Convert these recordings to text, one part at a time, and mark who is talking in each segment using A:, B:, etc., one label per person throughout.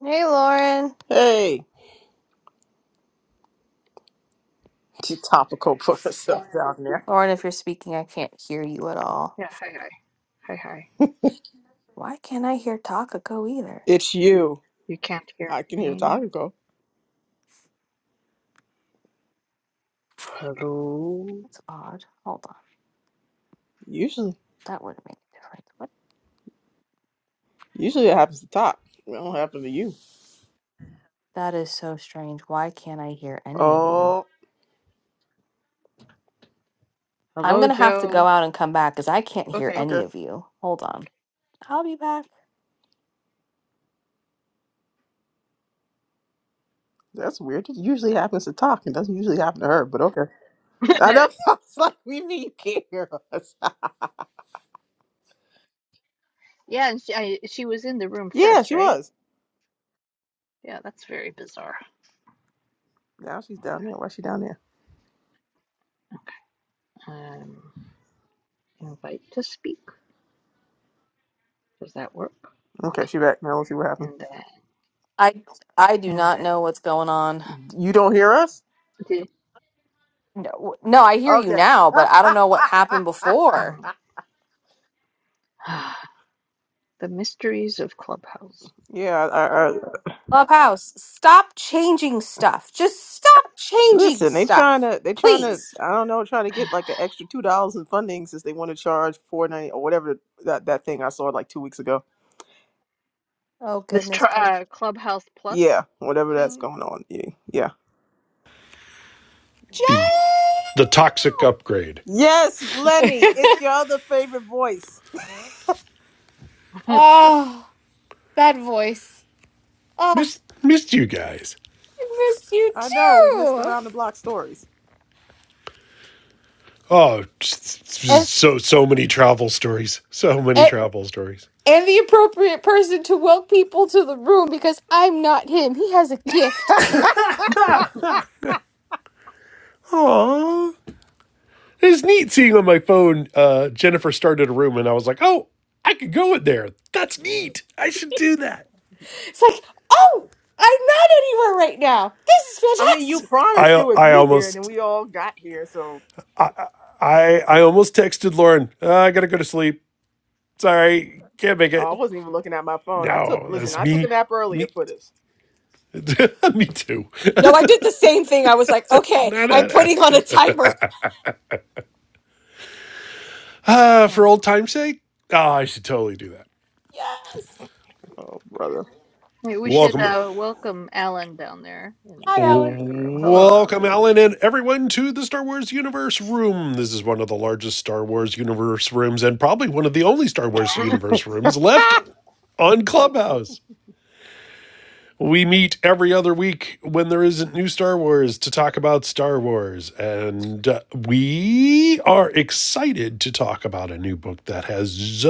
A: Hey, Lauren.
B: Hey, too topical for herself down there.
A: Lauren, if you're speaking, I can't hear you at all.
C: Yeah, hi, hi, hi, hi.
A: Why can't I hear Takako either?
B: It's you.
C: You can't hear
B: I can hear
C: me.
B: topical.
C: Hello,
A: That's odd. Hold on.
B: Usually,
A: That wouldn't make a difference. What?
B: usually it happens to talk. It don't happen to you.
A: That is so strange. Why can't I hear any of you?
B: Oh,
A: I'm
C: hello,
A: going to have to go
C: Joe.
A: out and come back because I can't hear
C: Okay.
A: any
B: okay.
A: of you. Hold on. I'll be back.
B: That's weird. It usually happens to talk. It doesn't usually happen to her, but okay. I know. I was like, we mean you can't hear us.
C: Yeah, and she I, she was in the room
B: yeah,
C: first,
B: she
C: right?
B: was.
C: Yeah, that's very bizarre.
B: Now she's down there. Why's she down there?
C: Okay. Um, invite to speak. Does that work?
B: Okay,
C: Okay.
B: she back. Now let's see what happened.
C: And then,
A: I I do
C: and
A: not
C: then
A: know what's going on.
B: You don't hear us?
C: the
A: No, no, I hear you
B: Okay.
A: now, but I don't know what happened before.
C: mm, the mysteries of Clubhouse.
B: yeah, I, I,
A: Clubhouse, stop changing stuff. Just stop changing
B: Listen, they trying
A: stuff,
B: to they trying to
A: please.
B: I don't know trying to get like an extra two dollars in funding since they want to charge four ninety or whatever that that thing I saw like two weeks ago.
A: Oh
C: This
A: goodness
C: tr uh, Clubhouse
B: Yeah,
C: Plus
B: whatever that's
C: thing.
B: going on. Yeah, yeah.
A: Joe!
C: Yeah,
D: the the toxic upgrade.
B: Yes, Lenny,
C: toxic.
B: it's your other favorite voice.
A: oh, that voice. Oh,
D: Missed missed you guys.
A: I miss you
B: I know we missed the
A: too.
B: round the block stories.
D: Oh,
A: And,
D: so so many travel stories. So many
A: and
D: travel stories.
A: and the appropriate person to welcome people to the room because I'm not him. He has a gift.
D: Aww. It was neat seeing on my phone. Uh, Jennifer started a room, and I was like, "Oh, I could go in there. That's neat. I should do that."
A: It's like, oh, I'm not anywhere right now. This is
B: I mean, you
A: fantastic.
B: promised you
D: I
B: would
D: I
B: be here, and then
D: almost
B: we all got here. So
D: I I almost texted Lauren. "Uh, I gotta go to sleep. Sorry, can't make
B: oh,
D: it.
B: I wasn't even looking at my phone. I took
D: No,
B: listen,
D: that's
B: I took a
D: me.
B: nap earlier
D: Me,
B: for this.
D: me too.
A: No, I did the same thing. I was like, okay,
D: Not
A: I'm
D: a,
A: putting on a timer.
D: Uh, for
C: Uh,
D: old time's sake, oh, I should totally do that.
A: Yes.
B: Oh, brother.
C: Hey, we should
D: Welcome,
C: uh, welcome Alan down there in the,
A: Hi,
C: down
A: Alan.
C: there in the room. Hello,
D: welcome, Alan, and everyone to the Star Wars Universe Room. This is one of the largest Star Wars Universe rooms, and probably one of the only Star Wars
C: Alan.
D: Universe rooms left on Clubhouse. We meet every other week when there isn't new Star Wars to talk about Star Wars. And uh, we are excited to talk about a new book that has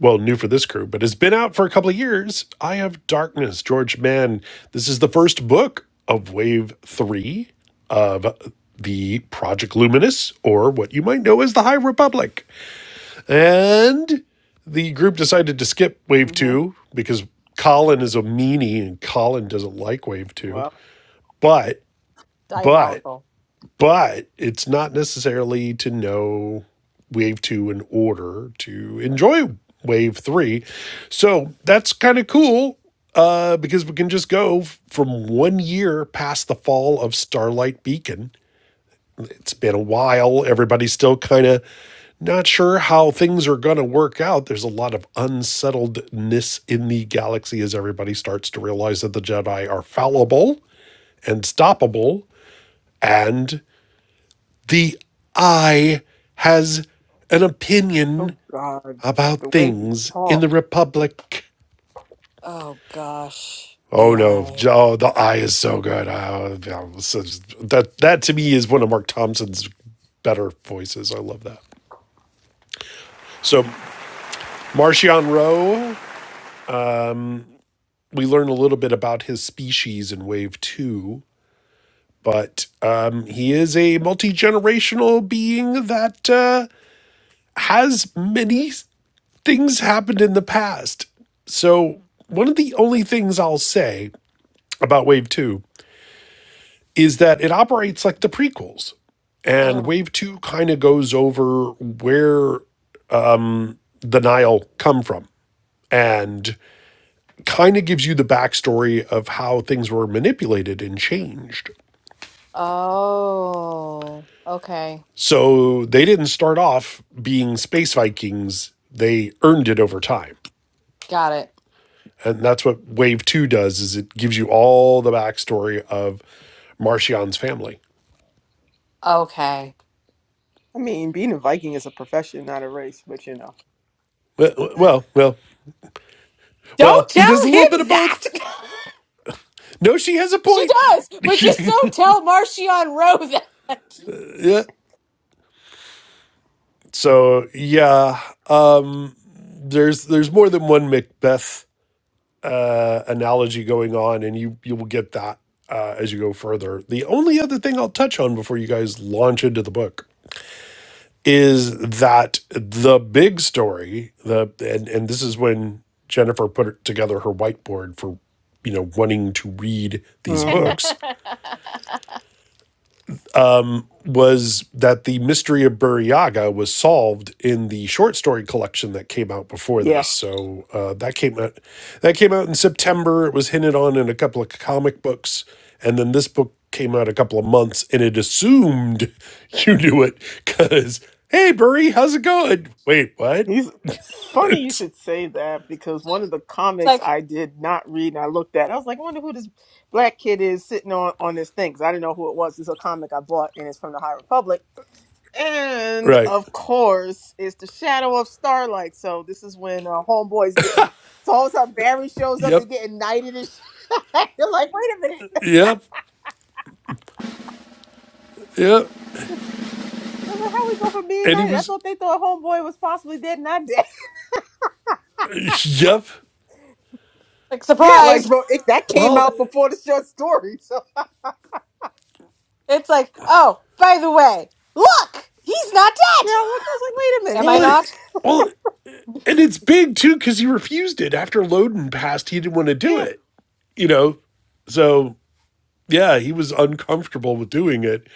D: well, new for this crew, but has been out for a couple of years. Eye of Darkness, George Mann. This is the first book of Wave 3 of the Project Luminous, or what you might know as the High Republic. And the group decided to skip Wave
B: hmm
D: 2 because Colin is a meanie and Colin doesn't like Wave 2.
B: Well,
D: But, but
A: Diabolical.
D: but it's not necessarily to know wave two in order to enjoy wave three. So that's kind of cool uh, because we can just go from one year past the fall of Starlight Beacon. It's been a while. Everybody's still kind of not sure how things are going to work out. There's a lot of unsettledness in the galaxy as everybody starts to realize that the Jedi are fallible and stoppable. And the I has an opinion
B: oh God,
D: about
B: the way he
D: things in
B: talks.
D: the Republic.
A: Oh gosh,
D: Oh
A: the
D: no!
A: eye.
D: Oh, the I is so good. Oh, yeah. So that that to me is one of Mark Thompson's better voices. I love that. So Martian Rowe, we learn a little bit about his species in Wave Two, but um, he is a multi generational being that uh, has many things happened in the past. So, one of the only things I'll say about Wave 2 is that it operates like the prequels. And
A: Mm.
D: Wave 2 kind of goes over where the Nile come from and kind of gives you the backstory of how things were manipulated and changed.
A: Oh, okay.
D: So, they didn't start off being space Vikings, they earned it over time.
A: Got it.
D: and that's what Wave Two does is it gives you all the backstory of Marcian's family.
A: Okay.
B: I mean, being a Viking is a profession, not a race, but you know.
D: Well, well, well,
A: Don't
D: well, he
A: tell
D: does a little bit
A: him
D: of
A: that.
D: both. No, she has a
A: She
D: point.
A: does, but just don't tell Marcion Rowe that. It's
D: yeah. So yeah, um, there's there's more than one Macbeth uh, analogy going on, and you you will get that uh, as you go further. The only other thing I'll touch on before you guys launch into the book is that the big story the and and this is when Jennifer put together her whiteboard for you know wanting to read these
B: mm hmm
D: books um, was that the mystery of Buryaga was solved in the short story collection that came out before
B: Yeah,
D: this. So uh, that came out that came out in September. It was hinted on in a couple of comic books, and then this book came out a couple of months, and it assumed you knew it because hey, Burry, how's it going? Wait, what?
B: he's funny. You should say that because one of the comics
A: like,
B: I did not read and I looked at, I was like, I wonder who this black kid is sitting on on this thing because I didn't know who it was. It's a comic I bought and it's from the High Republic, and
D: right.
B: of course, it's the Shadow of Starlight. So this is when uh, Homeboy's getting. So all of a sudden, Barry shows up to
D: Yep.
B: get knighted and shit. You're like, wait a minute.
D: Yep. Yep.
B: I was like, how we go from being
D: And he
B: knighted? I
D: was.
B: thought they thought Homeboy was possibly dead and not dead.
D: Yep.
A: like
B: Yeah, like
A: surprise.
B: but it, that came
D: Well.
B: out before the short story. So
A: It's like, oh, by the way, look, he's not
B: yeah,
A: dead.
B: I looked. I was like, wait a
A: Am I
B: minute.
D: Well.
A: not?
D: Well. And it's big too because he refused it after Loden passed. He didn't want to do
B: Yeah,
D: it, you know. So yeah, he was uncomfortable with doing it.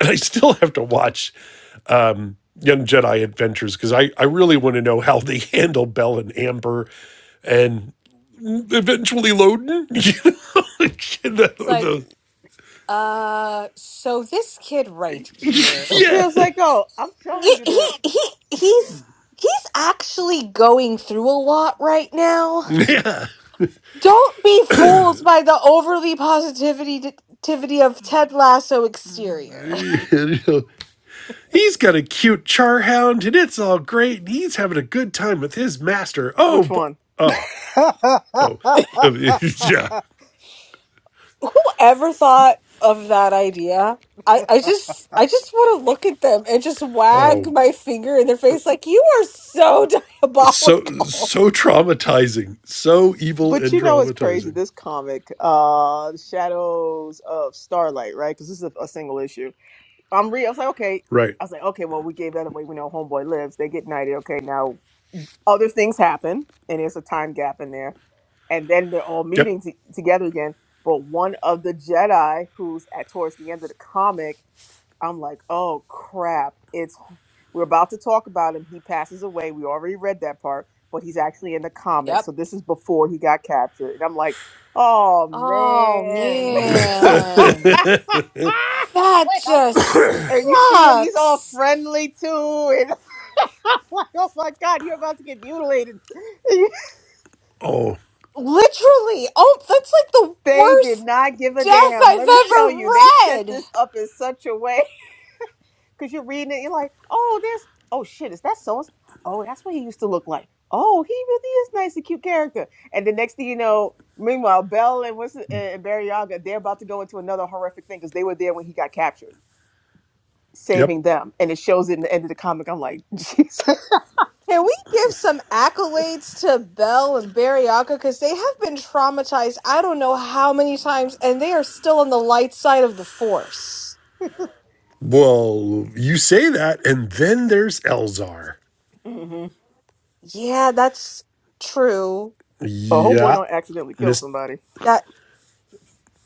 D: And I still have to watch Young Jedi Adventures because I I really want to know how they handle Bell and Amber, and eventually Loden. You know,
A: It's like,
D: the,
B: Mm.
A: Uh, so this kid right here,
B: they was like,
D: the,
B: oh, I'm
A: he,
B: telling you
A: he
B: the
A: he he's he's actually going through a lot right now.
D: yeah, yeah.
A: Don't be fooled by the overly positivity tivity of Ted Lasso exterior.
D: You know, he's got a cute charhound, and it's all great, and he's having a good time with his master. Oh,
B: which one.
D: oh. Oh, yeah.
A: Whoever thought of that idea? I I just I just want to look at them and just wag
D: Oh,
A: my finger in their face like you are so
D: so
A: diabolical.
D: so traumatizing, so evil
B: But
D: and
B: you know, it's crazy.
D: traumatizing.
B: This comic, uh, The Shadows of Starlight, right? Because this is a, a single issue. I'm re. I was like, okay.
D: Right.
B: I was like, okay. Well, we gave that away. We know Homeboy lives. They get knighted. Okay, now other things happen and there's a time gap in there and then they're all
D: Yep.
B: meeting t- together again but one of the jedi who's at towards the end of the comic i'm like oh crap it's we're about to talk about him he passes away we already read that part but he's actually in the comic
A: Yep.
B: so this is before he got captured and i'm like oh
A: Oh
B: man
A: man. That
B: wait i'm
A: just
B: and you see him, he's all
A: sucks.
B: friendly too. And I'm like, oh my God, you're about to get mutilated.
D: Oh,
A: Literally. Oh, that's like the
B: they did
A: worst
B: not give a
A: death
B: damn.
A: I've
B: Let me tell you, they set
A: ever read.
B: this up in such a way. Because you're reading it, you're like, oh, there's, oh shit, is that so? Oh, that's what he used to look like. Oh, he really is nice and cute character. And the next thing you know, meanwhile, Bell and what's it- and Barry they're about to go into another horrific thing because they were there when he got captured,
D: yep.
B: saving them. And it shows it in the end of the comic. I'm like, Jesus.
A: Can we give some accolades to Belle and Bariaka? Because they have been traumatized I don't know how many times, and they are still on the light side of the force.
D: Well, you say that, and then there's Elzar.
B: hmm
A: Yeah, that's true.
B: Oh, homeboy
D: Yeah,
B: don't accidentally kill
D: Miss.
B: somebody.
A: That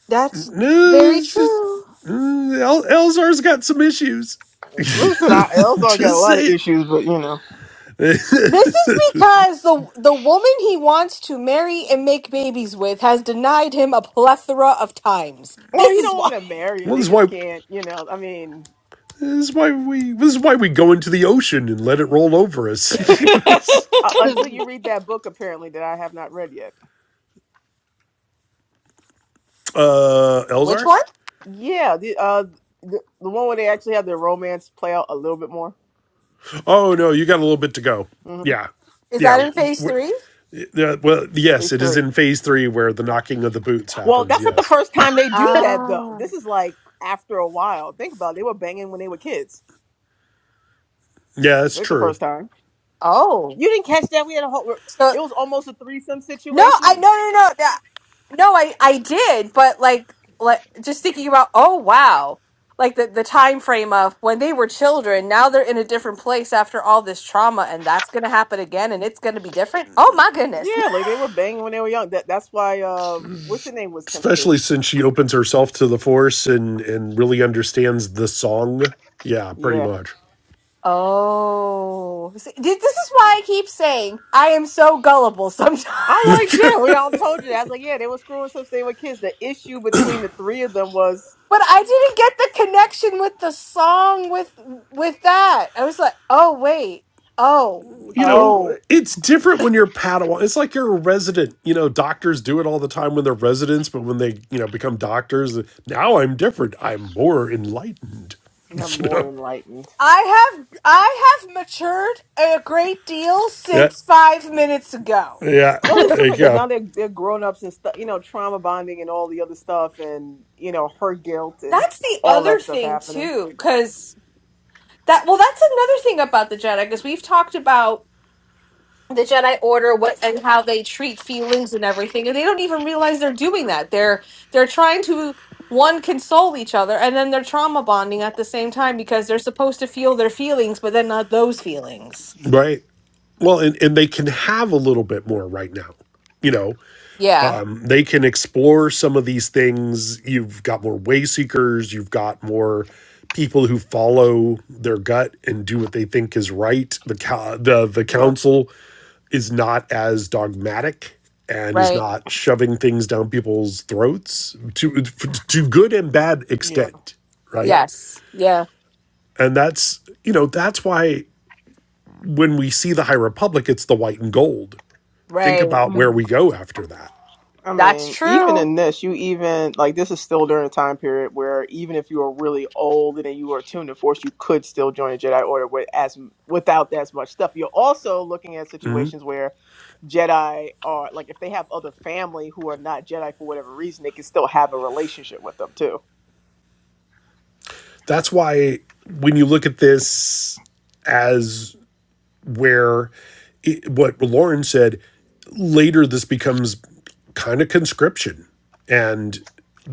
A: that's
D: No,
A: very
D: it's just-
A: true.
D: mm, El- Elzar's got some issues.
B: Listen, I Elzar got a
D: just
B: lot of
D: say it.
B: issues, but you know.
A: This is because the the woman he wants to marry and make babies with has denied him a plethora of times.
B: Well,
A: This
B: he
A: is
B: don't
A: why.
B: want to marry her.
D: Well,
B: They
D: this is
B: just
D: why.
B: can't, you know. I mean,
D: This is why we. This is why we go into the ocean and let it roll over us.
B: uh, until you read that book, apparently that I have not read yet.
D: uh,
A: Which
D: Elzar.
A: one?
B: Yeah, the uh, the, the one where they actually have their romance play out a little bit more.
D: Oh no, you got a little bit to go.
B: Mm-hmm.
D: Yeah,
A: Is
D: yeah.
A: that in phase three?
D: yeah, Well, yes,
B: There's
D: it is
B: three.
D: in phase three where the knocking of the boots
B: Well,
D: happens.
B: that's not the
D: Yes,
B: first time they do that though.
A: Ah.
B: This is like after a while. Think about it. They were banging when they were kids.
D: yeah,
B: It's
D: that's
B: like the
D: true.
B: first time.
A: Oh.
B: You didn't catch that. We had a whole.
A: So
B: It was almost a threesome
A: no, I
B: situation.
A: no no no no no, I I did, but like like just thinking about oh wow. Like the, the time frame of when they were children, now they're in a different place after all this trauma, and that's gonna happen again and it's gonna be different. Oh my goodness.
B: Yeah, like they were banging when they were young. That that's why. Uh, what's the name was kind of
D: Especially
B: pissed.
D: since she opens herself to the force and and really understands the song. Yeah, pretty
B: Yeah,
D: much.
A: Oh, See, thi- this is why I keep saying I am so gullible sometimes.
B: I'm like
D: you
B: Jen. We don't told you that. I was like, yeah, they were screwing since they were kids. The issue between the three of them was
A: But I didn't get the connection with the song with with that. I was like, "Oh wait. Oh.
D: know,
A: Oh.
D: it's different when you're Padawan. It's like you're a resident. You know, doctors do it all the time when they're residents, but when they you know become doctors, now I'm different. I'm more enlightened.
B: I'm
D: You
B: more
D: know.
B: enlightened.
A: I have I have matured a great deal
D: Yeah.
A: since 5 minutes ago."
D: Yeah.
B: Well, it's
D: There you
B: different because now
D: go.
B: they're they're grown ups and stuff, you know, trauma bonding and all the other stuff, and you know, her guilt and
A: That's the
B: all
A: other
B: that stuff
A: thing
B: happening.
A: too, because that well, that's another thing about the Jedi, because we've talked about. the Jedi Order, what and how they treat feelings and everything, and they don't even realize they're doing that. They're they're trying to one console each other, and then they're trauma bonding at the same time because they're supposed to feel their feelings, but then not those feelings.
D: Right. Well, and, and they can have a little bit more right now. You know,
A: Yeah.
D: they can explore some of these things. You've got more way seekers, you've got more people who follow their gut and do what they think is right. The co- the the
B: Yeah,
D: council is not as dogmatic and is
A: Right.
D: not shoving things down people's throats to to good and bad
B: yeah,
D: extent, right?
B: yeah.
A: Yes. Yeah.
D: And that's, you know, that's why when we see the High Republic, it's the white and gold think
A: Right.
D: about where
C: Mm,
D: we go after that.
B: I
A: That's
B: mean, even
A: true.
B: in this, you even like this is still during a time period where even if you were really old and you were attuned to Force, you could still join a Jedi Order with as without as much stuff. You're also looking at situations where Jedi are like if they have other family who are not Jedi for whatever reason, they can still have a relationship with them too.
D: That's why when you look at this as where it, what Lauren said later, this becomes kind of conscription. And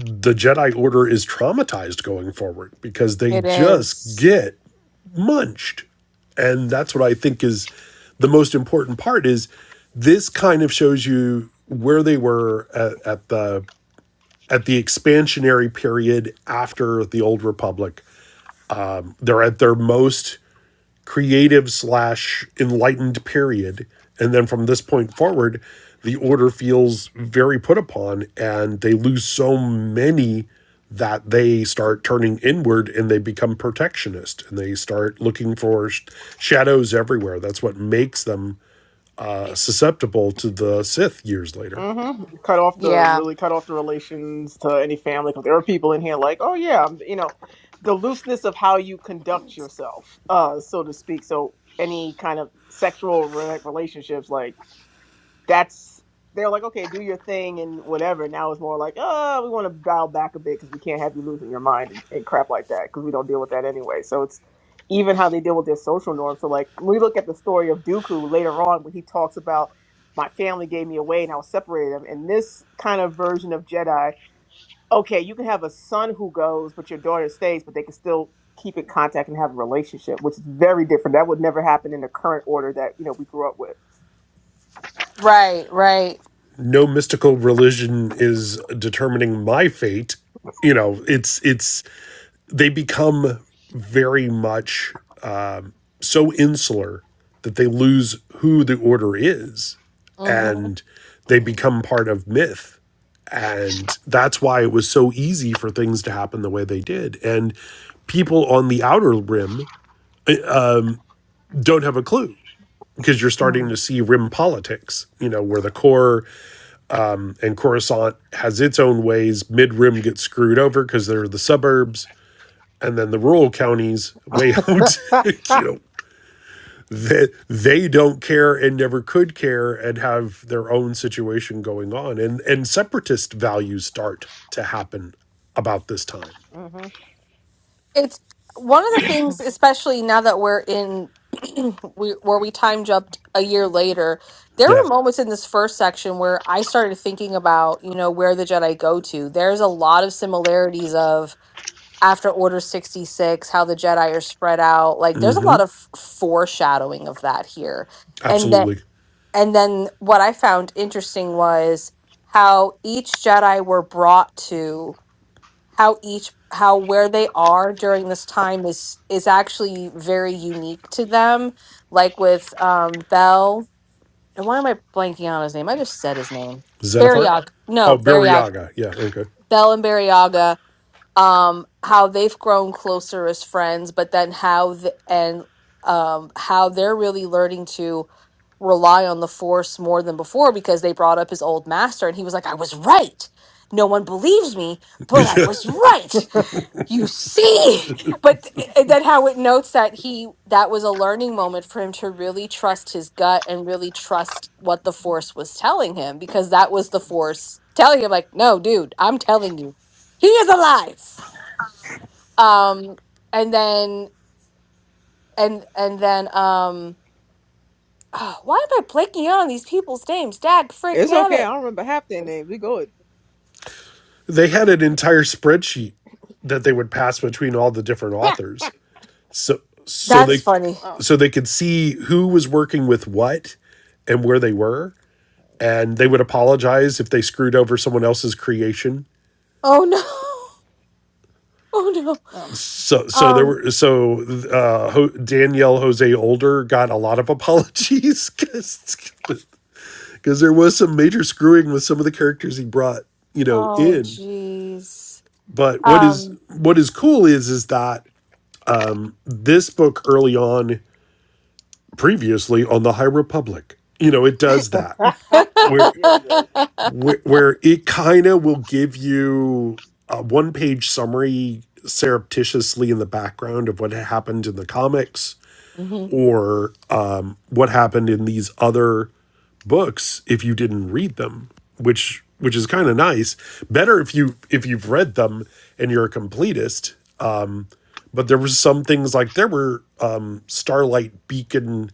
D: the Jedi Order is traumatized going forward because they
A: It
D: just
A: is.
D: get munched. And that's what I think is the most important part is this kind of shows you where they were at, at the at the expansionary period after the Old Republic. They're at their most creative slash enlightened period. And then from this point forward, the order feels very put upon and they lose so many that they start turning inward and they become protectionist and they start looking for sh- shadows everywhere. That's what makes them uh, susceptible to the Sith years later.
B: hmm Cut off the
A: Yeah.
B: really cut off the relations to any family because there are people in here like, oh yeah, I'm- you know, the looseness of how you conduct yourself, uh, so to speak. So any kind of sexual re- relationships, like that's they're like, okay, do your thing and whatever. Now it's more like, oh, we want to dial back a bit because we can't have you losing your mind and, and crap like that because we don't deal with that anyway. So it's even how they deal with their social norms. So like, when we look at the story of Dooku later on when he talks about my family gave me away and I was separated them. And this kind of version of Jedi, okay, you can have a son who goes, but your daughter stays, but they can still keep in contact and have a relationship, which is very different. That would never happen in the current order that you know we grew up with.
A: Right. Right.
D: no mystical religion is determining my fate you know it's it's they become very much so insular that they lose who the order is and they become part of myth and that's why it was so easy for things to happen the way they did and people on the outer rim don't have a clue because you're starting
C: mm.
D: to see rim politics you know where the core and Coruscant has its own ways. Mid Rim gets screwed over because they're the suburbs, and then the rural counties way out, you know, they, they don't care and never could care and have their own situation going on, and and separatist values start to happen about this time.
B: Mhm.
A: It's one of the things, especially now that we're in we, where we time jumped a year later. There
D: Yeah,
A: were moments in this first section where I started thinking about, you know, where the Jedi go to. There's a lot of similarities of after Order 66, how the Jedi are spread out. Like there's a lot of foreshadowing of that here. And then
D: absolutely.
A: and then what I found interesting was how each Jedi were brought to how each how where they are during this time is is actually very unique to them like with um bell and why am i blanking on his name i just said his name
D: Zedifar?
A: barryaga no
D: Oh,
A: barryaga
D: Buryaga. Yeah, okay.
A: bell and barryaga um how they've grown closer as friends but then how the, and um how they're really learning to rely on the force more than before because they brought up his old master and he was like i was right no one believes me but i was right you see but th- then how it notes that he that was a learning moment for him to really trust his gut and really trust what the force was telling him because that was the force telling him like no dude i'm telling you he is alive um and then and and then um why am i blanking out on these people's names dag frick
B: It's okay.
A: nabbit
B: I don't remember half their names. We good.
D: they had an entire spreadsheet that they would pass between all the different authors So so
A: that's
D: they
A: funny
C: well,
D: so they could see who was working with what and where they were and they would apologize if they screwed over someone else's creation.
A: oh no oh no
C: um,
D: So so there
A: um
D: were so uh Danielle Jose Older got a lot of apologies cuz cuz there was some major screwing with some of the characters he brought, you know,
A: oh
D: in.
A: jeez
D: But what is
A: um
D: what is cool is is that this book early on previously on the High Republic, you know, it does that
B: yeah,
D: where
B: it does.
D: where, where it kind of will give you a one page summary surreptitiously in the background of what happened in the comics
A: hmm
D: or um, what happened in these other books if you didn't read them which which is kind of nice better if you if you've read them and you're a completist but there were some things like there were um, starlight beacon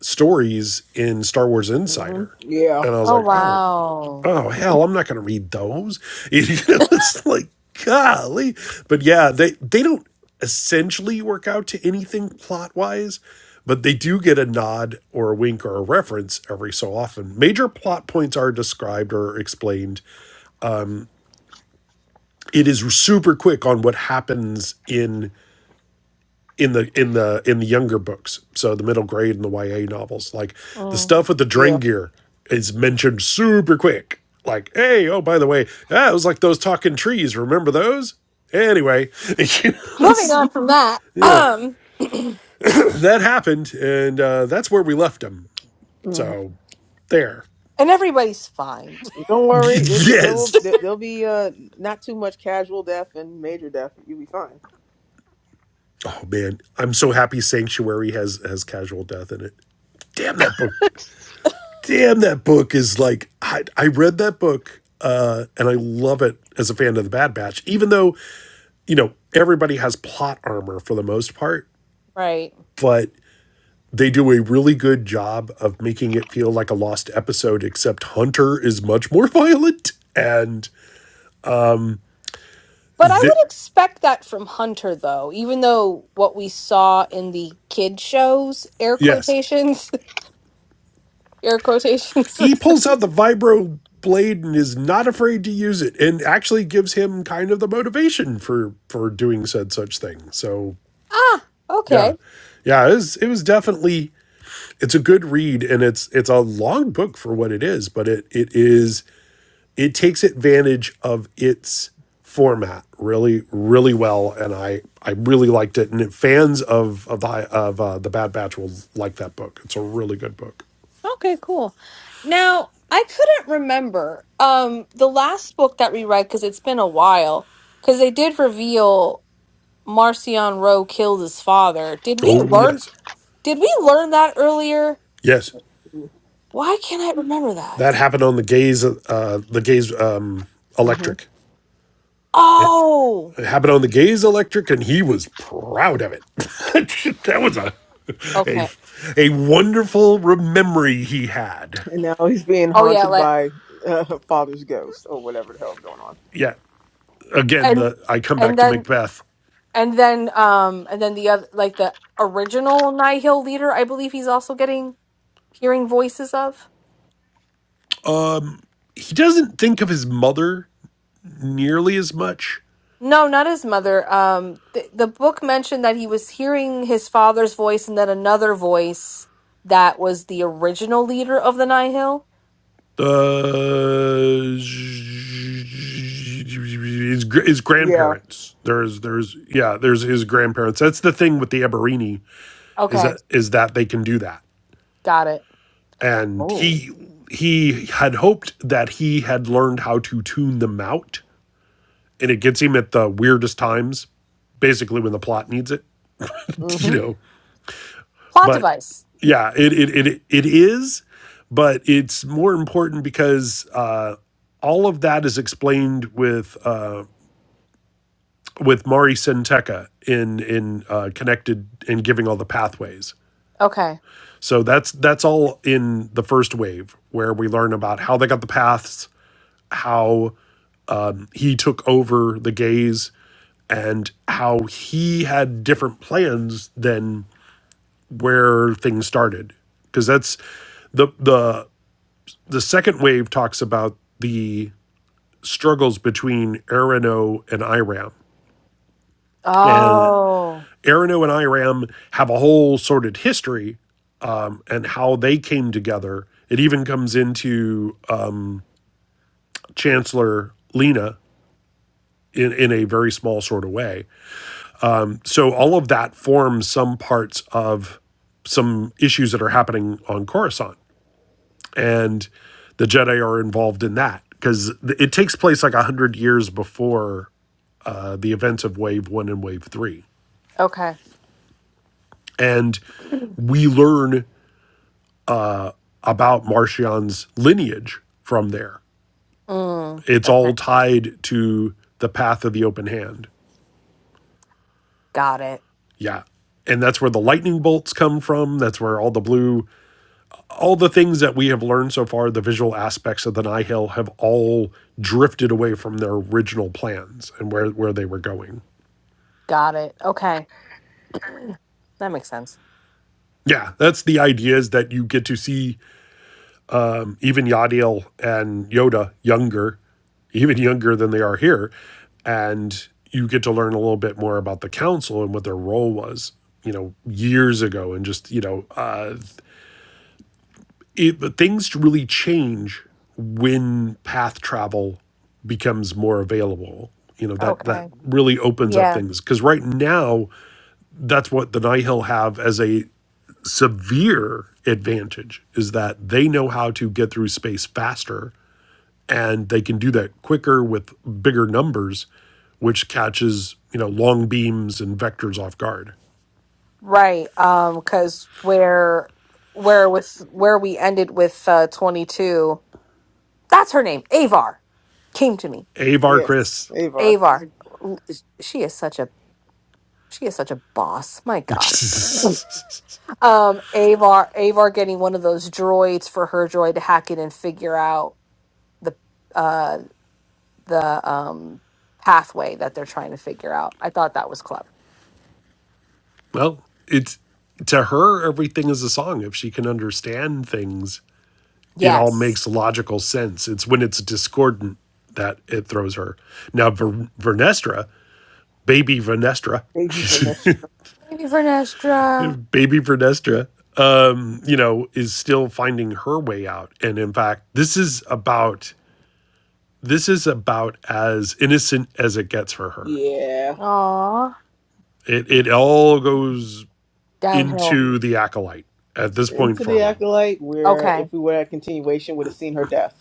D: stories in star wars
B: hmm
D: insider
B: Yeah,
D: and i was
A: Oh
D: like oh
A: wow.
D: oh hell i'm not going to read those you know it's like golly but yeah they they don't essentially work out to anything plot wise but they do get a nod or a wink or a reference every so often major plot points are described or explained it is super quick on what happens in in the in the in the younger books, so the middle grade and the YA novels. Like the
A: Mm.
D: stuff with the drain
B: yeah.
D: gear is mentioned super quick. Like, hey, oh by the way, ah, it was like those talking trees. Remember those? Anyway,
A: Moving on from that,
D: yeah,
A: um,
D: that happened, and uh, that's where we left them.
B: hmm
D: So there.
A: and everybody's fine,
B: Don't worry. It, th- there will
D: yes.
B: there, there'll be uh not too much casual death and major death. You'll be fine.
D: Oh man, I'm so happy Sanctuary has has casual death in it. Damn, that book damn, that book is like I, I read that book uh, and I love it as a fan of the Bad Batch, even though you know everybody has plot armor for the most part,
A: right?
D: but they do a really good job of making it feel like a lost episode, except Hunter is much more violent and
A: But I
D: the
A: would expect that from Hunter, though. Even though what we saw in the kid shows, air
D: yes,
A: quotations, air quotations.
D: he pulls out the vibro blade and is not afraid to use it and actually gives him kind of the motivation for for doing said such thing so
A: ah,
D: yeah
A: okay,
D: yeah it was it was definitely it's a good read and it's it's a long book for what it is but it it is it takes advantage of its format really really well and i i really liked it and fans of of the of uh, the bad batch will like that book it's a really good book
A: okay, cool. Now I couldn't remember um the last book that we read because it's been a while. Because they did reveal Marcion Rowe killed his father. Did we
B: hmm
D: oh
A: learn?
D: yes
A: Did we learn that earlier?
D: yes
A: Why can't I remember that?
D: that happened on the gaze uh the gaze um
B: hmm
D: electric it,
A: Oh,
D: It happened on the Gaze Electric, and he was proud of it. that was a, a
A: okay.
D: a wonderful memory he had.
B: And now he's being
A: Oh yeah,
B: haunted
A: like
B: by uh, her father's ghost or whatever the hell's going on.
D: Yeah. Again,
A: and
D: the I come
A: and
D: back to
A: then
D: Macbeth.
A: and then um and then the other like the original Nihil leader, I believe he's also getting hearing voices of.
D: He doesn't think of his mother nearly as much.
A: No, not his mother. Um, the, the book mentioned that he was hearing his father's voice and then another voice that was the original leader of the Nihil.
D: Uh, his his
B: Yeah.
D: grandparents. There's there's yeah there's his grandparents. That's the thing with the Eberini is
A: Okay,
D: that is that they can do that.
A: got it.
D: and
A: Oh,
D: he he had hoped that he had learned how to tune them out and it gets him at the weirdest times basically when the plot needs it you
B: hmm
D: know
A: plot
D: but
A: device.
D: yeah it it it, it is but it's more important because uh all of that is explained with uh, with Mari Senteca in in uh, connected and giving all the pathways.
A: Okay.
D: So that's that's all in the first wave where we learn about how they got the paths, how um, he took over the gaze and how he had different plans than where things started because that's the the the second wave talks about the struggles between Arano and Iram and
A: Oh,
D: Arano and Iram have a whole sordid history and how they came together. It even comes into um, Chancellor Lena in, in a very small sort of way so all of that forms some parts of some issues that are happening on Coruscant, and the Jedi are involved in that because it takes place like a hundred years before uh, the events of Wave One and Wave Three,
A: okay.
D: and we learn about Martian's lineage from there.
A: Mm,
D: It's
A: okay.
D: all tied to the path of the open hand.
A: Got it.
D: Yeah. And that's where the lightning bolts come from. That's where all the blue all the things that we have learned so far, the visual aspects of the Nihil have all drifted away from their original plans and where, where they were going.
A: Got it. Okay. That makes sense.
D: Yeah, that's the idea is that you get to see um, even Yadiel and Yoda younger, even younger than they are here, and you get to learn a little bit more about the council and what their role was, you know, years ago, and just you know, uh, it, but things really change when path travel becomes more available. You know that that
A: Okay.
D: really opens up
A: Yeah.
D: things because right now that's what the Nihil have as a severe advantage is that they know how to get through space faster and they can do that quicker with bigger numbers, which catches you know long beams and vectors off guard.
A: Right. Um, cause where where with where we ended with uh 22, that's her name. Avar came to me.
D: Avar
B: Yes.
D: Chris.
B: Avar.
A: Avar. L- She is such a she is such a boss. My gosh. Um Avar Avar getting one of those droids for her droid to hack it and figure out the uh the um pathway that they're trying to figure out. I thought that was clever.
D: Well, it's to her, everything is a song. If she can understand things, it all
A: Yes.
D: makes logical sense. It's when it's discordant that it throws her. Now, Ver- Vernestra, baby Vernestra,
B: Ages and extra.
A: Maybe Vernestra.
D: baby Vernestra, um, you know, is still finding her way out. And in fact, this is about this is about as innocent as it gets for her.
B: Yeah.
A: Aw.
D: It it all goes
A: Downhill.
D: into the acolyte at this point
B: Into the
D: forward.
B: acolyte, where
A: Okay.
B: if we were at continuation, would have seen her death.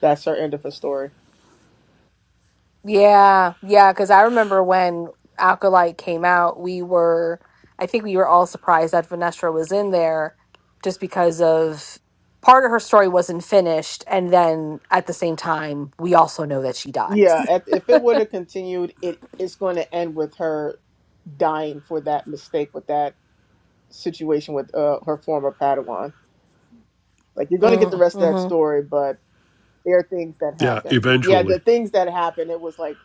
B: That's her end of her story.
A: Yeah. Yeah. Cause I remember when Alkalite came out, we were I think we were all surprised that Vernestra was in there just because of part of her story wasn't finished. And then at the same time, we also know that she
B: Yeah,
A: dies.
B: if if it would have continued, it it's going to end with her dying for that mistake with that situation with uh, her former Padawan. Like you're going to get the rest of that
A: mm-hmm.
B: story, but there are things that
D: Yeah,
B: happen. Yeah,
D: eventually.
B: the things that happen. It was like,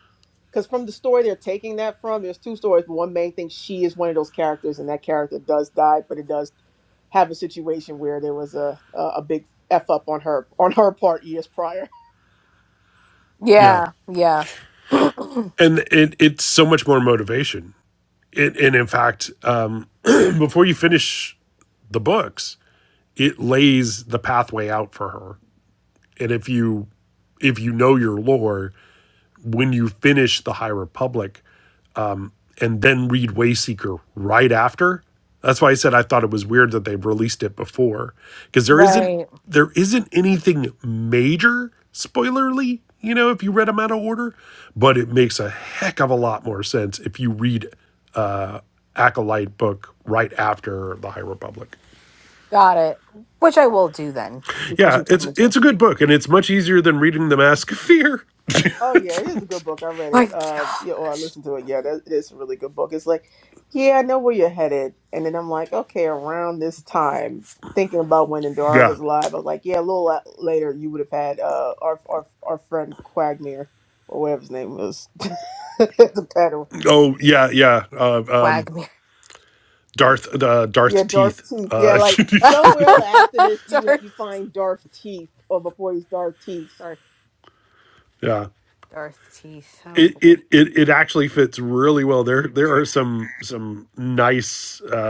B: because from the story they're taking that from, there's two stories, but one main thing, she is one of those characters, and that character does die, but it does have a situation where there was a a, a big f up on her on her part years prior.
D: Yeah,
A: Yeah. Yeah.
D: and it it's so much more motivation. It, and in fact, um, before you finish the books, it lays the pathway out for her. And if you if you know your lore, when you finish the High Republic, and then read Wayseeker right after. That's why I said I thought it was weird that they released it before because there isn't
A: right.
D: there isn't anything major spoilerly, you know, if you read them out of order, but it makes a heck of a lot more sense if you read Acolyte book right after The High Republic.
A: Got it. Which I will do then because
D: Yeah,
A: you
D: it's
A: told me to.
D: it's a good book and it's much easier than reading The Mask of Fear.
B: Oh yeah, it is a good book. I read
A: My
B: it. Uh, yeah, or I
A: gosh,
B: listened to it. Yeah, that it is a really good book. It's like, yeah, I know where you're headed, and then I'm like, okay, around this time, thinking about when Endora
D: Yeah.
B: was alive, I was like, yeah, a little la- later, you would have had uh our our our friend Quagmire or whatever his name was, the peddler.
D: Oh yeah, yeah. Uh, uh,
A: Quagmire.
D: Darth the uh,
B: Yeah,
D: Darth Teeth.
B: Darth Teeth. Yeah,
D: Uh,
B: like somewhere after this, you
A: Darth,
B: you find Darth Teeth, or before he's Darth Teeth.
A: Darth,
D: yeah,
A: Darth Teeth. Oh
D: It, it
A: boy.
D: it it actually fits really well. There there are some some nice uh,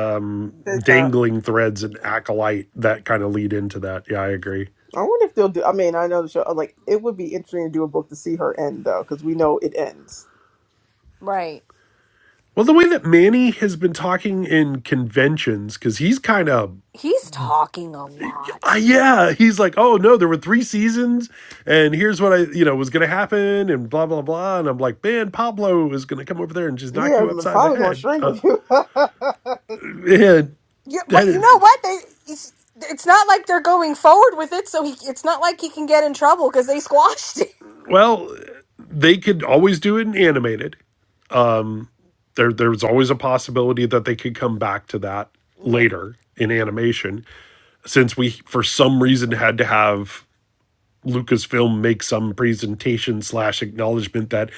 D: dangling threads in acolyte that kind of lead into that. Yeah, I agree.
B: I wonder if they'll do. I mean, I know the show. uh, Like, it would be interesting to do a book to see her end, though, because we know it ends.
A: Right.
D: Well, the way that Manny has been talking in conventions because he's kind of
A: He's talking a
D: uh,
A: lot.
D: yeah, he's like, oh no, there were three seasons, and here's what I you know was gonna happen, and blah blah blah, and I'm like, man, Pablo is gonna come over there and just knock
B: Yeah,
D: you
B: my
D: upside the
B: father's gonna
D: head.
B: strangle
D: Uh,
B: you.
D: and
A: Yeah, but
D: that
A: you
D: is
A: know what? They it's, it's not like they're going forward with it, so he it's not like he can get in trouble because they squashed it.
D: well, they could always do it in animated there there's always a possibility that they could come back to that
B: yeah,
D: later in animation since we for some reason had to have lucasfilm make some presentation slash acknowledgement that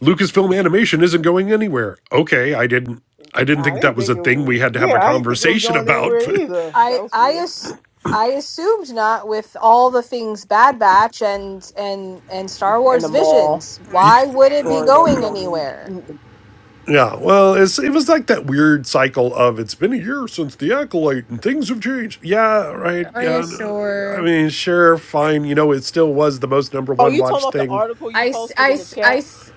D: lucasfilm animation isn't going anywhere okay i didn't i didn't
B: I
D: think
B: didn't
D: that was a
B: think it.
D: thing
B: w
D: we had to have a
B: yeah, I didn't think it was
D: conversation
B: going
D: about
B: anywhere
D: but
B: either. That
A: I
B: was
A: I
B: weird.
A: ass- I assumed not with all the things Bad Batch and and and Star
B: And the
A: Wars
B: mall
A: Visions. Why would it be
B: story that we
A: going
B: don't need.
A: anywhere?
D: yeah well it's, it was like that weird cycle of it's been a year since the acolyte and things have changed yeah right
A: Oh yeah,
D: yeah no, i
A: sure.
D: mean sure fine you know it still was the most number
B: Oh,
D: one
B: you talking
D: watch
B: about the
D: thing
B: article you
A: I s-
B: posted
A: I
B: in the
A: s- I
B: chat?
A: s-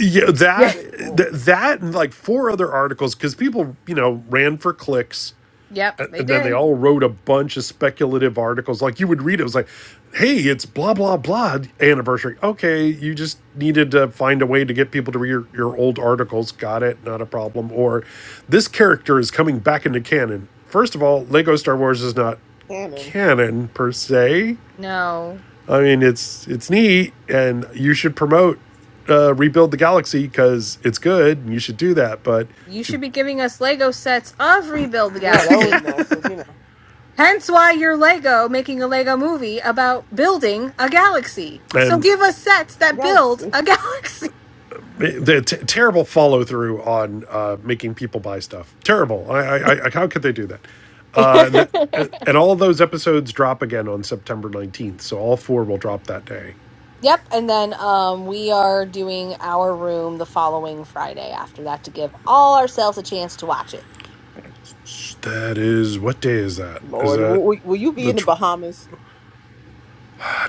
D: yeah
A: Yeah.
D: that
B: Good
D: th-
B: lord,
D: that and like four other articles because people you know ran for clicks
A: Yep, they
D: and then they
A: did.
D: all wrote a bunch of speculative articles like you would read it it was like hey it's blah blah blah anniversary okay you just needed to find a way to get people to read your, your old articles got it not a problem or this character is coming back into canon first of all lego star wars is not
B: Cannon.
D: canon per se
A: no.
D: I mean, it's it's neat, and you should promote uh, rebuild the galaxy because it's good, and you should do that. But
A: You
D: to
A: should be giving us Lego sets of Rebuild the
B: Yeah, that would
A: Galaxy.
B: be nice. But you know,
A: Hence why you're Lego making a Lego movie about building a galaxy. So
D: and
A: give us sets that build
B: Galaxy.
A: a galaxy.
D: the t- terrible follow through on uh, making people buy stuff. Terrible. I, I, I how could they do that? Uh, and, th- and all of those episodes drop again on September nineteenth, so all four will drop that day.
A: Yep, and then um we are doing our room the following Friday after that to give all ourselves a chance to watch it.
D: That is what day is that? Is
B: Lord,
D: that
B: will, will you be
D: the
B: in the
D: tw-
B: Bahamas?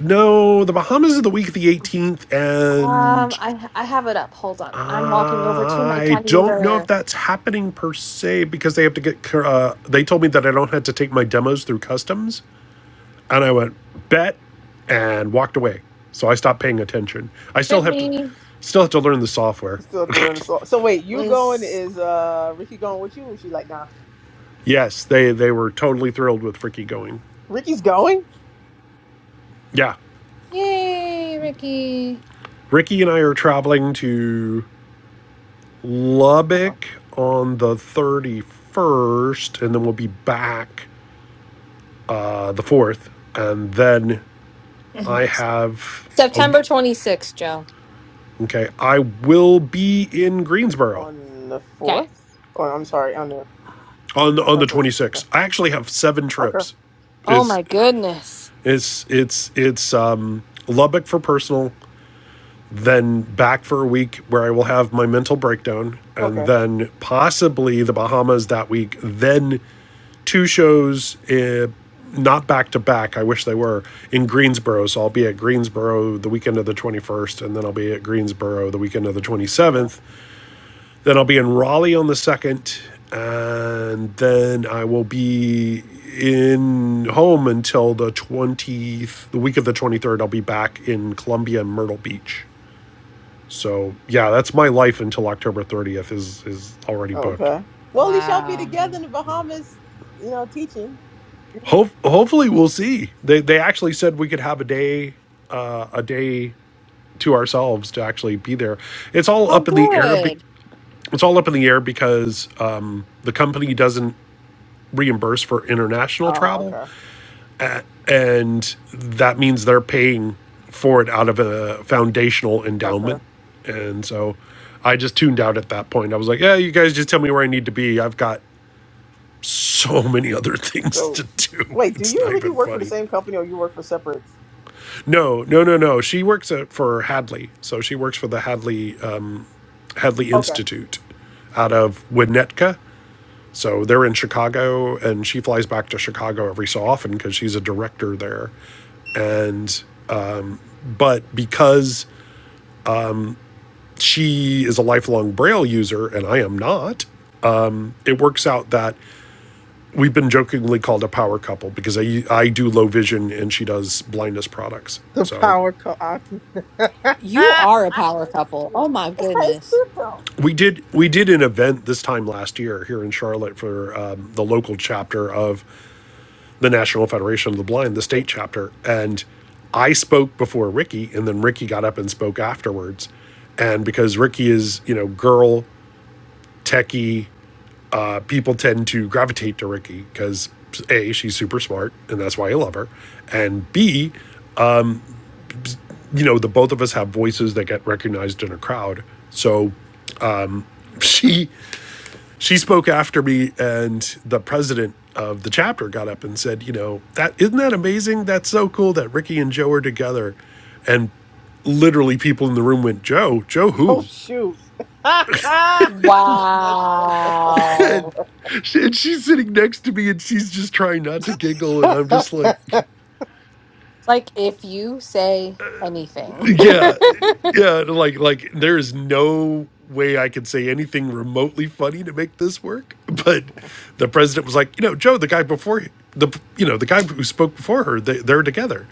D: no? The Bahamas is the week of the eighteenth,
A: Um
D: and
A: I I have it up. Hold on. I'm walking over to my
D: I don't know
A: calendar.
D: if that's happening per se because they have to get. Uh, they told me that I don't have to take my demos through customs, and I went bet and walked away. So I stopped paying attention. I still
A: Should
D: have to,
A: be
D: still have to learn the software.
B: You still have to learn the song. So wait, you going
A: is
B: is uh Ricky going with you? Or she like nah.
D: Yes, they they were totally thrilled with Ricky going.
B: Ricky's going.
D: Yeah,
A: Yay, Ricky.
D: Ricky and I are traveling to
A: Hold
D: Lubbock on the thirty first, and then we'll be back uh, the fourth, and then
A: on.
D: I have. a.
A: September 26th, Joe.
D: Okay, I will be in Greensboro
B: on the
A: Okay.
B: fourth. Oh, I'm sorry, on the
D: on the, on
B: on the
D: the
B: twenty sixth. Okay,
D: 26th. I actually have seven
B: okay,
D: trips.
A: Oh
D: It's
A: my goodness.
D: it's it's it's um, Lubbock for personal, then back for a week where I will have my mental breakdown, and
B: okay,
D: then possibly the Bahamas that week. Then two shows, uh, not back to back. I wish they were in Greensboro. So I'll be at Greensboro the weekend of the 21st, and then I'll be at Greensboro the weekend of the
B: okay,
D: 27th Then I'll be in Raleigh on the 2nd. And then I will be in home until the 20th, the week of the 23rd. I'll be back in Columbia and Myrtle Beach. So yeah, that's my life until October 30th is is already
B: Oh,
D: booked.
B: okay. Well, we shall be together
A: Wow.
B: in the Bahamas, you know, teaching.
D: Ho- hopefully we'll see. They they actually said we could have a day uh, a day to ourselves to actually be there. It's all
A: Oh
D: up in the air. Be-
A: good.
D: it's all up in the air because um, the company doesn't reimbursed for international
B: Oh,
D: travel,
B: okay,
D: and that means they're paying for it out of a foundational endowment.
B: okay.
D: And so I just tuned out at that point. I was like, yeah, you guys just tell me where I need to be. I've got so many other things
B: So,
D: to do.
B: wait, do
D: It's
B: you and
D: not
B: Ricky
D: even
B: work for the
D: funny.
B: same company, or you work for separate?
D: No, no, no, no. She works at, for Hadley. So she works for the Hadley um, Hadley
B: Okay.
D: Institute out of Winnetka. So they're in Chicago, and she flies back to Chicago every so often because she's a director there. And, but because she is a lifelong Braille user and I am not, it works out that we've been jokingly called a power couple because I, I do low vision and she does blindness products.
B: The
D: So
B: power co I- That's
A: You are a power couple. Oh
B: cute.
A: my
B: It's kind of
A: goodness.
B: cute though.
D: we did we did an event this time last year here in Charlotte for um, the local chapter of the National Federation of the Blind, the state chapter, and I spoke before Ricky, and then Ricky got up and spoke afterwards. And because Ricky is you know girl techie uh, people tend to gravitate to Ricky because a she's super smart and that's why I love her, and b you know the both of us have voices that get recognized in a crowd. So she she spoke after me, and the president of the chapter got up and said, you know that isn't that amazing? That's so cool that Ricky and Joe are together, and literally people in the room went, Joe, Joe
B: Oh
D: who?
B: shoot. That's so
A: Wow.
D: And she's sitting next to me and she's just trying not to giggle. And I'm just like,
B: bad.
A: It's like if you say anything.
D: Yeah, yeah. Like, like there is no way I could say anything remotely funny to make this work. But the president was like, you know, Joe, the guy before the, you know, the guy who spoke before her, they, they're together,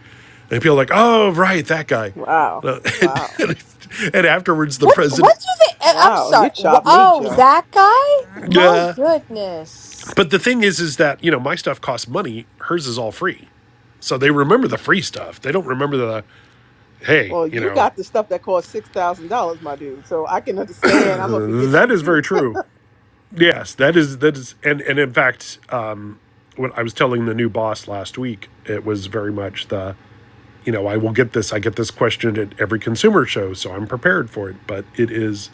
D: and people are like, oh, right, that guy.
B: Wow.
D: And,
B: Wow.
D: uh, and afterwards, the
A: What
D: president.
A: what do they I- I'm
B: Wow.
A: sorry.
B: You
A: wh-
B: chopped me,
A: Oh,
B: Joe.
A: that guy? My
D: Yeah,
A: goodness.
D: but the thing is, is that you know my stuff costs money. Hers is all free. So they remember the free stuff. They don't remember the hey,
B: Well,
D: you
B: you
D: know.
B: got the stuff that costs six thousand dollars, my dude. So I can understand. I'm gonna forget
D: That
B: you
D: is
B: too.
D: very true. Yes, that is that is, and and in fact, um, when I was telling the new boss last week, it was very much the you know I will get this, I get this question at every consumer show, so I'm prepared for it. But it is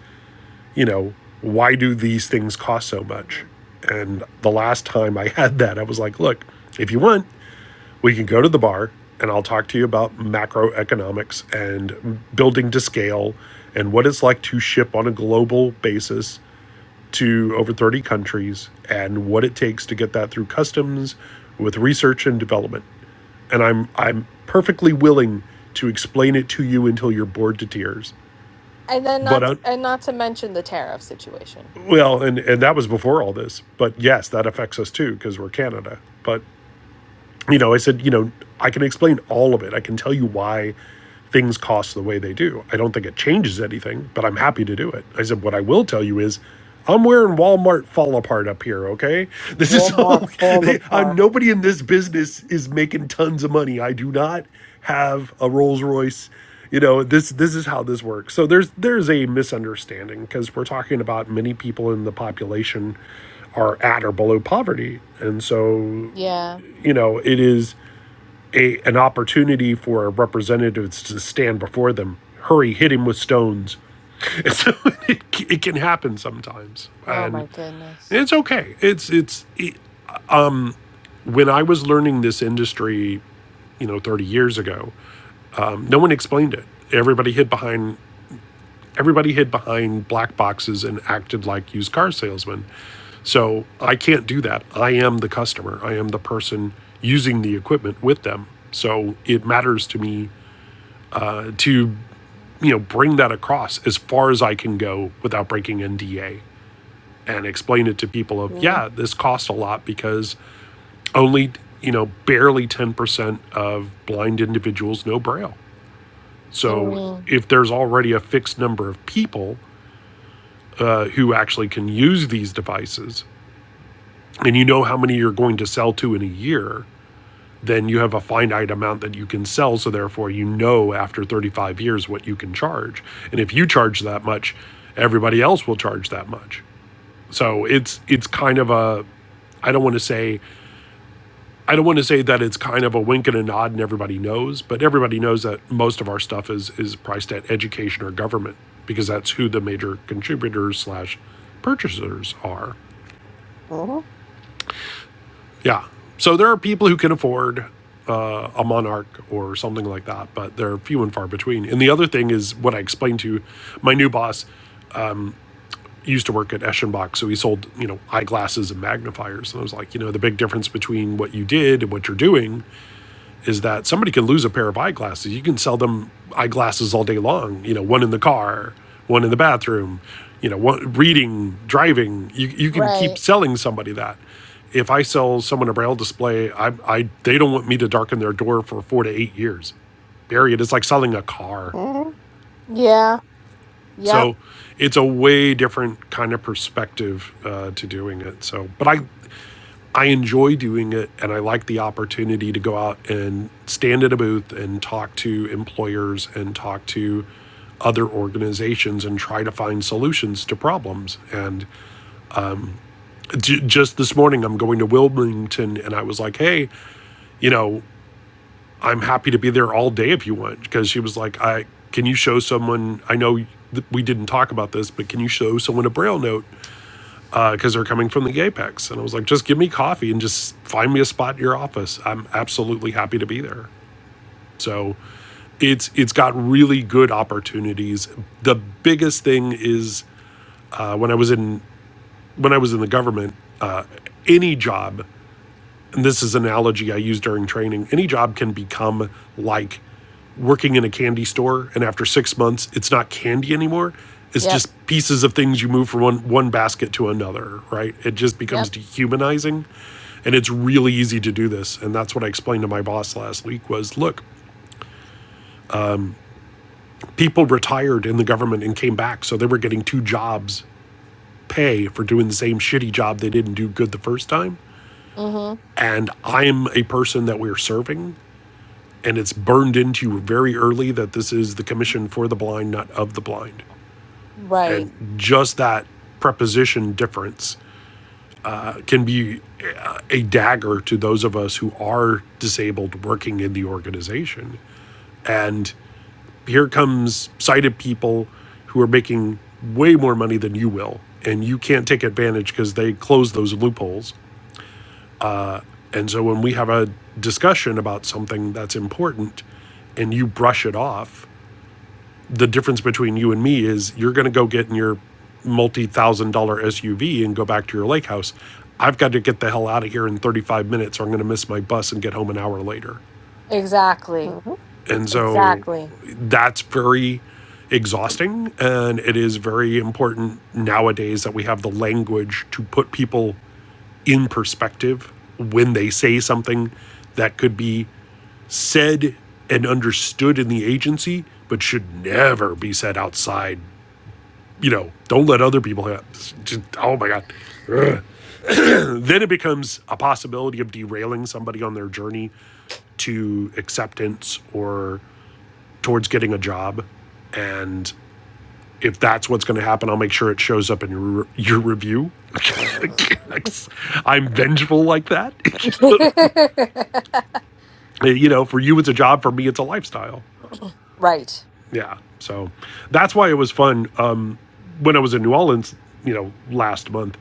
D: you know why do these things cost so much?
B: hmm
D: And the last time I had that, I was like, look, if you want, we can go to the bar and I'll talk to you about macroeconomics and building to scale and what it's like to ship on a global basis to over 30 countries and what it takes to get that through customs with research and development. And I'm I'm perfectly willing to explain it to you until you're bored to tears.
A: And then
D: But
A: not
D: uh,
A: and not to mention the tariff situation.
D: well, and and that was before all this. But yes, that affects us too because we're Canada. But you know, I said, you know, I can explain all of it. I can tell you why things cost the way they do. I don't think it changes anything, but I'm happy to do it. I said, what I will tell you is, I'm wearing Walmart fall apart up here, okay? This is
B: Walmart
D: all,
B: fall
D: I'm,
B: apart.
D: nobody in this business is making tons of money. I do not have a Rolls Royce. You know, this this is how this works. So there's there's a misunderstanding because we're talking about many people in the population are at or below poverty. And so,
A: Yeah.
D: you know, it is a, an opportunity for representatives to stand before them. Hurry, hit him with stones. And so it, it can happen sometimes,
A: Oh
D: and
A: my goodness.
D: it's okay. It's it's it, when I was learning this industry, you know, 30 years ago, um, no one explained it. Everybody hid behind everybody hid behind black boxes and acted like used car salesmen. So I can't do that. I am the customer. I am the person using the equipment with them. So it matters to me uh, to you know, bring that across as far as I can go without breaking NDA and explain it to people of,
B: Mm-hmm.
D: yeah, this costs a lot because only, you know, barely 10% of blind individuals know Braille. So
A: Mm,
D: if there's already a fixed number of people uh, who actually can use these devices, and you know how many you're going to sell to in a year, then you have a finite amount that you can sell. So therefore, you know after 35 years what you can charge. And if you charge that much, everybody else will charge that much. So it's it's kind of a I don't want to say I don't want to say that it's kind of a wink and a nod and everybody knows, but everybody knows that most of our stuff is is priced at education or government because that's who the major contributors slash purchasers are.
B: Mhm,
D: Yeah. So there are people who can afford uh, a Monarch or something like that, but they're few and far between. And the other thing is what I explained to my new boss He used to work at Eschenbach, so he sold you know eyeglasses and magnifiers. And I was like, you know, the big difference between what you did and what you're doing is that somebody can lose a pair of eyeglasses. You can sell them eyeglasses all day long. You know, one in the car, one in the bathroom. You know, one, reading, driving. You you can keep
A: right.
D: selling somebody that. If I sell someone a braille display, I, I they don't want me to darken their door for four to eight years. Period. It's like selling a car.
B: mhm,
A: Yeah. Yep.
D: So it's a way different kind of perspective uh, to doing it. So, but I I enjoy doing it and I like the opportunity to go out and stand at a booth and talk to employers and talk to other organizations and try to find solutions to problems. And j- just this morning, I'm going to Wilmington and I was like, hey, you know, I'm happy to be there all day if you want. Because she was like, I can you show someone, I know that we didn't talk about this, but can you show someone a braille note? because uh, they're coming from the Apex. And I was like, just give me coffee and just find me a spot in your office. I'm absolutely happy to be there. So it's it's got really good opportunities. The biggest thing is uh, when I was in when I was in the government, uh, any job. And this is an analogy I use during training. Any job can become like working in a candy store and after six months it's not candy anymore it's
A: Yep.
D: just pieces of things you move from one, one basket to another right it just
A: Yep.
D: becomes dehumanizing and it's really easy to do this and that's what i explained to my boss last week was look people retired in the government and came back so they were getting two jobs pay for doing the same shitty job they didn't do good the first time
A: Mhm.
D: and i'm a person that we're serving and it's burned into you very early that this is the commission for the blind not of the blind
A: Right.
D: And just that preposition difference uh, can be uh, a dagger to those of us who are disabled working in the organization. And here comes sighted people who are making way more money than you will, and you can't take advantage because they close those loopholes. And so when we have a discussion about something that's important and you brush it off, the difference between you and me is you're going to go get in your multi-thousand dollar SUV and go back to your lake house. I've got to get the hell out of here in 35 minutes or I'm going to miss my bus and get home an hour later.
A: Exactly.
B: mhm.
D: And so
A: Exactly.
D: that's very exhausting and it is very important nowadays that we have the language to put people in perspective when they say something that could be said and understood in the agency but should never be said outside you know, don't let other people have. Just, oh my God. Then it becomes a possibility of derailing somebody on their journey to acceptance or towards getting a job. And if that's what's going to happen, I'll make sure it shows up in your, your review. I'm vengeful like that. you know, for you, it's a job. For me, it's a lifestyle.
A: right.
D: Yeah. So that's why it was fun. Um, when I was in New Orleans, you know, last month,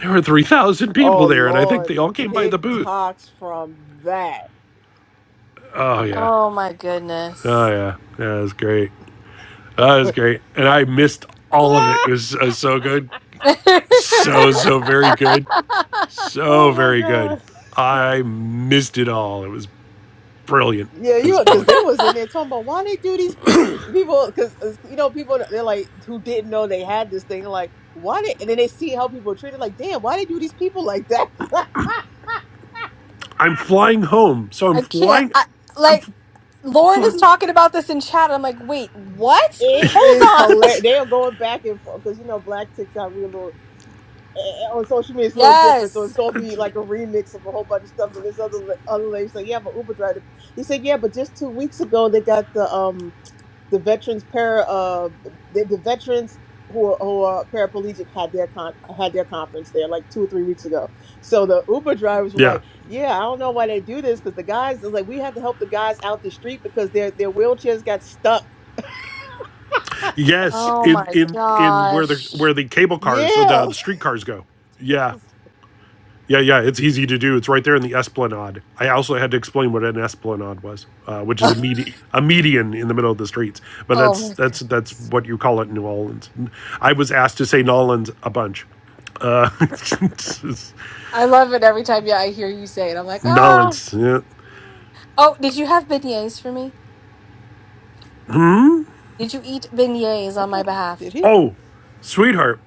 D: There were 3,000 people
B: Oh
D: there, and I think
B: Lord,
D: they
B: the
D: all came by the booth.
B: TikToks from that.
D: Oh, yeah.
A: Oh my
D: Oh,
A: goodness.
D: yeah. Yeah, it was great. Oh, it was great. And I missed all of it. It was uh, so good. So, so very good. So
B: oh my
D: very good.
B: God.
D: I missed it all. It was brilliant.
B: Yeah,
D: It
B: you
D: was
B: know, because
D: brilliant.
B: they was in there talking about why they do these people because you know people they're like who didn't know they had this thing they're like why did and then they see how people are treated like damn why they do these people like that
D: I'm flying home. So I'm
A: I can't.
D: flying.
A: I,
D: I'm
A: like Lauren is
D: flying.
A: talking about this in chat. I'm like, wait, what?
B: it
A: Hold
B: is
A: on.
B: hilarious they are going back and forth because you know black TikTok we a little eh, eh, on social media it's a little different so it's
A: Yes.
B: gonna be like a remix of a whole bunch of stuff and this other la- other lady's like yeah I'm an Uber driver he said yeah but just two weeks ago they got the um the veterans para uh the, the veterans who are, who are paraplegic had their con had their conference there like two or three weeks ago. So the Uber drivers were
D: Yeah.
B: like, "Yeah, I don't know why they do this because the guys is like we had to help the guys out the street because their their wheelchairs got stuck."
D: Yes,
A: Oh
D: in
A: my
D: in in where the
A: gosh.
D: where the cable cars, uh,
B: Yeah,
D: the street cars go.
B: It
D: Yeah,
B: was-
D: Yeah, yeah, it's easy to do. It's right there in the Esplanade. I also had to explain what an Esplanade was, uh, which is a, medi- a median in the middle of the streets. But
A: Oh
D: that's
A: my god.
D: that's that's what you call it in New Orleans. I was asked to say Nolans a bunch. Uh,
A: I love it every time. Yeah, I hear you say it. I'm like, oh.
D: Nolans. Yeah.
A: Oh, did you have beignets for me? Did you eat beignets
B: I'm
A: on my
B: like, did
A: behalf?
B: he?
D: Oh, sweetheart,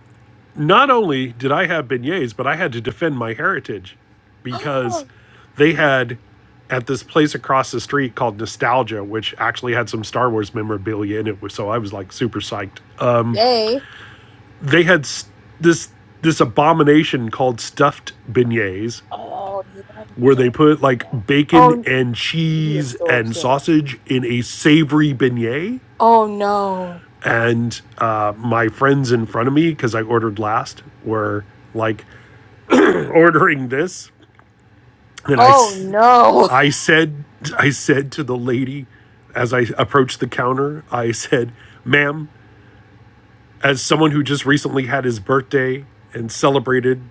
D: not only did I have beignets, but I had to defend my heritage because they had at this place across the street called Nostalgia, which actually had some Star Wars memorabilia in it. So I was like super psyched. Uh,
A: Yay.
D: they had this this abomination called stuffed beignets,
B: Oh yeah, you
D: where they
B: told me about
D: put like
B: that.
D: bacon
A: Oh,
D: and
B: He was
D: cheese
B: so
D: and
B: upset.
D: sausage in a savory beignet.
A: oh no.
D: And uh, my friends in front of me, because I ordered last, were like ordering this And I, I
A: Oh no.
D: said, I said to the lady as I approached the counter, I said, ma'am, as someone who just recently had his birthday and celebrated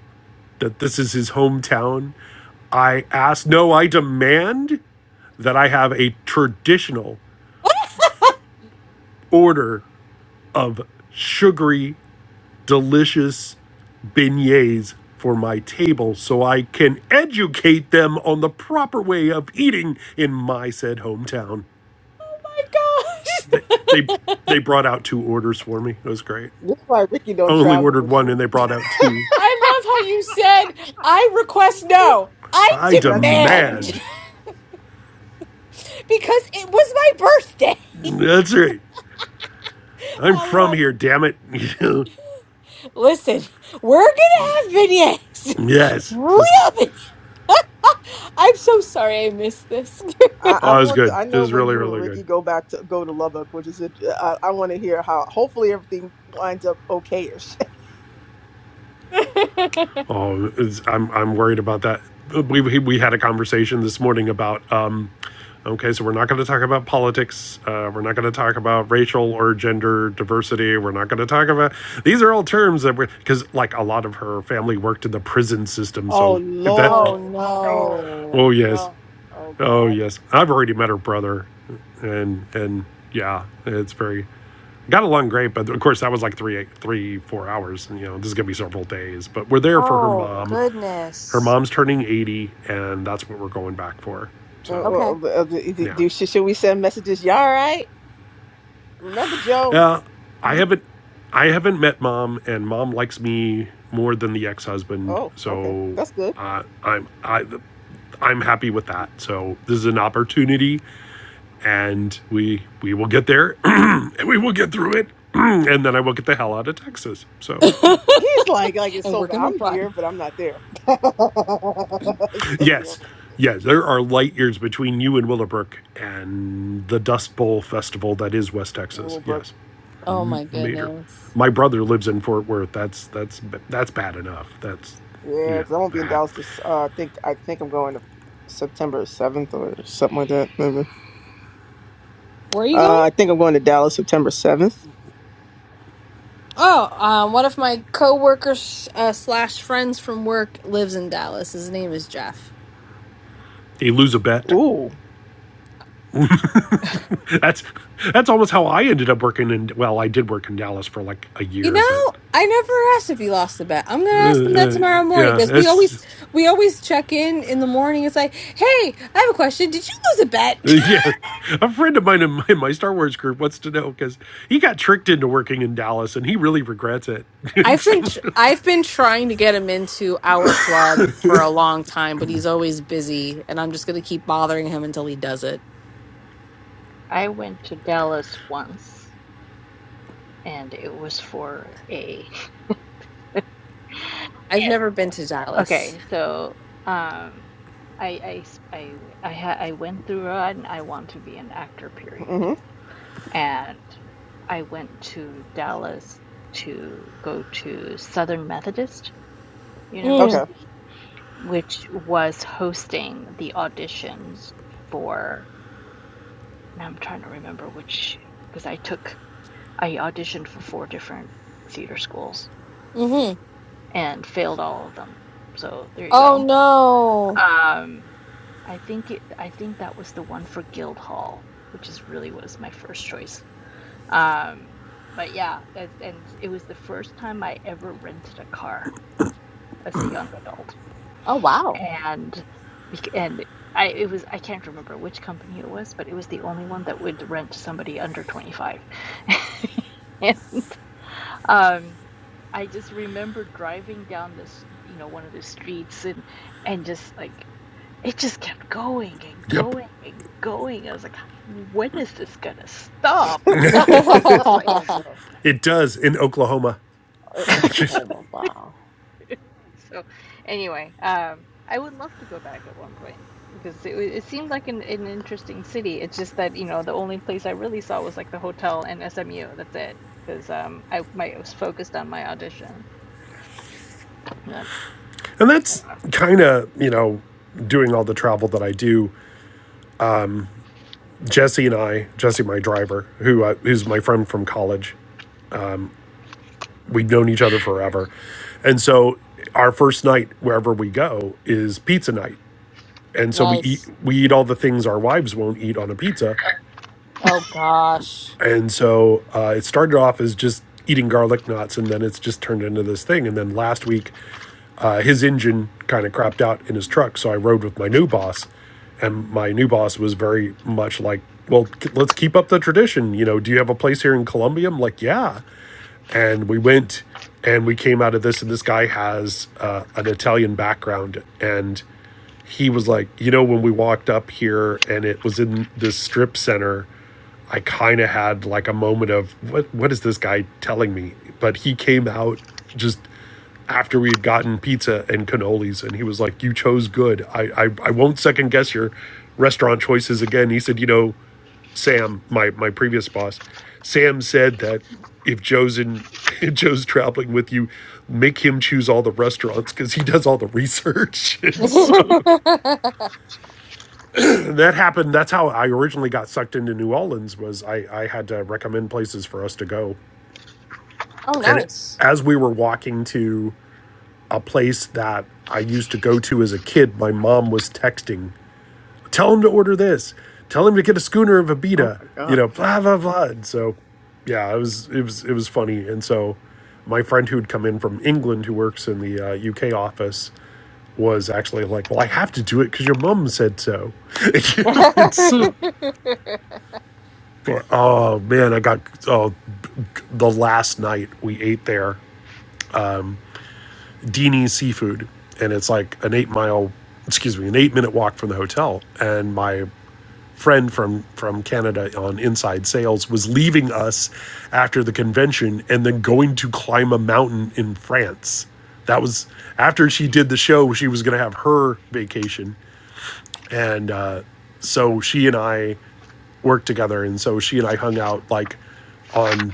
D: that this is his hometown, I ask, no, I demand that I have a traditional order of sugary, delicious beignets for my table so I can educate them on the proper way of eating in my said hometown.
A: gosh.
D: They they they brought out two orders for me. It was great.
B: This is why Ricky
D: I
B: don't
D: only
B: travel
D: ordered
B: with
D: one
B: you.
D: and they brought out two.
A: I love how you said, I request no. I
D: I
B: That's the
A: demand.
D: demand.
B: man.
A: because it was my birthday.
D: That's right. I'm
A: I
D: from
A: love.
D: here, damn it.
A: Listen, we're gonna have beignets,
D: yes. It
A: real
D: was,
A: beignets. I'm so sorry I missed this.
B: I, I
D: oh, it was
B: want. To,
D: good.
B: I
D: It
B: know
D: was
B: when
D: really,
B: you and
D: really
B: Ricky
D: good.
B: go back to go to Lubbock, which is a, I, I want to hear how. Hopefully everything winds up okayish.
D: Oh, I'm I'm worried about that. We we we had a conversation this morning about um, okay, so we're not going to talk about politics. Uh, we're not going to talk about racial or gender diversity. We're not going to talk about these are all terms that we're because like a lot of her family worked in the prison system.
B: Oh
D: So if that,
A: oh
B: Lord. No.
D: oh
A: no!
D: yes,
B: No. Oh
D: oh
B: God.
D: yes, I've already met her brother, and and yeah, it's very got along great but of course that was like three eight, three four hours and you know this is gonna be several days but we're there for her
A: Oh
D: mom her
A: goodness.
D: mom's turning 80 and that's what we're going back for
B: Uh,
D: so
A: Okay.
B: well, uh, uh, do,
D: yeah
B: do- should should we send messages? You all right? Remember Joe?
D: uh, i haven't i haven't met mom and mom likes me more than the ex-husband
B: Oh, okay,
D: so
B: that's good.
D: uh, i'm i i'm happy with that so this is an opportunity and we we will get there and we will get through it and then i will get the hell out of texas so
A: and
B: He's like, like it's so
A: we're
B: bad.
A: gonna
B: I'm
A: run.
B: here, but I'm not there. so, yeah.
D: yes Yes, there are light years between you and Willowbrook and the Dust Bowl festival that is West Texas.
B: Willowbrook,
D: Yes.
A: Oh my
D: major.
A: goodness.
D: My brother lives in Fort Worth. That's that's that's bad enough. That's
B: yeah,
D: yeah.
B: because I won't be in
D: ah.
B: Dallas. This, uh, I think I think I'm going to September 7th or something like that. maybe.
A: Where are you
B: Uh,
A: going?
B: I think I'm going to Dallas September 7th.
A: Oh, um, one of my coworkers uh, slash friends from work lives in Dallas. His name is Jeff.
D: You lose a bet.
B: Ooh.
D: That's that's almost how I ended up working in. Well, I did work in Dallas for like a
A: You
D: year, but
A: know, I never asked if he lost the bet. I'm gonna ask him that
D: uh,
A: tomorrow morning
D: yeah,
A: because we
D: that's
A: always we always check in in the morning. It's like, hey, I have a question. Did you lose a bet?
D: yeah. A friend of mine in my, in my Star Wars group wants to know because he got tricked into working in Dallas and he really regrets it.
A: I've been tr- I've been trying to get him into our club for a long time, but he's always busy, and I'm just gonna keep bothering him until he does it.
C: I went to Dallas once, and it was for a
A: I've
C: yes.
A: never been to Dallas.
C: Okay, so um, I I s- I I, ha I went through an I want to be an actor period,
B: hmm
C: and I went to Dallas to go to Southern Methodist
B: Okay.
A: Mm,
C: University. which was hosting the auditions for now I'm trying to remember which because I took I auditioned for four different theater schools
A: hmm
C: and failed all of them. So there you
A: Oh,
C: go.
A: oh,
C: Um I think it I think that was the one for Guildhall, which is really was my first choice. Um but yeah, as, and it was the first time I ever rented a car as a young adult.
A: wow.
C: and bec- and I it was I can't remember which company it was, but it was the only one that would rent to somebody under 25. And um I just remember driving down this, you know, one of the streets and and just like it just kept going and
D: Yep.
C: going and going. I was like, when is this gonna stop? What is this
B: oh
C: place?
B: no,
D: It does in Oklahoma.
B: In
D: and
B: Oklahoma! Wow.
C: So anyway, um, I would love to go back at one point because it, wa- it seemed like an, an interesting city. It's just that, you know, the only place I really saw was like the hotel and SMU. That's it. Because um, I my I was focused on my audition. Not,
D: that's
C: anyway.
D: kind of, you know, doing all the travel that I do. Jesse and I, Jesse, my driver, who uh, is my friend from college, we've known each other forever. And so our first night, wherever we go, is pizza night. And so we eat,
A: nice.
D: we eat all the things our wives won't eat on a pizza.
A: Oh gosh.
D: And so uh, it started off as just eating garlic knots, and then it's just turned into this thing. And then last week, uh, his engine kind of crapped out in his truck. So I rode with my new boss, and my new boss was very much like well let's keep up the tradition you know do you have a place here in columbia i'm like yeah and we went and we came out of this and this guy has uh, an italian background and he was like you know when we walked up here and it was in this strip center i kind of had like a moment of what what is this guy telling me but he came out just after we had gotten pizza and cannolis and he was like you chose good i i, I won't second guess your restaurant choices again he said you know Sam, my my previous boss, Sam said that if Joe's in Joe's traveling with you, make him choose all the restaurants because he does all the research. and so
A: oh,
D: and that happened. That's how I originally got sucked into New Orleans. Was I I had to recommend places for us to go, and it,
A: nice.
D: as we were walking to a place that I used to go to as a kid, my mom was texting Tell him to order this. Tell him to get a schooner of
B: Oh
D: Abita.
B: my
D: You know,
B: God.
D: blah blah blah. And so, yeah, it was it was it was funny. And so, my friend who had come in from England, who works in the uh, UK office, was actually like, "Well, I have to do it because your mum said so." it's oh man, I got oh the last night we ate there, Dini's seafood, and it's like an eight mile, excuse me, an eight minute walk from the hotel, and my friend from from Canada on inside sales was leaving us after the convention and then going to climb a mountain in France. That was after she did the show. She was going to have her vacation, and uh, so she and I worked together. And so she and I hung out like on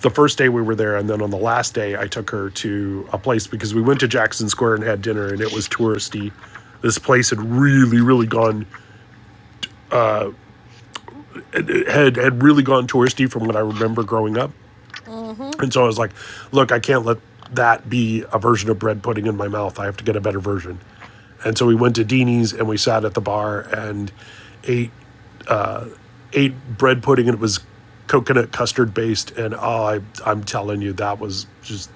D: the first day we were there, and then on the last day I took her to a place because we went to Jackson Square and had dinner, and it was touristy. This place had really, really gone had had really gone touristy from what I remember growing up.
A: hmm
D: And so I was like, look, I can't let that be a version of bread pudding in my mouth. I have to get a better version. And so we went to Dini's and we sat at the bar and ate ate bread pudding and it was coconut custard based and oh I I'm telling you that was just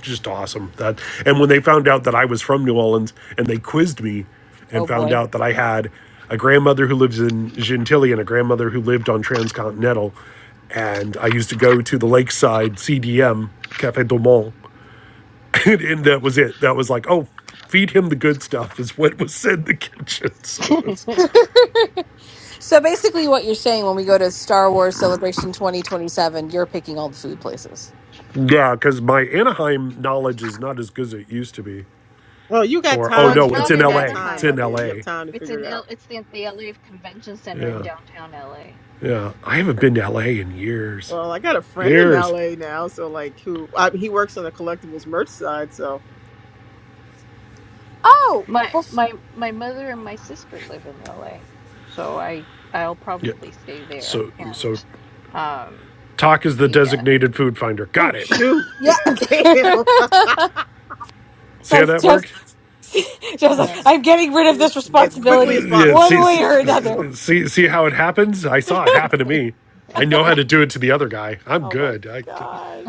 D: just awesome. That and when they found out that I was from New Orleans and they quizzed me and
A: Oh
D: found
A: boy.
D: out that I had a grandmother who lives in Gentilly and a grandmother who lived on Transcontinental, and I used to go to the Lakeside CDM Cafe Dumont, and, and that was it. That was like, oh, feed him the good stuff is what was said in the kitchen. So it
C: Hmm.
D: was,
A: so basically, what you're saying when we go to Star Wars Celebration 2027, you're picking all the food places.
D: yeah, because my Anaheim knowledge is not as good as it used to be.
B: Oh, you got
D: For oh
C: Well,
B: time,
D: no,
C: it's
B: Joe.
D: it's
C: not
D: in
B: You
C: in
B: got
D: L.A. It's
B: time, my
C: Anaheim.
D: in
B: dear. You have
D: L.A.
B: time to
C: It's in
B: figure it out.
C: L it's the, the LA Convention Center in
D: Yeah,
C: downtown LA.
D: yeah. I haven't been to L.A. in years.
B: Well, I got a friend in
D: Here's
B: LA now, so like who I, he works on the collectibles merch side, so
A: Oh,
C: My
A: bef-
C: my my mother and my sister live in LA, so I I'll
D: yeah.
C: probably stay there
D: So so
C: and um
D: talk is the
C: the uh,
D: designated food finder.
B: oh
D: Got it.
B: shoot.
A: yeah.
B: Damn.
A: it's
D: See how
A: like
D: that
A: Joe's,
D: worked?
A: Joe's
D: This,
A: like,
C: Uh,
A: I'm getting rid of this
B: as quickly as
A: responsibility
D: yeah.
A: one
D: See
B: possible.
A: way or another.
D: see see how it happens.
B: Oh
D: I saw
B: my
D: it
B: god.
D: happen to me. I know how to do it to the other guy. I'm
A: oh my
D: good. I,
A: gosh.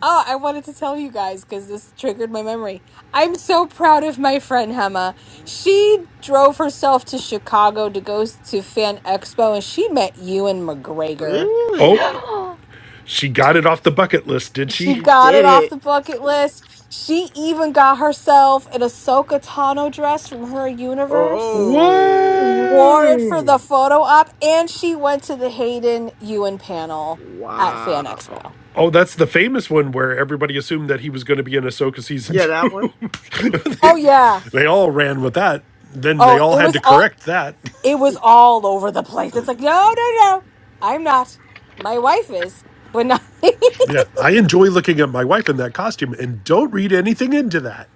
A: Oh, I wanted to tell you guys because this triggered my memory. I'm so proud of my friend Hema. She drove herself to Chicago to go s- to Fan Expo and she met Ewan McGregor.
C: mm.
D: oh,
B: Really?
D: she got it off the bucket list, did
A: She
D: she?
B: She
A: got it
B: did
A: off
B: it.
A: the bucket list. She even got herself an Ahsoka Tano dress from her universe,
B: Oh.
A: wore it for
D: Whoa.
A: the photo op, and she went to the Hayden Ewan panel at Fan
B: Wow.
A: Expo.
D: Oh, that's the famous one where everybody assumed that he was going to be in Ahsoka season
B: Yeah, that one.
D: two. they,
A: Oh, yeah.
D: they all ran with that. Then they
A: Oh,
D: all
A: it
D: had
A: was
D: to
A: all.
D: correct that.
A: it was all over the place. It's like, no, no, no, I'm not. My wife is, but not.
D: Yeah, I enjoy looking at my wife in that costume and don't read anything into that.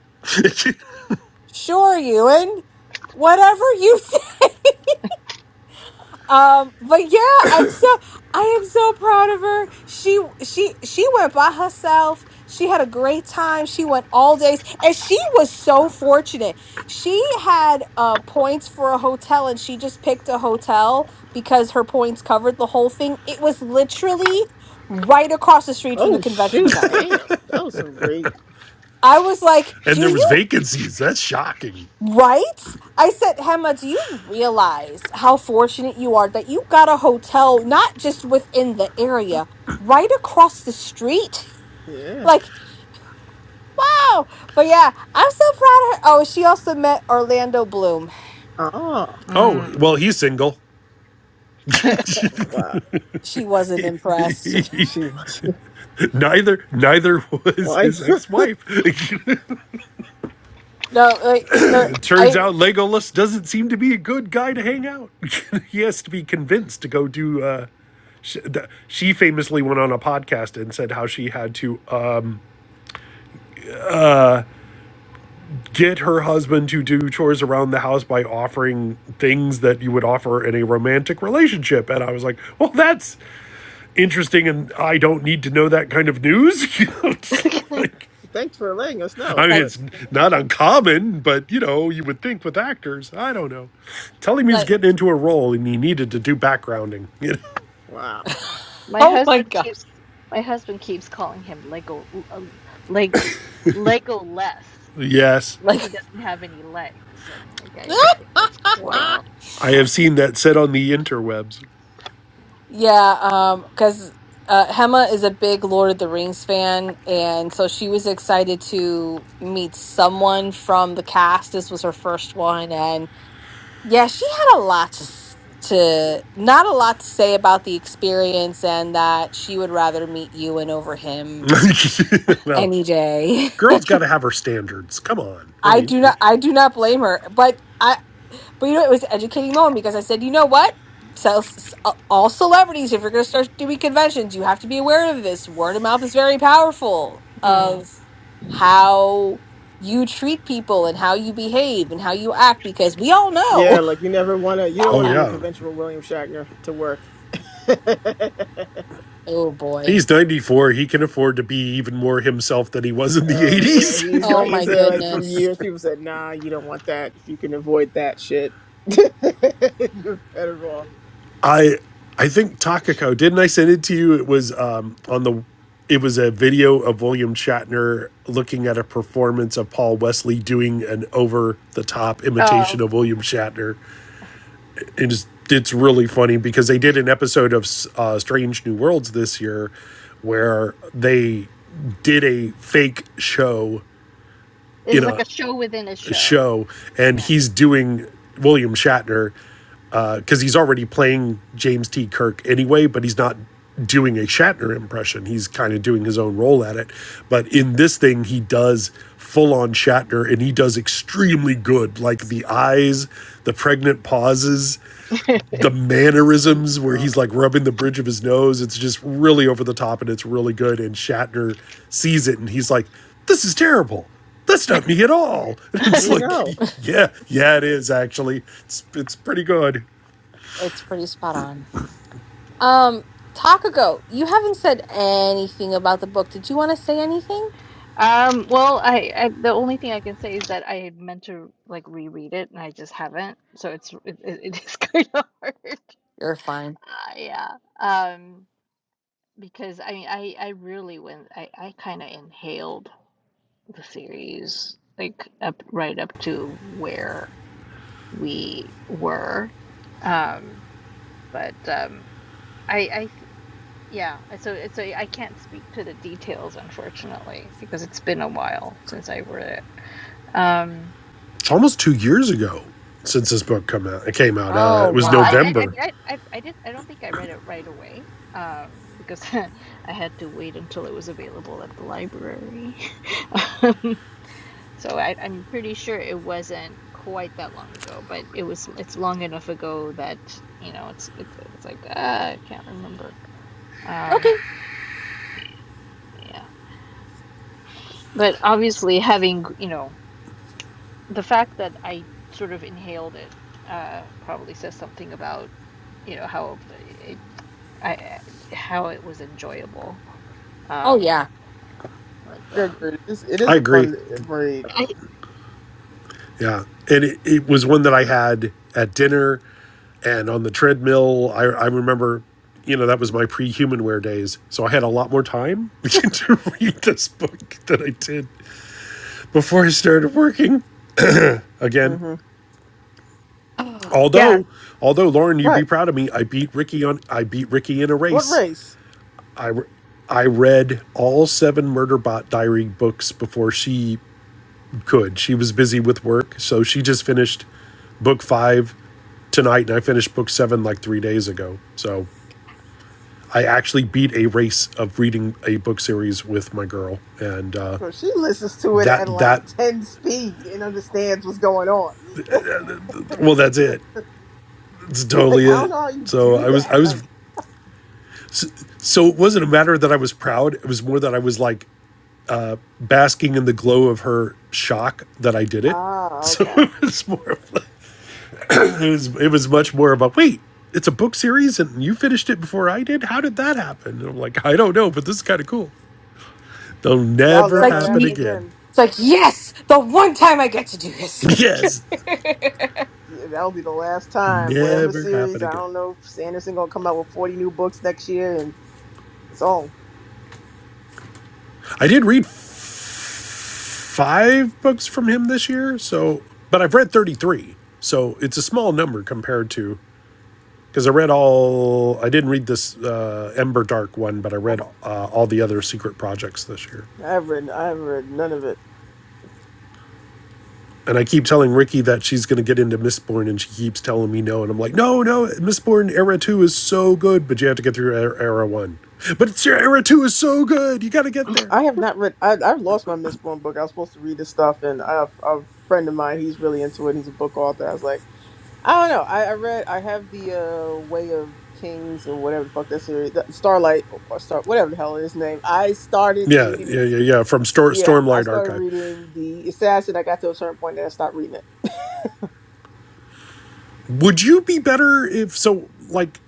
A: sure, Ewan. Whatever you Um, but yeah, I'm so I am so proud of her. She she she went by herself. She had a great time. She went all days, and she was so fortunate. She had uh points for a hotel, and she just picked a hotel because her points covered the whole thing. It was literally right across the street from the
B: Oh
A: convention
B: shoot.
A: center.
B: Damn. That was some great.
A: I was like,
D: and
A: "Do
D: there was
A: you?"
D: vacancies. That's shocking.
A: Right? I said, Hema, do you realize how fortunate you are that you got a hotel not just within the area, right across the street?
B: Yeah.
A: Like, how? But yeah, I'm so proud of her. Oh, she also met Orlando Bloom.
B: Oh.
D: Oh, well, he's single.
B: Wow.
A: She wasn't impressed.
B: She was
D: neither neither was
B: wife.
D: his ex-wife. it
A: No, like, the,
D: turns
A: I,
D: out Legolas doesn't seem to be a good guy to hang out. he has to be convinced to go do uh she, famously went on a podcast and said how she had to uh get her husband to do chores around the house by offering things that you would offer in a romantic relationship. And I was like, well, that's interesting. And I don't need to know that kind of news. You know, it's like,
B: Thanks for letting us know,
D: I
A: it's
D: mean,
A: like,
B: but
D: it's not uncommon, but you know, you would think with actors, I don't know. Tell him he was
A: like,
D: getting into a role and he needed to do backgrounding. You know?
B: Wow.
C: My
A: oh my
C: husband
A: God.
C: keeps my husband keeps calling him Lego uh, leg Lego less. This is
D: Yes,
C: like
A: Like,
C: he doesn't have any legs. I'm like, I don't think that's quite
B: Wow.
D: I
C: how
D: have
C: that
D: seen that
C: works.
D: said on the interwebs.
A: Yeah, um, because uh, Hema is a big Lord of the Rings fan, and so she was excited to meet someone from the cast. This was her first one, and yeah, she had a lot to s- to not a lot to say about the experience, and that she would rather meet Ewan over him
D: well,
A: any day.
D: girl's got to have her standards. Come on. I
A: I do not,
D: mean,
A: I do not blame her, but. I. But you know, it was an educating moment because I said, you know what? So, s- all celebrities, if you're going to start doing conventions, you have to be aware of this. Word of mouth is very powerful
C: Mm.
A: of how you treat people and how you behave and how you act because we all
B: Yeah,
A: know.
B: like you never want to, you
A: We
B: don't
A: all
D: oh,
B: want to
A: know.
B: do a
D: yeah.
B: convention with William Shatner to work. oh,
A: oh boy.
D: He's 94. He can afford to be even more himself than he was in the
B: yeah. He's
D: 80s.
A: Oh
B: like,
A: my
B: it's a, like from
A: goodness.
B: years, people said, nah, you don't want that. If you can avoid that shit, you're better off.
D: I I think Takako, didn't I send it to you? It was um, on the it was a video of William Shatner looking at a performance of Paul Wesley doing an over the top imitation
C: Oh,
D: of William Shatner. it's, it's really funny because they did an episode of uh, Strange New Worlds this year where they did a fake show
C: it's
D: in
C: like
D: a
C: a show within a show.
D: show, and
C: Yeah.
D: he's doing William Shatner because uh, he's already playing James T. Kirk anyway, but he's not doing a Shatner impression. He's kind of doing his own role at it. But in this thing, he does full on Shatner and he does extremely good. Like the eyes, the pregnant pauses, the
B: Oh, my
D: mannerisms where he's
B: God.
D: like rubbing the bridge of his nose. It's just really over the top and it's really good. And Shatner sees it and he's like, This is terrible. That's not me at all. And it's
B: We
D: like,
B: know.
D: Yeah, yeah, it is actually. It's, it's pretty good.
A: It's pretty spot on. Um, Takako, you haven't said anything about the book. Did you want to say anything?
C: Um, well, I, I the only thing I can say is that I had meant to like reread it and I just haven't, so it's it, it it is kind of hard.
A: You're fine.
C: Uh, yeah. Um, because I mean, I I really went. I I kind of inhaled the series like up right up to where we were. Um, but um, I I th- yeah. So so I can't speak to the details unfortunately because it's been a while since I read it. Um,
D: It's almost two years ago since this book come out, it came out. Uh,
A: Oh
D: it was
C: Well, I,
A: wow.
C: I, I
D: November.
C: mean, I, I, I did. I don't think I read it right away, um, because I had to wait until it was available at the library. Um, so I, I'm pretty sure it wasn't quite that long ago, but it was. It's long enough ago that you know, it's it's, it's like uh, I can't remember. Um,
A: Okay.
C: yeah, but obviously, having you know, the fact that I sort of inhaled it uh, probably says something about you know how eh, I how it was enjoyable.
A: Oh
C: Um,
A: yeah.
C: but
B: They're
C: um,
B: good. It's, it is
D: I
B: a
D: agree.
B: fun read.
C: but I
D: Yeah. And it, it was one that I had at dinner and on the treadmill. I, I remember, you know, that was my pre humanware days. So I had a lot more time to read this book than I did before I started working again.
B: hmm
A: Oh, yeah.
D: Although, although Lauren, you'd
B: Right.
D: be proud of me. I beat Ricky on, I beat Ricky in a
B: What
D: race.
B: race?
D: I, I read all seven Murderbot Diary books before she could. She was busy with work, so she just finished book five tonight, and I finished book seven like three days ago. So I actually beat a race of reading a book series with my girl, and uh,
B: Well, she listens to it at
D: that
B: like
D: that
B: 10 speed and understands what's going on.
D: well, that's it. It's
B: like,
D: totally
B: I don't
D: it.
B: know how you
D: So
B: do
D: I was I
B: that.
D: was
B: Like,
D: so it wasn't a matter that I was proud. It was more that I was like basking in the glow of her shock that I did it.
B: ah,
D: So
B: okay.
D: it was more of It was it was much more about wait, it's a book series and you finished it before I did. How did that happen? And I'm like, I don't know, but this is kind of cool. They'll
B: That'll
A: It's
D: never
A: like
B: never
D: happen
B: happen
A: ye-
D: again.
B: again.
A: it's like yes, the one time I get to do this.
D: Yes,
B: Yeah, That'll be the last time. Whatever
D: never
B: series,
D: happen
B: I
D: again.
B: don't know. if Sanderson gonna come out with forty new books next year, and it's all.
D: I did read five books from him this year, so but I've read 33, so it's a small number compared to because I read all. I didn't read this uh, Ember Dark one, but I read
B: Oh,
D: uh, all the other secret projects this year.
B: I've read. I've read none of it.
D: And I keep telling Ricky that she's going to get into Mistborn, and she keeps telling me no. And I'm like, no, no, Mistborn Era 2 is so good, but you have to get through E-, Era, 1. But it's your Era 2 is so good. You got to get there.
B: I have not read. I, I've lost my Mistborn book. I was supposed to read this stuff, and I have, a friend of mine. He's really into it. He's a book author. I was like, I don't know. I, I read. I have the uh, Way of Kings or whatever the fuck that series, the Starlight or Star, whatever the hell his name. I started
D: Yeah,
B: reading
D: yeah,
B: this.
D: yeah, yeah. From Stor-
B: Yeah, I
D: Stormlight
B: started
D: Archive.
B: reading the Assassin. I got to a certain point, then I stopped reading it.
D: Would you be better if so? Like,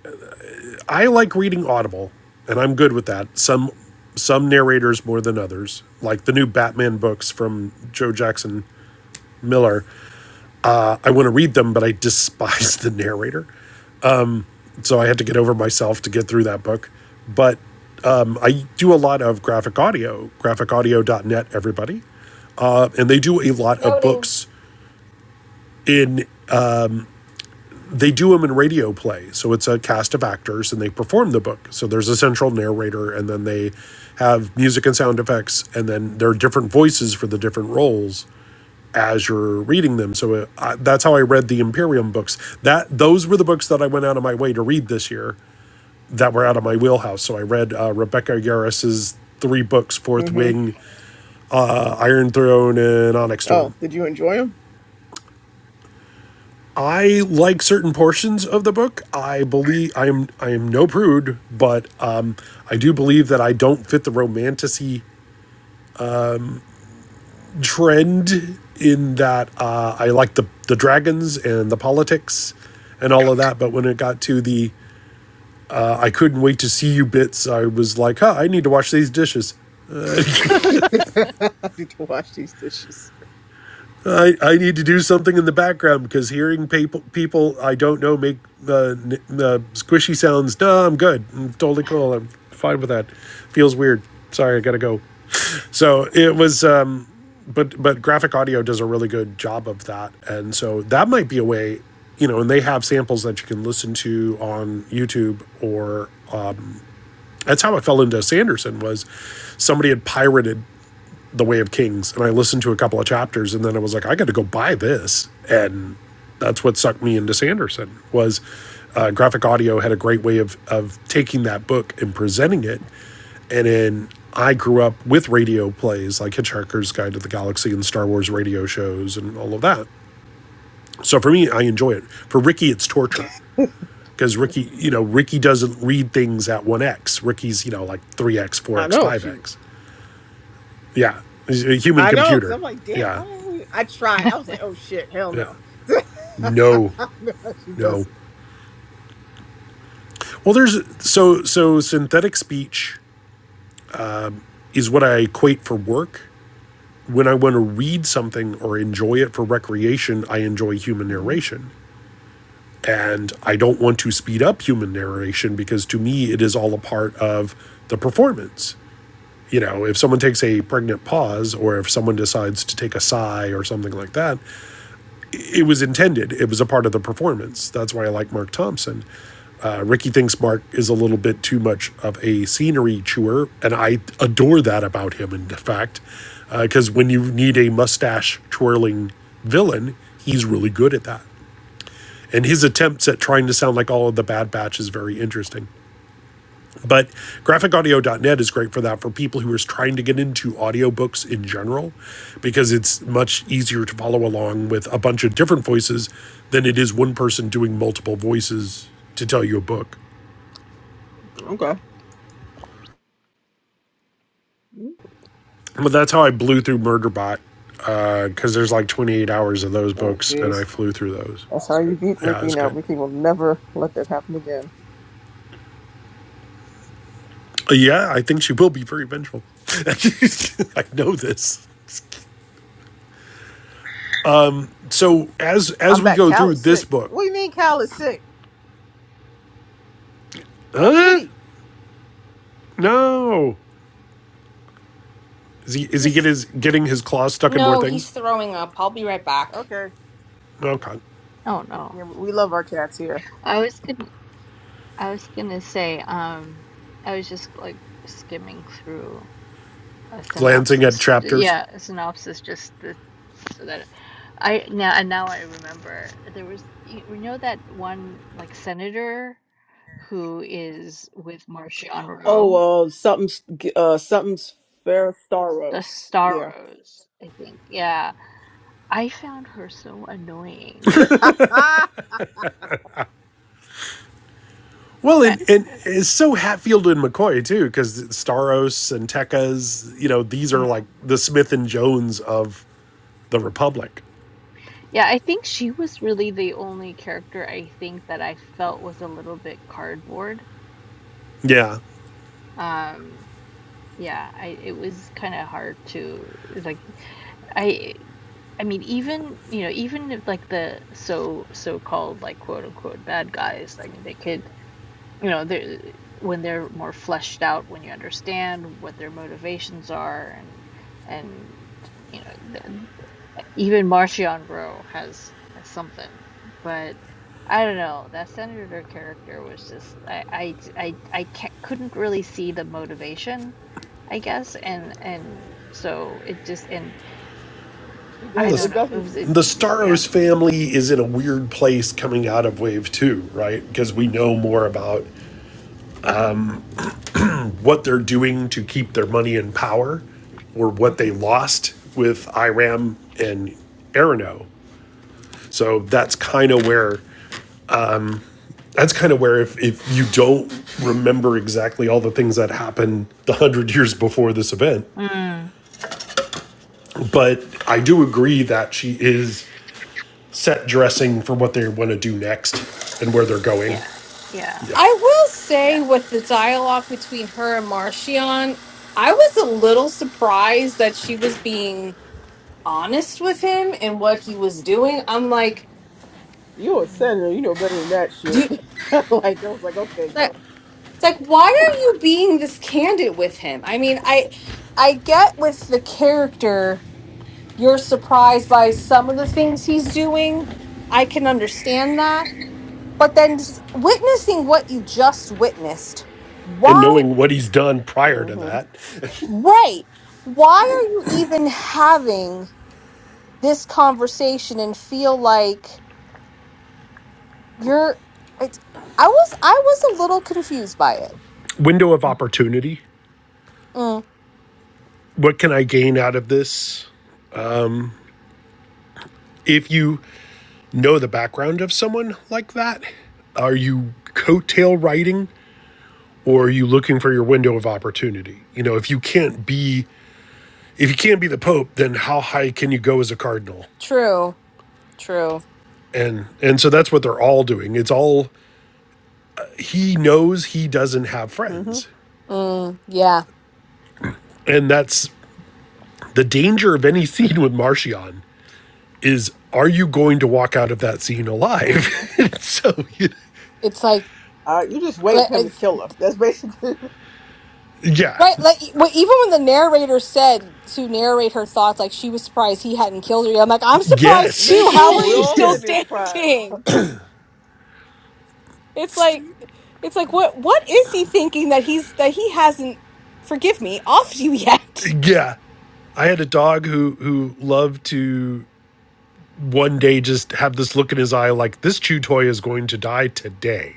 D: I like reading Audible, and I'm good with that. Some some narrators more than others. Like the new Batman books from Joe Jackson Miller. I, I want to read them, but I despise the narrator. So I had to get over myself to get through that book. But um, I do a lot of graphic audio, graphicaudio.net, everybody. Um, and they do a lot of
A: Noting.
D: books in, they do them in radio play. So it's a cast of actors and they perform the book. So there's a central narrator and then they have music and sound effects. And then there are different voices for the different roles as you're reading them. So uh, I, that's how I read the Imperium books. That those were the books that I went out of my way to read this year that were out of my wheelhouse. So I read uh, Rebecca Yarris's three books: Fourth
B: hmm
D: Wing, uh, Iron Throne, and Onyx
B: Oh,
D: Storm.
B: did you enjoy them?
D: I like certain portions of the book. I believe I am I am no prude, but um, I do believe that I don't fit the romanticy trend in that uh, I like the the dragons and the politics and all of that. But when it got to the uh, I couldn't wait to see you bits, I was like, huh, I need to wash these dishes. Uh,
B: I need to wash these dishes.
D: I, I need to do something in the background because hearing people people I don't know make uh, n- uh, squishy sounds. No, I'm good. I'm totally cool. I'm fine with that. Feels weird. Sorry, I gotta go. So it was, um, but but graphic audio does a really good job of that, and so that might be a way, you know. And they have samples that you can listen to on YouTube or uh, that's how I fell into Sanderson was somebody had pirated the Way of Kings, and I listened to a couple of chapters, and then I was like, I got to go buy this, and that's what sucked me into Sanderson was uh, graphic audio had a great way of of taking that book and presenting it, and then I grew up with radio plays like Hitchhiker's Guide to the Galaxy and Star Wars radio shows and all of that. So for me, I enjoy it. For Ricky, it's torture because Ricky, you know, Ricky doesn't read things at 1x. Ricky's, you know, like 3x,
B: I
D: 4x,
B: know she.
D: 5x. Yeah. He's a human
B: I know because
D: computer.
B: I'm like, damn.
D: Yeah.
B: How the hell you? I tried. I was like, oh shit, hell
D: Yeah.
B: no. I
D: No,
B: know how she
D: no.
B: does it.
D: Well, there's so so synthetic speech is what I equate for work. When I want to read something or enjoy it for recreation, I enjoy human
B: hmm
D: narration. And I don't want to speed up human narration because to me, it is all a part of the performance. You know, if someone takes a pregnant pause or if someone decides to take a sigh or something like that, it was intended. It was a part of the performance. That's why I like Mark Thompson. Uh, Ricky thinks Mark is a little bit too much of a scenery chewer, and I adore that about him, in fact, because uh, when you need a mustache twirling villain, he's really good at that. And his attempts at trying to sound like all of the Bad Batch is very interesting. But graphicaudio.net is great for that for people who are trying to get into audiobooks in general, because it's much easier to follow along with a bunch of different voices than it is one person doing multiple voices to tell you a book.
B: Okay.
D: But that's how I blew through Murderbot because uh, there's like 28 hours of those
B: Oh
D: books, and I
B: jeez,
D: flew through those.
B: that's how you beat
D: Yeah,
B: Ricky.
D: it's
B: Now
D: good.
B: Ricky will never let that happen again.
D: Uh, Yeah, I think she will be very vengeful. I know this. So as as
B: I'm
D: we
B: back.
D: go
B: Cal
D: through
B: is
D: this
B: sick.
D: book,
B: What do you mean Cal is sick? Our
D: huh?
B: kitty.
D: No, is he is he get
A: He's-
D: his, getting his claws stuck in more
A: no,
D: things?
A: he's throwing up. I'll be right back.
B: Okay.
D: Okay,
C: don't know.
B: Yeah, we love our cats here.
C: I was gonna I was gonna say um, I was just like skimming through a
D: glancing at
C: synopsis.
D: chapters.
C: Yeah, a synopsis just to, so that I now and now I remember there was y- you know that one like senator who is with Marshawn Rowe,
B: Oh, uh, something's uh, something's Ferris
C: the
B: Staros.
C: Star
B: Yeah.
C: Rose, I think. Yeah, I found her so annoying.
D: Well,
C: Uh,
D: and, and it's so Hatfield and McCoy too, because Staros and Tekka's, you know, these are
C: mm.
D: like the Smith and Jones of the Republic.
C: Yeah, I think she was really the only character I think that I felt was a little bit cardboard.
D: Yeah.
C: Um, yeah, I it was kind of hard to like I I mean even you know even if like the so so-called like quote unquote bad guys, I mean they could you know they're when they're more fleshed out when you understand what their motivations are and and you know th- even Marcion Rowe has has something, but I don't know. That senator character was just I I I, I can't, couldn't really see the motivation, I guess, and and so it just and
B: She
D: Well,
C: I
B: does.
D: the,
C: don't
B: It
C: know. It
B: doesn't.
C: was it,
D: the
C: it- yeah
D: Staros family is in a weird place coming out of Wave 2, right? Because we know more about what they're doing to keep their money in power or what they
C: mhm.
D: lost with Iram and Arano. So that's kind of where that's kind of where if, if you don't remember exactly all the things that happened the hundred years before this event.
C: mm,
D: But I do agree that she is set dressing for what they want to do next and where they're going.
C: yeah yeah
D: Yeah.
A: I will say
C: yeah
A: with
C: it
A: the
C: just,
A: dialogue between her and Marcion, I was a little surprised that she was being honest with him and what he was doing. I'm like,
B: You a
A: do
B: senator. You know better than that
A: you,
B: shit. like I was like, okay,
A: it's like
B: girl.
A: it's like, why are you being this candid with him? I mean, I I get with the character, you're surprised by some of the things he's doing. I can understand that. But then just witnessing what you just witnessed,
D: And
A: why
D: knowing what he's done prior to
B: Mhm.
D: that.
A: Right. Why are you even having this conversation and feel like you're it's I was I was a little confused by it.
D: Window of
C: mm,
D: opportunity.
A: Mm,
D: What can I gain out of this? If you know the background of someone like that, are you coattail riding or are you looking for your window of opportunity? You know, if you can't be if you can't be the pope, then how high can you go as a cardinal?
A: true. True.
D: And and so that's what they're all doing. It's all he knows he doesn't have
B: Mhm.
D: friends.
A: Mm, yeah.
D: And that's the danger of any scene with Marcion is are you going to walk out of that scene alive?
B: Mhm.
D: so,
A: It's like
B: Uh, you just wait
A: like,
B: for him to
A: it's-
B: kill her. That's basically.
D: yeah,
A: right like e- well, even when the narrator said to narrate her thoughts like she was surprised he hadn't killed her. yet. I'm like I'm surprised
B: Me
A: too. How
B: too.
A: are
B: We
A: you
D: yes,
B: all
D: yeah,
A: still
B: sitting there surprised.
A: standing? It's like it's like what what is he thinking that he's that he hasn't forgive me, off you yet.
D: yeah. I had a dog who who loved to one day just have this look in his eye like this chew toy is going to die today.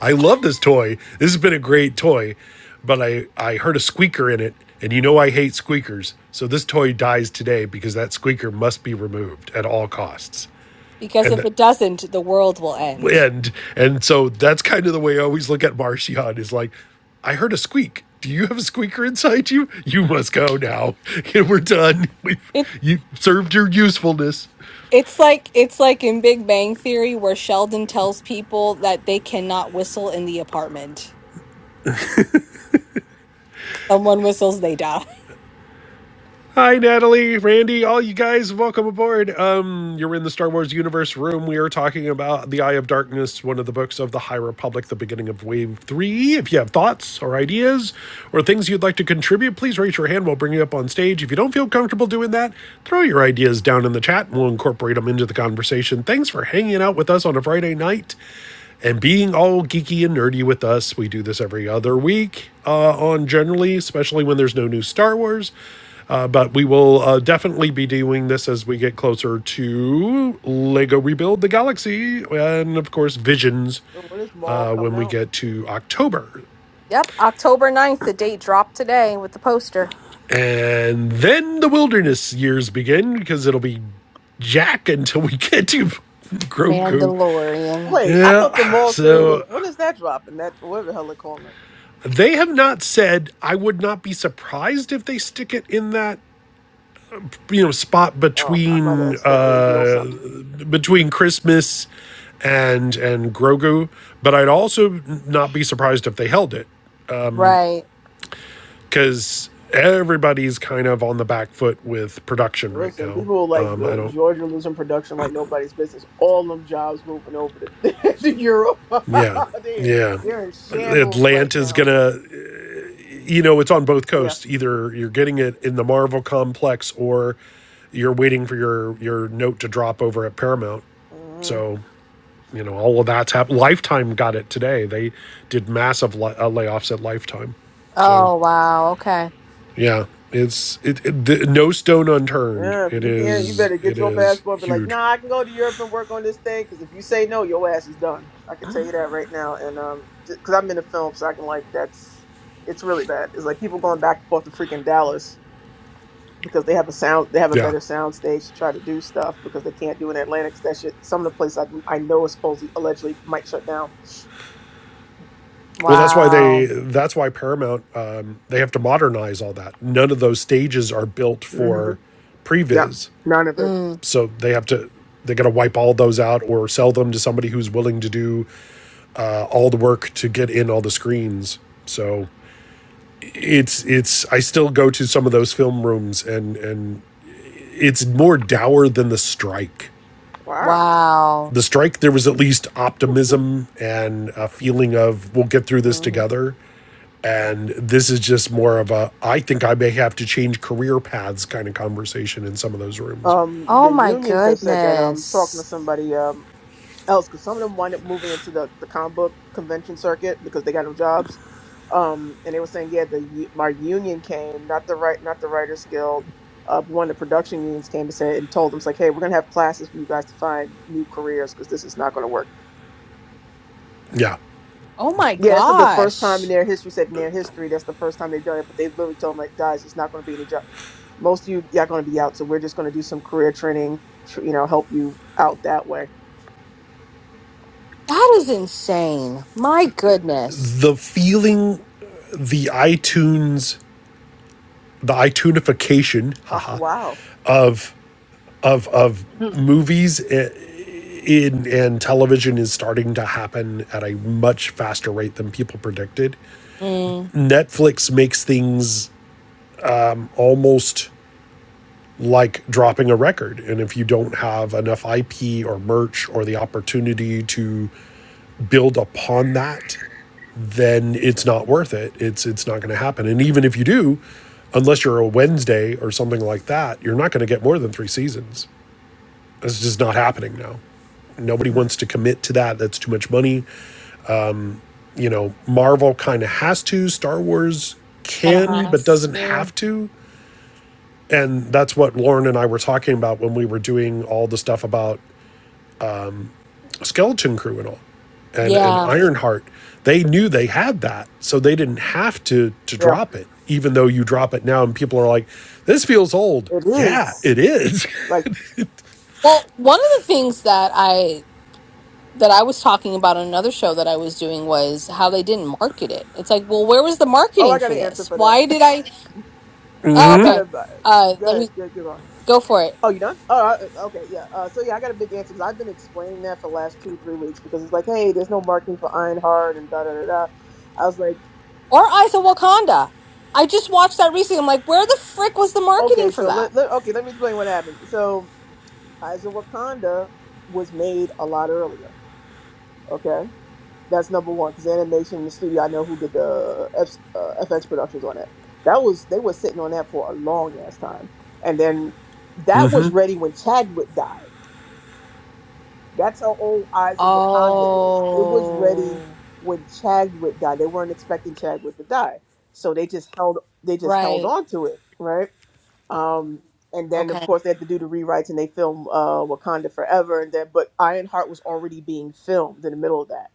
D: I love this toy. This has been a great toy, but I I heard a squeaker in it, and you know I hate squeakers. So this toy dies today because that squeaker must be removed at all costs.
A: Because
D: And
A: if
D: th-
A: it doesn't, the world will end.
D: end. And so that's kind of the way I always look at Marcion is like, I heard a squeak. Do you have a squeaker inside you? You must go now. We're done. We've
A: It
D: you served your usefulness.
A: it's like it's like in Big Bang Theory where Sheldon tells people that they cannot whistle in the apartment. Someone whistles, they die.
D: Hi, Natalie, Randy, all you guys, welcome aboard. Um, you're in the Star Wars universe room. We are talking about The Eye of Darkness, one of the books of the High Republic, the beginning of Wave 3. If you have thoughts or ideas or things you'd like to contribute, please raise your hand. We'll bring you up on stage. If you don't feel comfortable doing that, throw your ideas down in the chat and we'll incorporate them into the conversation. Thanks for hanging out with us on a Friday night and being all geeky and nerdy with us. We do this every other week uh, on generally, especially when there's no new Star Wars. Uh, but we will uh, definitely be doing this as we get closer to Lego Rebuild the Galaxy and, of course, Visions
B: And when is Maul
D: uh,
B: coming
D: when we
B: out?
D: get to October.
A: Yep, October ninth, the date dropped today with the poster.
D: And then the wilderness years begin because it'll be Jack until we get to
C: yeah.
D: Grogu.
A: Mandalorian.
B: Wait, I thought the
D: Yeah,
B: Maul series was.
D: so
B: When is that dropping? That whatever the hell they calling it.
D: They have not said. I would not be surprised if they stick it in that you know spot
B: Oh, I might have
D: between
B: accidentally
D: uh,
B: revealed something.
D: between Christmas and and Grogu. But I'd also not be surprised if they held it
A: Right.
D: because everybody's kind of on the back foot with production right
B: Listen,
D: now.
B: people like
D: Um, I
B: uh,
D: don't.
B: Georgia losing production like nobody's business. All them jobs moving over to, to Europe.
D: Yeah,
B: they're,
D: yeah.
B: they're in shambles right now.
D: Atlanta's gonna you know it's on both
B: Yeah.
D: coasts either you're getting it in the marvel complex or you're waiting for your your note to drop over at paramount
B: hmm
D: so you know all of that's happened lifetime got it today they did massive li- uh, layoffs at lifetime so
A: Oh wow, okay.
D: yeah it's it, it the, no stone unturned
B: Yeah, if
D: it
B: you can't, you
D: is
B: better get
D: it
B: your
D: is
B: passport and be like,
D: huge
B: nah, I can go to Europe and work on this thing. Because if you say no, your ass is done. I can tell you that right now. And um, because I'm in the film, so I can like that's it's really bad. It's like people going back and forth to freaking Dallas because they have a sound, they have a
D: yeah
B: better sound stage to try to do stuff because they can't do in Atlanta. 'cause that shit, some of the places I, I know is supposedly allegedly might shut down.
D: well that's why they
A: Wow.
D: that's why paramount um, they have to modernize all that none of those stages are built
B: hmm
D: for
B: Yeah,
D: previs
B: none of it.
A: Mm,
D: so they have to they got to wipe all those out or sell them to somebody who's willing to do uh, all the work to get in all the screens so it's it's i still go to some of those film rooms and and it's more dour than the strike
B: Wow.
A: wow.
D: the strike there was at least optimism and a feeling of we'll get through this
B: hmm
D: together and this is just more of a i think i may have to change career paths kind of conversation in some of those rooms
B: Um,
A: Oh
B: the
A: my
B: unions have said that. Um, I was talking to
A: goodness.
B: somebody. Um. else because some of them wind up moving into the, the comic book convention circuit because they got no jobs. Um, and they were saying, yeah, the u- my union came, not the right, not the Writers Guild, uh, but one of the production unions came and said and told them, it's like, hey, we're gonna have classes for you guys to find new careers because this is not gonna work.
D: yeah
A: Oh my
B: Yeah, this is the first time in
A: gosh.
B: their history said in their history that's the first time they've done it, but they literally told them like, guys, it's not gonna be any job. Most of you, y'all gonna be out, so we're just gonna do some career training, tr- you know, help you out that way.
A: That is insane. My goodness.
D: the feeling the iTunes the iTunification,
B: Huh,
D: haha,
B: wow.
D: of of of
C: Mm,
D: movies in and television is starting to happen at a much faster rate than people predicted.
A: Mm,
D: Netflix makes things almost like dropping a record and if you don't have enough IP or merch or the opportunity to build upon that then it's not worth it it's it's not going to happen and even if you do unless you're a Wednesday or something like that you're not going to get more than 3 seasons It's just not happening now. Nobody
C: mm,
D: wants to commit to that. That's too much money. You know, Marvel kind of has to. Star Wars
A: kind of
D: can, but
A: has
D: doesn't
A: to.
D: have to. And that's what Lauren and I were talking about when we were doing all the stuff about Skeleton Crew and all, and and
A: Yeah.
D: Ironheart. They knew they had that, so they didn't have to to
B: Yeah,
D: drop it. Even though you drop it now, and people are like, "This feels old."
B: it
D: Yeah,
B: is.
D: it is.
B: Like,
A: Well, one of the things that I that I was talking about on another show that I was doing was how they didn't market it. It's like, well, where was the
B: Oh,
A: marketing
B: I got
A: for
B: an answer
A: this?
B: for that.
A: Why did I? Oh,
B: I got
A: okay.
B: a.
A: Uh,
B: Go
A: let
B: ahead.
A: me
B: Go, go on.
A: go for it.
B: Oh, you done? Oh, I, uh, okay. Yeah. Uh, so yeah, I got a big answer because I've been explaining that for the last two or three weeks because it's like, hey, there's no marketing for Ironheart and da da da da. I was like,
A: Or Eyes of Wakanda. I just watched that recently. I'm like, where the frick was the marketing
B: okay,
A: for
B: so
A: that?
B: let, let okay, let me explain what happened. So Eyes of Wakanda was made a lot earlier. Okay, that's number one because animation in the studio, I know who did the F, uh, FX productions on it. That was they were sitting on that for a long ass time, and then that was ready when Chadwick died. That's how old Eyes of Wakanda is. It was ready
A: Oh.
B: when Chadwick died. They weren't expecting Chadwick to die, so they just held they just
A: Right.
B: held on to it, right? Um, and then of
A: Okay.
B: course they had to do the rewrites and they film uh, Wakanda Forever, and then but Ironheart was already being filmed in the middle of that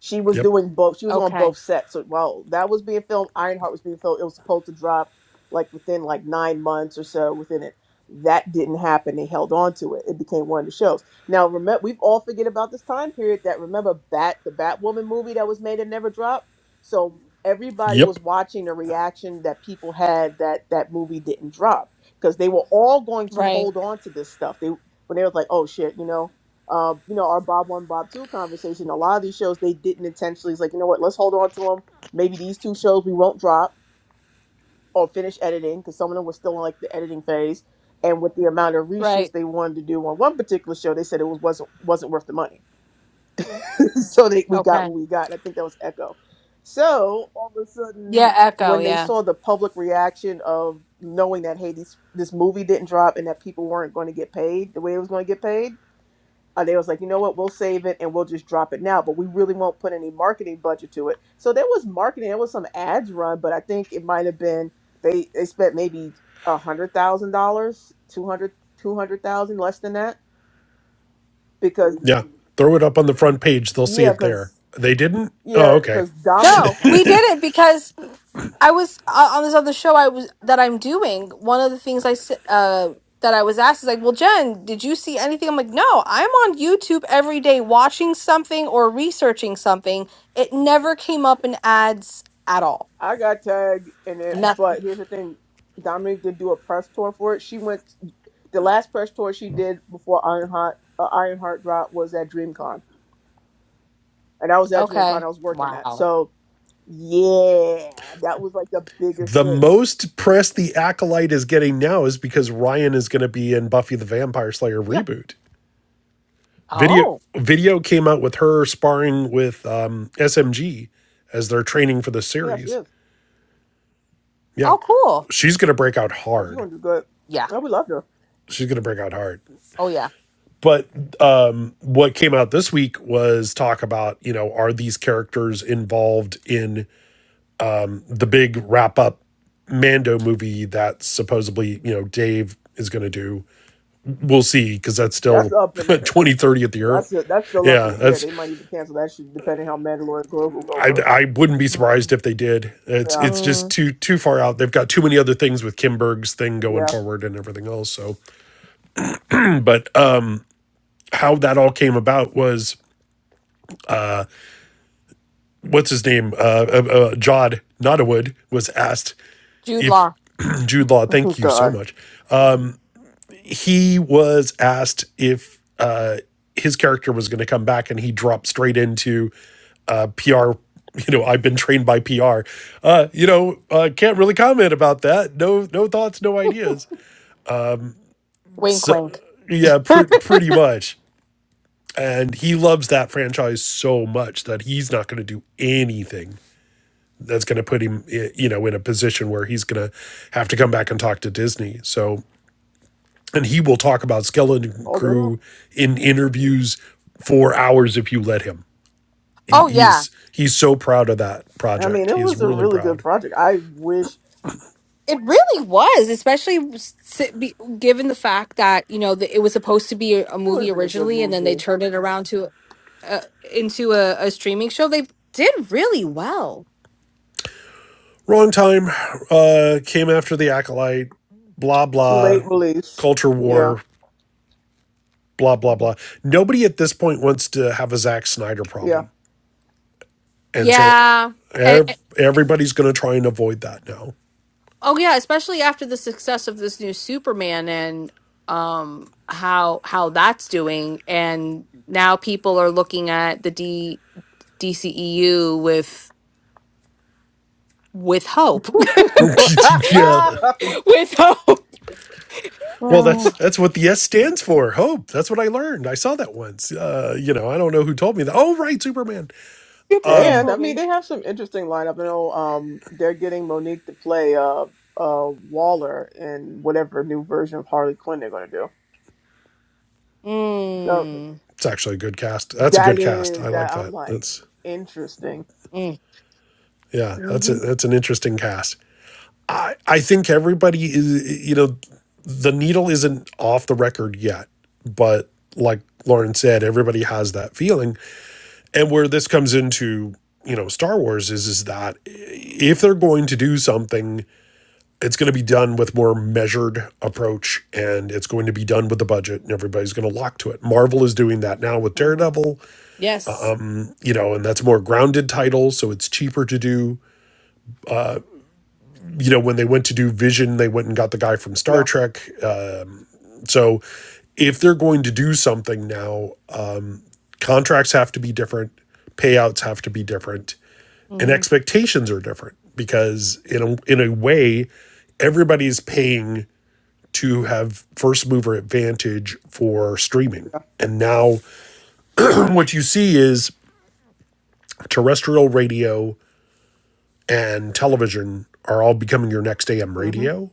B: she was
D: yep.
B: doing both. She was on
A: Okay.
B: both sets. So while that was being filmed, Ironheart was being filmed. It was supposed to drop like within like nine months or so within it. That didn't happen. They held on to it. It became one of the shows. Now remember, we've all forget about this time period. That remember Bat the Batwoman movie that was made and never dropped. So everybody was
D: Yep.
B: watching the reaction that people had that that movie didn't drop because they were all going to
A: Right.
B: hold on to this stuff. They when they was like, oh shit, you know uh, you know, our Bob One, Bob Two conversation. A lot of these shows they didn't intentionally. It's like, you know what? Let's hold on to them. Maybe these two shows we won't drop or finish editing because some of them were still in like the editing phase. And with the amount of
A: Right.
B: reshoots they wanted to do on one particular show, they said it was wasn't wasn't worth the money. so they we got
A: Okay.
B: what we got. And I think that was Echo. So all of a sudden,
A: Yeah. Echo.
B: when they
A: Yeah.
B: saw the public reaction of knowing that hey, this this movie didn't drop and that people weren't going to get paid the way it was going to get paid uh, they was like, you know what, we'll save it and we'll just drop it now, but we really won't put any marketing budget to it. So there was marketing, there was some ads run, but I think it might have been they they spent maybe a hundred thousand dollars, two hundred, two hundred thousand, less than that, because Mhm.
D: Yeah. Throw it up on the front page. They'll see
B: yeah,
D: it there.
B: because
D: They didn't? Oh,
B: yeah,
D: okay.
B: because Domin,
A: No, we did it because I was uh, on this other show I was that I'm doing. One of the things I s- uh that I was asked is like, well, Jen, did you see anything? I'm like, no, I'm on YouTube every day watching something or researching something. It never came up in ads at all.
B: I got tagged in it,
A: No.
B: but here's the thing. Dominic did do a press tour for it. She went the last press tour she did before Ironheart uh, Ironheart drop was at DreamCon, and I was at DreamCon.
A: Okay.
B: I was working that,
A: Wow.
B: so Yeah, that was like the biggest
D: The
B: thing.
D: most press the Acolyte is getting now is because Ryan is going to be in Buffy the Vampire Slayer
B: Yeah,
D: reboot. Video
A: Oh.
D: video came out with her sparring with um, SMG as they're training for the
B: yeah, she
D: series.
B: is.
D: Yeah.
A: Oh, cool.
D: She's going to break out
B: Oh, she's
D: hard.
B: gonna do good.
A: Yeah.
B: Oh, we love her.
D: She's going to break out hard.
A: Oh, yeah.
D: But um, what came out this week was talk about, you know, are these characters involved in the big wrap up Mando movie that supposedly, you know, Dave is going to do. We'll see because that's
B: That's
D: still
B: up in it.
D: 2030 at the early.
B: That's that's still up in
D: Yeah,
B: the air.
D: that's
B: They might even cancel that shit depending how Mandalorian Global go
D: I
B: go.
D: I wouldn't be surprised
C: mm,
D: if they did. It's
B: Yeah,
D: it's just
A: Mm,
D: too too far out. They've got too many other things with Kimberg's thing going
B: yeah.
D: forward and everything else. So, but um how that all came about was what's his name? Uh, uh, uh Jod Nottawood was asked
A: Jude
D: if
A: Law.
D: Jude Law, thank you so
B: God,
D: much. he was asked if uh, his character was going to come back, and he dropped straight into uh, PR. You know, I've been trained by PR. Uh, you know, uh, can't really comment about that. No, no thoughts, no ideas.
A: Wink,
D: So,
A: wink.
D: yeah, pr- pretty much. And he loves that franchise so much that he's not going to do anything that's going to put him, eh, you know, in a position where he's going to have to come back and talk to Disney. So and he will talk about Skeleton
B: all day long.
D: Crew in interviews for hours if you let him. He,
A: Oh, yeah.
D: he's he's so proud of that
B: I mean,
D: project.
B: it
D: He is
B: was a
D: really
B: really good
D: proud.
B: project. I wish it
A: It really was, especially s- si, be- given the fact that you know that it was supposed to be a, a
B: would
A: movie
B: have been a good
A: originally, and then they
B: movie.
A: turned it around to uh, into a, a streaming show. They did really well.
D: Wrong time uh, came after the acolyte. Blah
B: Too
D: blah,
B: late release.
D: culture
B: Yeah,
D: war. Blah blah blah. Nobody at this point wants to have a Zack Snyder
B: yeah.
D: problem, and so
A: Yeah. And, and-
D: ev- everybody's going to try and avoid that now.
A: oh yeah, especially after the success of this new Superman and um how how that's doing and now people are looking at the D DCEU with with hope.
D: yeah.
A: with hope.
D: Well,
B: Oh,
D: that's that's what the S stands for. Hope. That's what I learned. I saw that once. Uh, you know, I don't know who told me that. Oh, right, Superman.
A: Superman's
B: And I mean,
A: movie.
B: they have some interesting lineup. I know um, they're getting Monique to play uh, uh, Waller in whatever new version of Harley Quinn they're going to do. So
A: Mm.
D: It's actually a good cast. That's a
B: that
D: good cast.
B: is
D: I like
B: that. I'm
D: that.
B: like
D: That's
B: interesting.
A: Mm.
D: yeah. That's a,
A: hmm
D: that's an interesting cast. I I think everybody is. You know, the needle isn't off the record yet, but like Lauren said, everybody has that feeling. And where this comes into you know Star Wars is is that if they're going to do something it's going to be done with more measured approach and it's going to be done with the budget and everybody's going to lock to it marvel is doing that now with
B: hmm
D: daredevil
A: Yes.
D: you know and that's more grounded title so it's cheaper to do you know when they went to do vision they went and got the guy from star
B: Yeah,
D: trek uh, so if they're going to do something now contracts have to be different payouts have to be different and
A: hmm
D: expectations are different because in a, in a way everybody's paying to have first mover advantage for streaming.
B: yeah.
D: And now what you see is terrestrial radio and television are all becoming your next AM
B: Mm-hmm.
D: radio.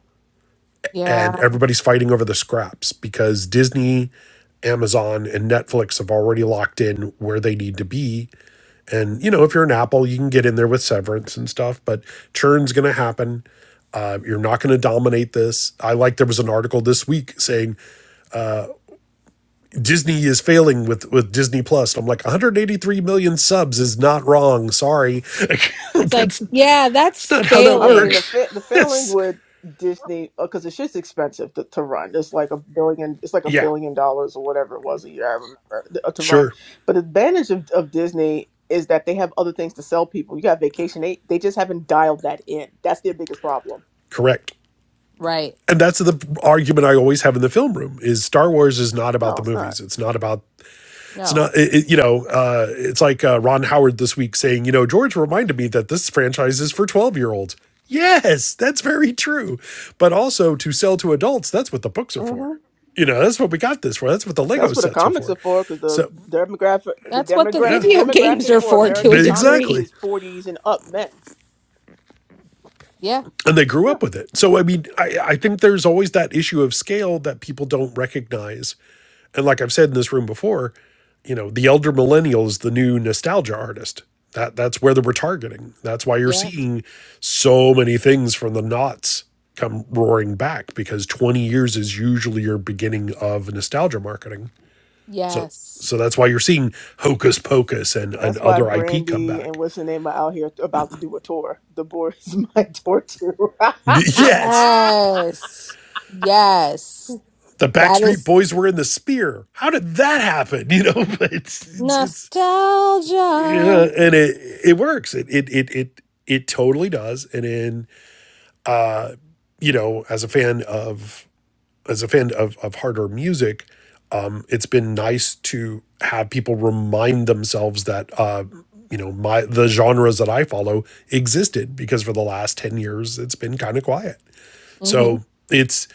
A: Yeah.
D: And everybody's fighting over the scraps because Disney, Amazon, and Netflix have already locked in where they need to be. And, you know, if you're an Apple, you can get in there with severance and stuff, but churn's going to happen. Uh, you're not going to dominate this. I like there was an article this week saying Disney is failing with with Disney Plus. I'm like 183 million subs is not wrong. Sorry,
A: It's like,
D: that's
A: yeah,
D: that's
A: that's
D: not how that
B: I mean,
A: failing.
B: the
D: works.
B: fa- the failing
D: It's-
B: with Disney because the shit's expensive to, to run. It's like a billion. It's like a
D: yeah,
B: billion dollars or whatever it was a year. I remember th- uh, to run.
D: sure,
B: But the advantage of, of Disney is that they have other things to sell people. You got vacation. They they just haven't dialed that in. That's their biggest problem.
D: correct.
A: Right.
D: And that's the argument I always have in the film room: is Star Wars is not about
B: No,
D: the
B: it's not.
D: movies. It's not about it's
A: No.
D: not it, it- you know uh, it's like uh, ron howard this week saying you know george reminded me that this franchise is for 12 year olds yes that's very true but also to sell to adults that's what the books are
B: Mm-hmm.
D: for you know that's what we got this for that's what the lego
B: That's what the
D: sets are
B: comics
D: for
B: are for, because the
D: so
B: demographic, the
A: That's what the
B: demographic,
D: yeah
B: the
A: video games
B: demographic
A: are
B: for
A: for to a
B: American comics
A: degree.
D: exactly
B: is forties and up men.
A: Yeah.
D: and they grew
B: Yeah,
D: up with it. So I mean, I, I think there's always that issue of scale that people don't recognize. And like I've said in this room before, you know, the elder millennial is the new nostalgia artist. That that's where that we're targeting. That's why you're
A: Yeah.
D: seeing so many things from the knots come roaring back because 20 years is usually your beginning of nostalgia marketing. So
A: Yes.
D: so that's why you're seeing Hocus Pocus and, and
B: that's why
D: other IP come
B: Brandy and
D: back.
B: what's her name are out here about to do a tour. The boy is my tour too.
D: Yes.
A: Yes. Yes.
D: the
A: That
D: Backstreet
A: is
D: Boys were in the Spear. How did that happen? You know, but it's it's, it's yeah,
A: nostalgia.
D: and it it works. It it it it it totally does. And in you know, as a fan of as a fan of of harder music, um, it's been nice to have people remind themselves that uh, you know my the genres that I follow existed because for the last ten years it's been kind of quiet. So it's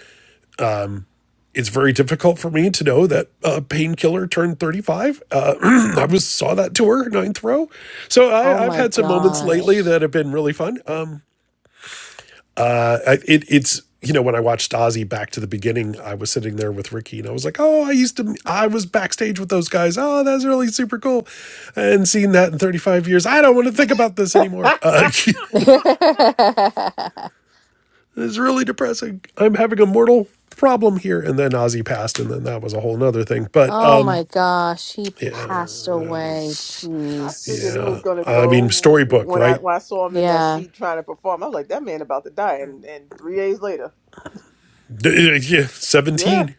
D: it's very difficult for me to know that uh, painkiller turned 35 uh, i was saw that tour ninth row so
A: Oh
D: I, i've
A: my
D: had some moments lately
A: gosh.
D: that have been really fun um, uh, I, it, it's you know when i watched ozzy back to the beginning i was sitting there with ricky and i was like oh i used to i was backstage with those guys oh that's really super cool and seeing that in 35 years i don't want to think about this anymore uh, it's
A: oh
D: really depressing i'm having a mortal problem here and then ozzy passed and then that was a whole nother thing but
A: my
D: um
A: gosh. He
D: yeah
A: passed away.
B: I figured
A: Jeez.
B: he was
D: Yeah.
B: gonna
D: I mean,
B: go
D: storybook,
B: when I
D: right?
B: when I saw him in that
A: Yeah.
B: seat trying to perform. I was like, that man about to die, and and three days later,
D: Yeah.
B: yeah,
D: 17.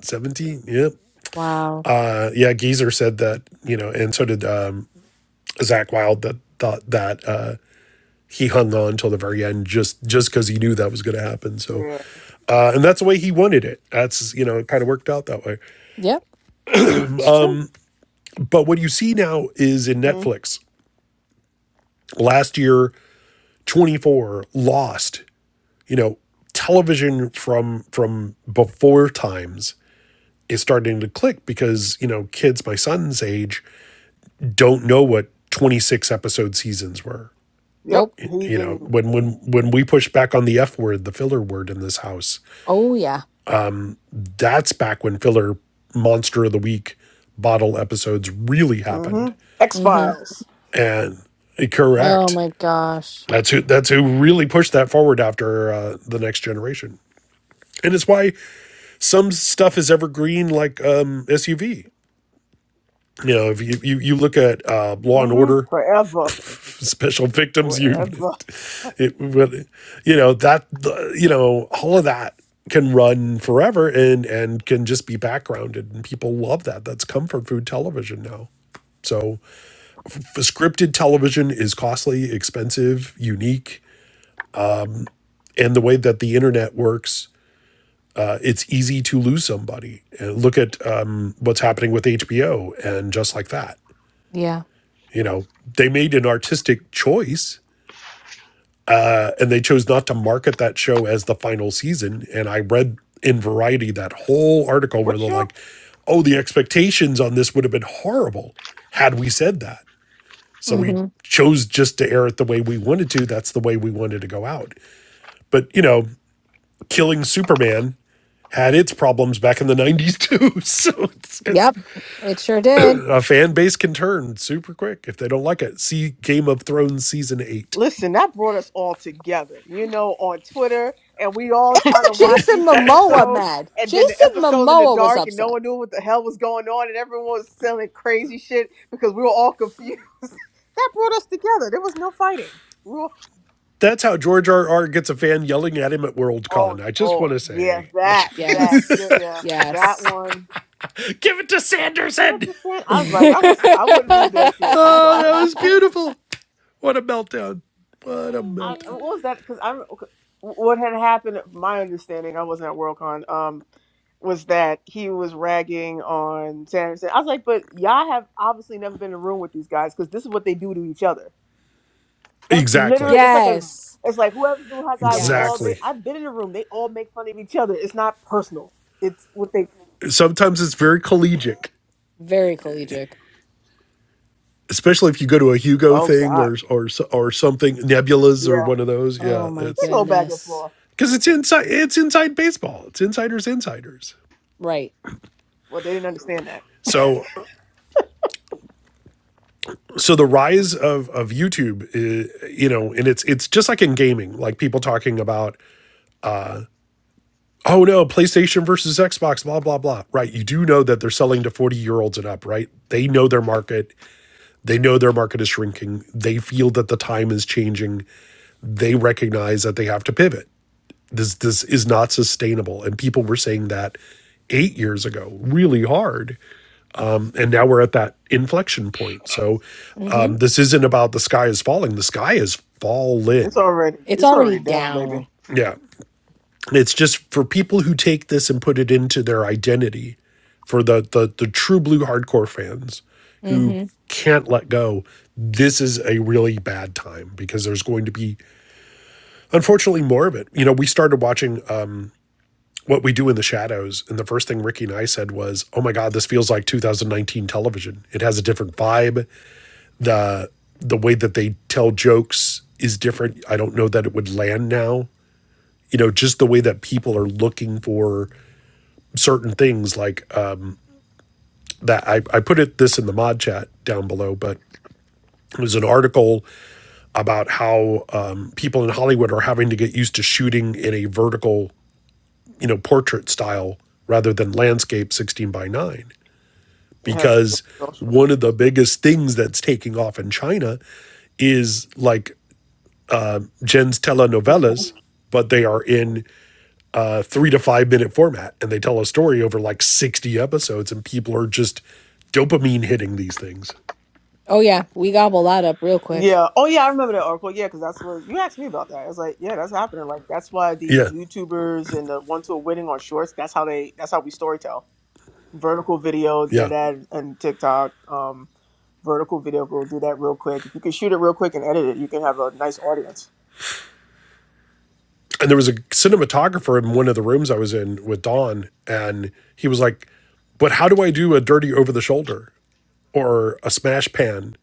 D: 17. Yep.
A: Wow.
D: Uh, yeah. Geezer said that, you know, and so did um, Zach Wild that thought that uh, he hung on till the very end just just because he knew that was going to happen. So,
B: yeah,
D: uh, and that's the way he wanted it. That's, you know, it kind of worked out that way.
A: Yep. It's true.
D: But what you see now is in
B: hmm
D: Netflix last year, 24 lost, you know, television from from before times is starting to click because, you know, kids my son's age don't know what 26 episode seasons were.
B: yep,
A: Nope.
B: he
D: You know,
B: didn't.
D: when when when we pushed back on the F word, the filler word in this house,
A: Oh yeah.
D: that's back when filler monster of the week bottle episodes really
B: hmm
D: happened.
B: X
A: Mm-hmm.
B: Files,
D: And eh,
A: Oh
D: correct.
A: my gosh.
D: That's who that's who really pushed that forward after uh, the next generation. And it's why some stuff is evergreen like um SUV. You know, if you you, you look at uh Law and
B: hmm
D: Order
B: forever,
D: special victims unit.
B: forever.
D: It, really, you know that you know all of that can run forever and and can just be backgrounded and people love that. That's comfort food television now. So scripted television is costly, expensive, unique, and the way that the internet works, uh, it's easy to lose somebody. And look at um, what's happening with HBO and just like that.
A: Yeah.
D: You know, they made an artistic choice and they chose not to market that show as the final season. And I read in Variety that whole article where
B: What
D: they're
B: show?
D: like, oh, the expectations on this would have been horrible had we said that. So we
A: hmm
D: chose just to air it the way we wanted to. That's the way we wanted to go out. But, you know, killing Superman had its problems back in the 90s too. So it's, it's
A: Yep. It sure did.
D: a fan base can turn super quick if they don't like it. See Game of Thrones season 8.
B: Listen, that brought us all together, you know, on Twitter, and we all
A: It
B: trying
A: got
B: to watch
A: Jason
B: these
A: Momoa
B: episodes,
A: mad.
B: and then the
A: Jason
B: episode in the
A: Momoa was
B: dark, and no
A: upset.
B: one knew what the hell was going on, and everyone was selling crazy shit because we were all confused. that brought us together. There was no fighting. We were-
D: That's how George R. R. gets a fan yelling at him at
B: oh
D: Worldcon. I just want
B: Lord,
D: to
B: yeah,
D: say,
B: that, that, yeah,
A: Yes.
B: yeah, that
A: Yes.
B: one.
D: give it to
B: You know what
D: Sanderson.
B: I'm saying? I was like, I was, I
A: oh,
B: wouldn't read that shit. I'm
D: Oh,
B: sorry.
D: that was beautiful. What a meltdown. What a
B: I, what
D: meltdown.
B: was
A: man.
B: that? Because I'm, what had happened? My understanding, I wasn't at Worldcon. Um, was that he was ragging on Sanderson. I was like, but y'all have obviously never been in a room with these guys because this is what they do to each other. That's
D: Exactly.
B: literally it's like a
C: mm,
A: Yes.
B: it's like whoever's doing hot guy, we all they
D: Exactly.
A: Yes.
B: I've been in a room. They all make fun of each other. It's not personal. It's what they
D: Sometimes it's very collegiate,
A: Very collegic.
D: especially if you go to a Hugo
B: Oh
D: thing
B: God.
D: or or so, or something Nebulas or
B: Yeah.
D: one of those. Yeah,
A: Oh my
B: They
D: it's
B: go back and
A: goodness.
B: forth.
D: cuz it's inside it's inside baseball. It's insiders insiders.
A: Right.
B: Well they didn't understand that.
D: So so the rise of of YouTube, uh, you know, and it's it's just like in gaming, like people talking about, oh no, PlayStation versus Xbox, blah blah blah. Right? You do know that they're selling to forty year olds and up, right? They know their market. They know their market is shrinking. They feel that the time is changing. They recognize that they have to pivot. This this is not sustainable, and people were saying that eight years ago really hard and now we're at that inflection point so
A: Mm-hmm.
D: um, this isn't about the sky is falling the sky is
B: It's
D: fallen
B: already
A: It's
B: it's
A: already
B: already down, baby.
A: down.
D: Yeah. It's just for people who take this and put it into their identity, for the the, the true blue hardcore fans who
A: Mm-hmm.
D: can't let go, this is a really bad time because there's going to be unfortunately more of it. You know, we started watching um, what we do in the shadows, and the first thing Ricky and I said was, Oh my god, this feels like 2019 television. It has a different vibe. The the way that they tell jokes is different. I don't know that it would land now. You know, just the way that people are looking for certain things like uh, that. I, I put it this in the mod chat down below, but it was an article about how um, people in Hollywood are having to get used to shooting in a vertical, you know, portrait style rather than landscape 16 by 9
B: It has to be
D: because
B: social.
D: one of the biggest things that's taking off in China is like Jen's telenovelas, but they are in a three to five minute format and they tell a story over like 60 episodes, and people are just dopamine hitting these things.
A: Oh yeah, we gobble that up real quick.
B: Yeah. Oh, yeah. I remember that article. Yeah, because that's what you asked me about that. I was like, yeah, that's happening. Like that's why the
D: Yeah.
B: YouTubers and the ones who are winning on Shorts. That's how they. That's how we storytell. Vertical video did
D: Yeah.
B: that and TikTok. Um, vertical video go do that real quick. If you can shoot it real quick and edit it, you can have a nice audience.
D: And there was a cinematographer in one of the rooms I was in with Don, and he was like, But how do I do a dirty over the shoulder or a smash pan?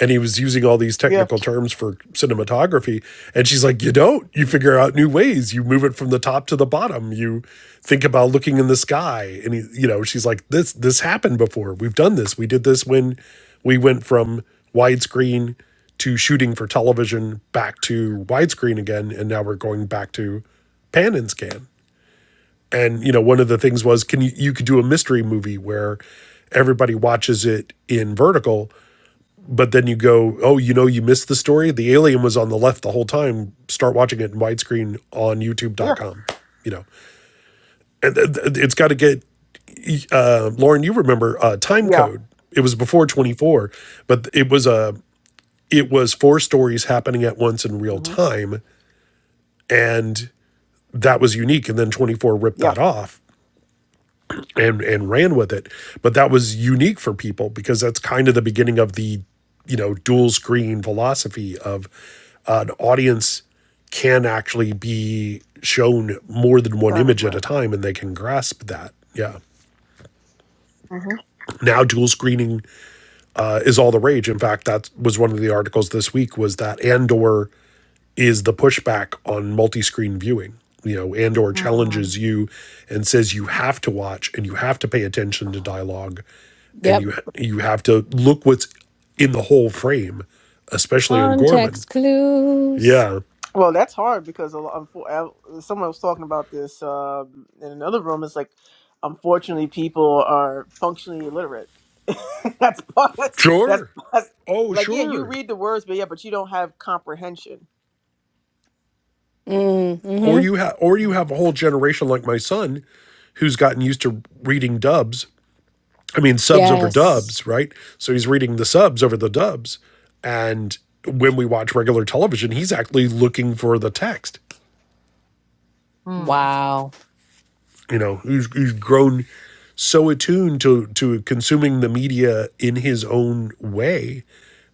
D: and he was using all these
B: Yeah.
D: technical terms for cinematography and she's like you don't you figure out new ways you move it from the top to the bottom you think about looking in the sky and he, you know she's like this this happened before we've done this we did this when we went from widescreen to shooting for television back to widescreen again and now we're going back to pan and scan and you know one of the things was can you you could do a mystery movie where everybody watches it in vertical but then you go, oh, you know, you missed the story. The alien was on the left the whole time. Start watching it in widescreen on
B: Yeah.
D: YouTube.com. You know, and it's got to get uh, Lauren. You remember uh, time
B: Yeah.
D: code? It was before twenty four, but it was a it was four stories happening at once in real
B: hmm
D: time, and that was unique. And then twenty four ripped
B: Yeah.
D: that off, and and ran with it. But that was unique for people because that's kind of the beginning of the you know dual screen philosophy of uh, an audience can actually be shown more than one
B: Time,
D: image at a
B: right.
D: time and they can grasp that. Yeah.
B: Mm-hmm.
D: Now dual screening uh, is all the rage. In fact, that was one of the articles this week was that Andor is the pushback on multi-screen viewing you know and or
C: mm,
D: challenges you and says you have to watch and you have to pay attention to dialogue and
A: Yep.
D: you you have to look what's in the whole frame especially on gorman
A: Context clues.
D: yeah
B: Well, that's hard because a lo- unfo- I- someone was talking about this um, in another room. It's like, unfortunately, people are functionally illiterate. that's part. That's, that's
D: sure
B: that's
D: oh
B: like yeah, you
D: sure
B: read the words, but yeah, but you don't have comprehension.
A: Mm,
D: or
A: Mm-hmm.
D: you have or you have a whole generation like my son who's gotten used to reading dubs I mean, subs over
A: Yes.
D: dubs, right? So he's reading the subs over the dubs. And when we watch regular television, he's actually looking for the text.
C: mm,
A: Wow.
D: You know, he's, he's grown so attuned to, to consuming the media in his own way.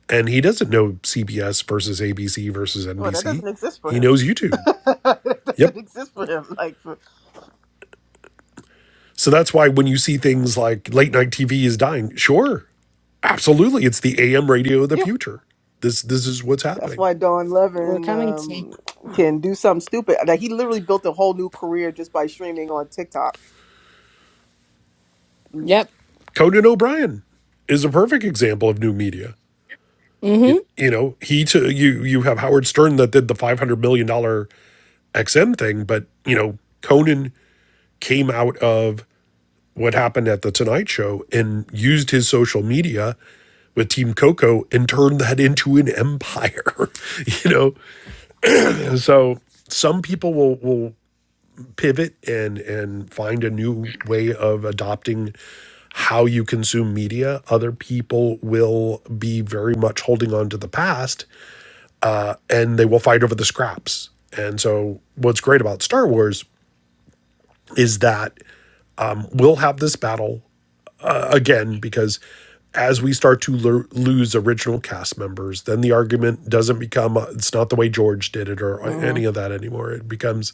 D: And he doesn't know CBS versus ABC versus
B: Well, that
D: NBC.
B: doesn't exist for
D: He
B: him.
D: knows YouTube.
B: that
D: Yep.
B: doesn't exist for him. Like for,
D: So that's why when you see things like late night TV is dying, sure, absolutely, it's the AM radio of the
B: yeah,
D: future. This this is what's
B: that's
D: happening.
B: why Don
A: We're
B: Levin
A: coming to.
B: um, can do something stupid. Like he literally built a whole new career just by streaming on TikTok.
A: Yep.
D: Conan O'Brien is a perfect example of new media.
A: Mm-hmm.
D: You, you know, he to you you have Howard Stern that did the five hundred million dollar XM thing, but you know, Conan came out of what happened at the Tonight Show and used his social media with Team Coco and turned that into an empire. you know, and so some people will will pivot and and find a new way of adopting how you consume media other people will be very much holding on to the past and they will fight over the scraps and so what's great about star wars is that um, we'll have this battle again because as we start to lo- lose original cast members, then the argument doesn't become uh, it's not the way George did it or
B: Mhm.
D: any of that anymore. It becomes,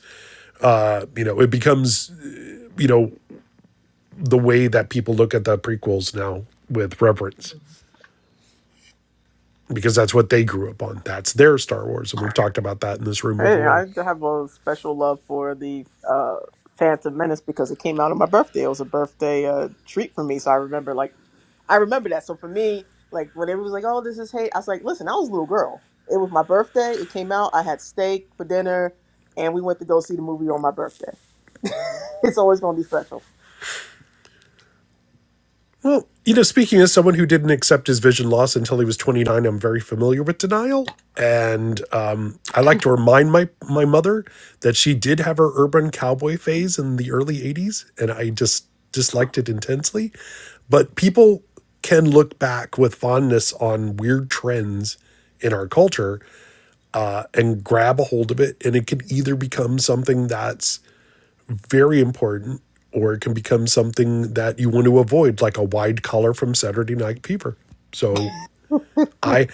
D: uh, you know, it becomes, you know, the way that people look at the prequels now with reverence because that's what they grew up on. That's their Star Wars. And we've talked about that in this room
B: Hey, I
D: before.
B: have a special love for the uh, Phantom Menace because it came out on my birthday. It was a birthday uh, treat for me, so I remember like I remember that. So for me, like when everyone was like, "Oh, this is hate," I was like, "Listen, I was a little girl. It was my birthday. It came out. I had steak for dinner, and we went to go see the movie on my birthday. It's always gonna be special.
D: Well, you know, speaking as someone who didn't accept his vision loss until he was 29, I'm very familiar with denial. And um, I like to remind my, my mother that she did have her urban cowboy phase in the early 80s, and I just disliked it intensely. But people can look back with fondness on weird trends in our culture and grab a hold of it. And it can either become something that's very important or it can become something that you want to avoid, like a wide collar from Saturday Night Fever. So I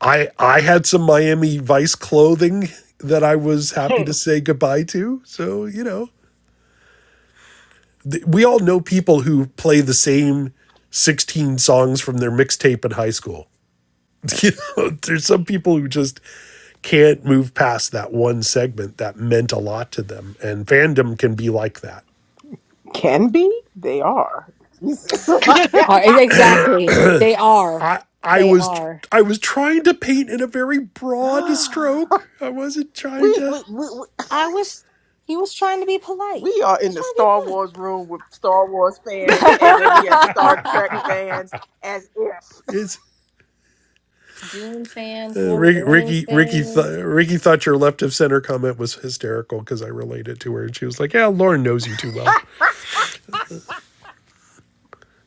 D: I I had some Miami Vice clothing that I was happy to say goodbye to. So, you know, th- we all know people who play the same 16 songs from their mixtape in high school. You know, there's some people who just can't move past that one segment that meant a lot to them and fandom can be like that
B: Can be. They are. Jesus.
A: Are, ex- exactly. They are.
D: i
A: They
D: was
A: are.
D: i was trying to paint in a very broad stroke i wasn't trying
B: we,
D: to
B: we, we,
A: I was, he was trying to be polite. He
B: we are in
A: was
B: the Star
A: trying
B: Wars room with Star Wars fans, and
A: to
B: then we have Star
A: be
B: Trek
C: mm,
A: polite.
B: fans as if.
D: it's
A: Dune fans,
D: uh,
A: Lord of the
D: Rick-
A: Rings
D: Ricky Ricky
A: fans.
D: Th- Ricky thought your left of center comment was hysterical because I related to her and she was like, "Yeah, Lauren knows you too well."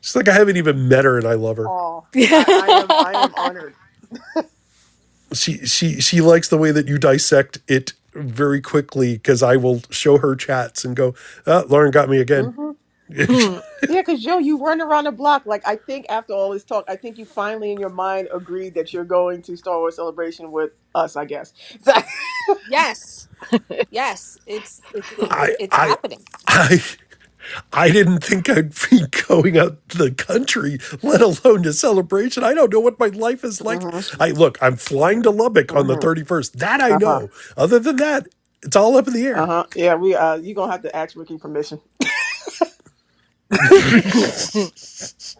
D: She's like, "I haven't even met her and I love her."
B: oh, I, I am I am
A: yes.
B: honored.
D: She she she likes the way that you dissect it very quickly because I will show her chats and go, oh, "Lauren got me again."
B: hmm
C: mm,
B: Yeah, because Joe, you run around the block. Like I think after all this talk, I think you finally in your mind agreed that you're going to Star Wars Celebration with us. I guess.
A: Yes. It's it, it-
D: I
A: it's
D: I
A: happening.
D: I I didn't think I'd be going out to the country, let alone to celebration. I don't know what my life is
B: So,
D: like.
B: hmm
D: I look, I'm flying to Lubbock on the
B: hmm
D: 31st. That I
B: Uh-huh.
D: know. Other than that, it's all up in the air.
B: Uh-huh. Yeah, we uh you're gonna have to ask Ricky permission.
C: mm.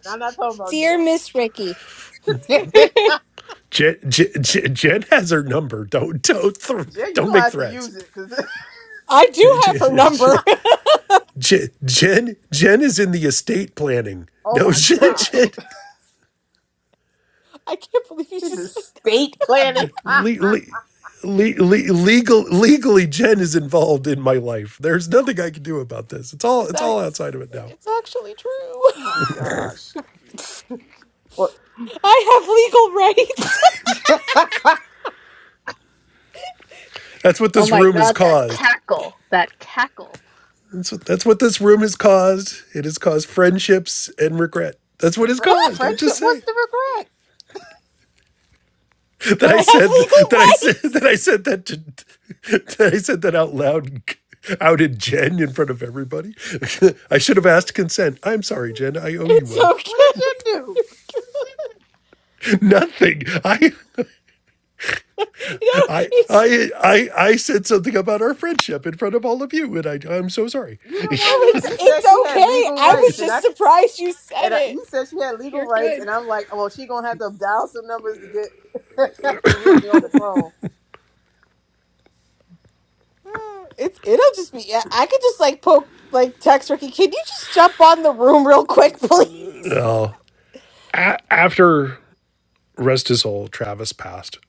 B: And I'm not talking about
A: Dear Miss Ricky,
B: Joe.
D: Jen, Jen, Jen Jen has her number. Don't don't th-
B: Jay, you
D: don't
B: gonna
D: make
B: have to
D: threats.
B: use it because
A: I
D: Jen,
A: do have her
D: Jen
A: number.
D: Jen Jen is in the estate planning.
B: oh
D: No,
B: my
D: Jen,
B: gosh,
D: Jen.
A: I can't believe you
B: see
A: just
B: the
A: said that.
B: state planning.
D: le- le-
B: oh
D: le- le- le- legal legally Jen is involved in my life. There's nothing I can do about this. It's all
A: It's,
D: it's
A: ac-
D: all outside of it now.
A: it's actually true.
B: my gosh, what
A: I have legal rights.
D: That's what
C: Oh
D: this
C: my
D: room has
C: God, that
D: caused.
C: cackle, that cackle.
D: That's what, that's what this room has caused. It has caused friendships and regret. That's what it's
B: Fr-
D: caused. I'm
B: friendship?
D: just
B: What's
D: saying
B: the regret?
D: that
A: That
D: I
A: I have
D: said
A: legal
D: that I said that I
A: rights.
D: said that to, that I said that out loud. Outed Jen in front of everybody. I should have asked consent. I'm sorry, Jen. I owe you
A: It's
D: one.
B: What
A: okay.
B: did Jen do?
D: Nothing. I
A: no,
D: I
A: it's
D: I I I said something about our friendship in front of all of you, and I I'm so sorry.
B: You the
A: no,
B: one you
A: it's
B: you said
A: it's
B: she had
A: okay.
B: legal
A: I was
B: rights, and
A: just
B: I
A: surprised you said
B: and I,
A: it.
B: you said she had legal
A: You're
B: rights, and
A: good.
B: I'm like, oh, she gonna have to dial some numbers to get Ricky on the phone.
A: Eh, It's it'll just be. I I could just like poke, like text Ricky. Can you just jump on the room real quick, please?
D: A- after rest his soul, Travis passed,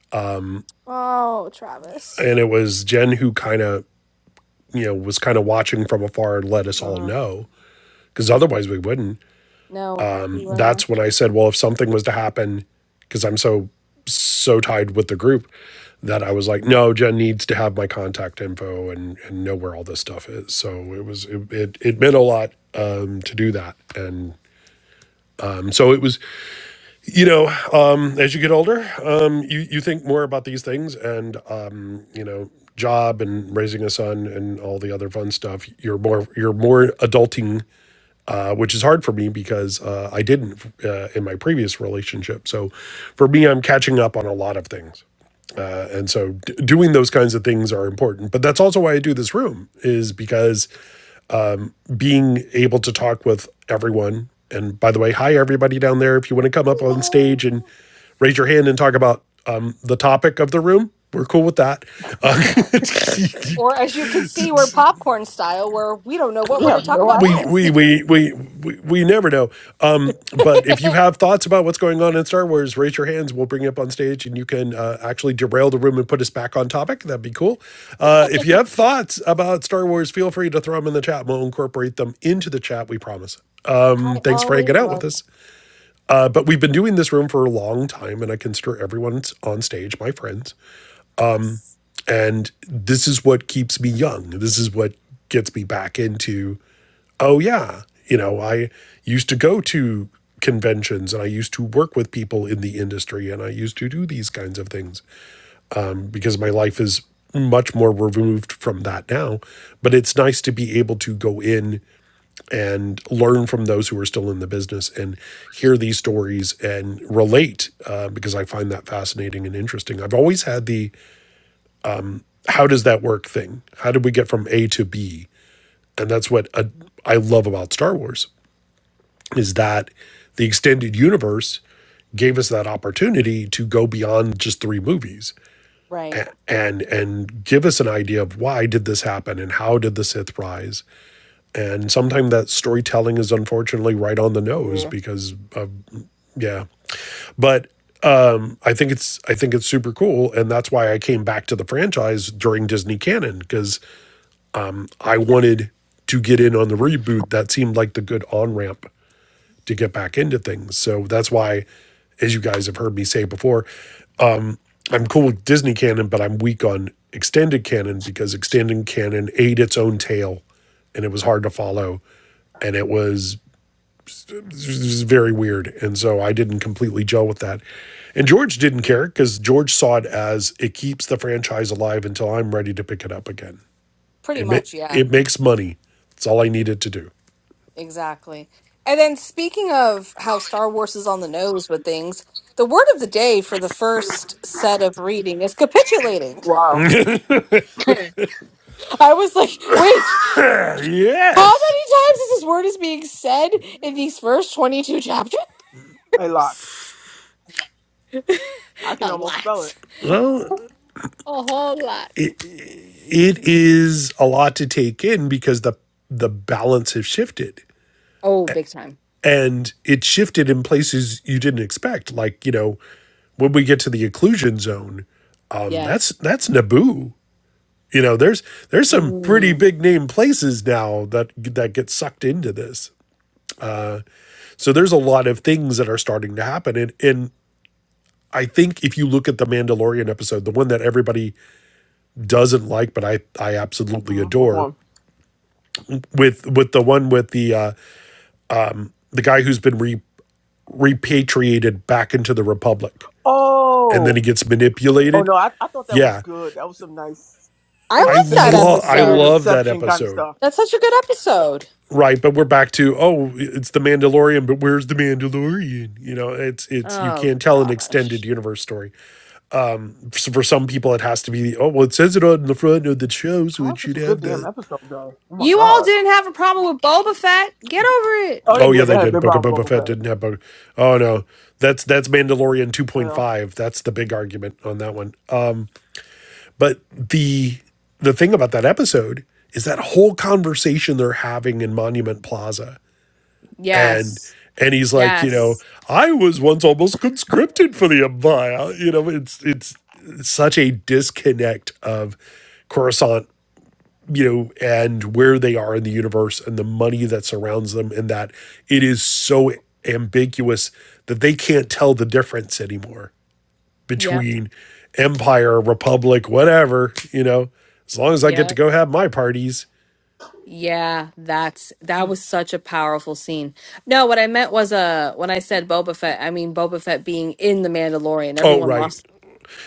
A: Oh, Travis.
D: and it was Jen who kind of you know was kind of watching from afar and let us all
B: hmm
D: know because otherwise we wouldn't.
A: No, you wouldn't.
D: That's when I said, well, if something was to happen, because I'm so so tied with the group that I was like, no, Jen needs to have my contact info and and know where all this stuff is. So it was it it, it meant a lot um, to do that, and um, so it was you know, um, as you get older, um, you you think more about these things, and um, you know, job and raising a son and all the other fun stuff. You're more you're more adulting, uh, which is hard for me because uh, I didn't uh, in my previous relationship. So, for me, I'm catching up on a lot of things, uh, and so d- doing those kinds of things are important. But that's also why I do this room is because being able to talk with everyone. And by the way, hi everybody down there. If you want to come up on
A: Hello.
D: stage and raise your hand and talk about um, the topic of the room, we're cool with that. Uh, you
A: Or as you can see, we're popcorn style, where we don't know what
B: You
A: we're going
B: have
A: to talk
B: no
A: about
D: we
B: idea.
A: next.
D: we we we we, we never know. Um, but if you have thoughts about what's going on in Star Wars, raise your hands. We'll bring you up on stage, and you can uh, actually derail the room and put us back on topic. That'd be cool. Uh, if you have thoughts about Star Wars, feel free to throw them in the chat. We'll incorporate them into the chat. We promise. Um,
A: I
D: thanks for
A: always
D: hanging out with
A: love.
D: us. Uh, but we've been doing this room for a long time, and I consider everyone on stage my friends. And this is what keeps me young. This is what gets me back into oh yeah you know i used to go to conventions and i used to work with people in the industry and i used to do these kinds of things because my life is much more removed from that now but it's nice to be able to go in and learn from those who are still in the business and hear these stories and relate uh, because i find that fascinating and interesting i've always had the how does that work thing how did we get from a to b and that's what uh, i love about star wars is that the extended universe gave us that opportunity to go beyond just three movies
A: Right.
D: and and give us an idea of why did this happen and how did the Sith rise. And sometimes that storytelling is unfortunately right on the nose
B: Yeah.
D: because of yeah. But um I think it's I think it's super cool and that's why I came back to the franchise during Disney Canon because I wanted to get in on the reboot that seemed like the good on ramp to get back into things. So that's why, as you guys have heard me say before, I'm cool with Disney canon, but I'm weak on extended canon because extended canon ate its own tail and it was hard to follow and it was, it was very weird. And so I didn't completely gel with that. And George didn't care because George saw it as it keeps the franchise alive until I'm ready to pick it up again.
A: Pretty
D: It ma-
A: much. Yeah.
D: it makes money. That's all I needed to do.
A: Exactly. And then speaking of how Star Wars is on the nose with things. The word of the day for the first set of reading is capitulating.
B: Wow.
A: I was like, wait. How
D: Yes.
A: many times is this word is being said in these first 22 chapters?
B: A lot. I can
A: A
B: almost spell
A: lot.
B: it.
D: Well,
A: A lot.
D: it, it is a lot to take in because the the balance has shifted
A: Oh, big time.
D: and it shifted in places you didn't expect like you know when we get to the occlusion zone um
A: Yeah.
D: that's that's naboo you know there's there's some pretty
A: Mm.
D: big name places now that that get sucked into this so there's a lot of things that are starting to happen and and I think if you look at the Mandalorian episode, the one that everybody doesn't like, but I I absolutely
B: Mm-hmm.
D: adore,
B: One.
D: with with the one with the uh, the guy who's been re- repatriated back into the Republic and then
B: Oh.
D: he gets
B: Oh
D: manipulated.
B: no, I, I thought that was
D: Yeah.
B: good. That was some nice
A: I
B: and
D: I
A: like that
B: and
D: love I
B: weird
A: episode.
D: love that
B: Inception kind of
D: episode.
B: stuff.
A: That's such a good episode.
D: Right, but we're back to oh, it's the Mandalorian, but where's the Mandalorian? You know, it's it's you
A: Oh,
D: can't tell an
A: gosh.
D: extended universe story. So for some people, it has to be oh well, it says it on the front of the show, so
B: Oh,
D: it
B: that's such
D: should
B: a good
D: have
B: damn
D: that.
B: episode, though. Oh my
A: You all
B: god.
A: didn't have a problem with Boba Fett. Get over it.
B: Oh, they
D: Oh yeah,
B: did. They
D: they
B: had a
D: did.
B: big
D: Book of
B: problem
D: Boba
B: with
D: Fett
B: Boba
D: didn't have Book. Oh no, that's that's Mandalorian two
B: Fett.
D: point
B: Yeah.
D: five. That's the big argument on that one. But the the thing about that episode is that whole conversation they're having in Monument Plaza. And
A: Yes.
D: and he's like, you know,
A: Yes.
D: I was once almost conscripted for the Empire. You know, it's it's such a disconnect of Coruscant, you know, and where they are in the universe and the money that surrounds them, and that it is so ambiguous that they can't tell the difference anymore
A: Yep.
D: between empire, republic, whatever, you know, as long as I get to
A: Yep.
D: go have my parties.
A: Yeah, that's that was such a powerful scene. No, what I meant was uh when I said Boba Fett, I mean Boba Fett being in the Mandalorian.
D: Oh,
A: Everyone
D: right.
A: lost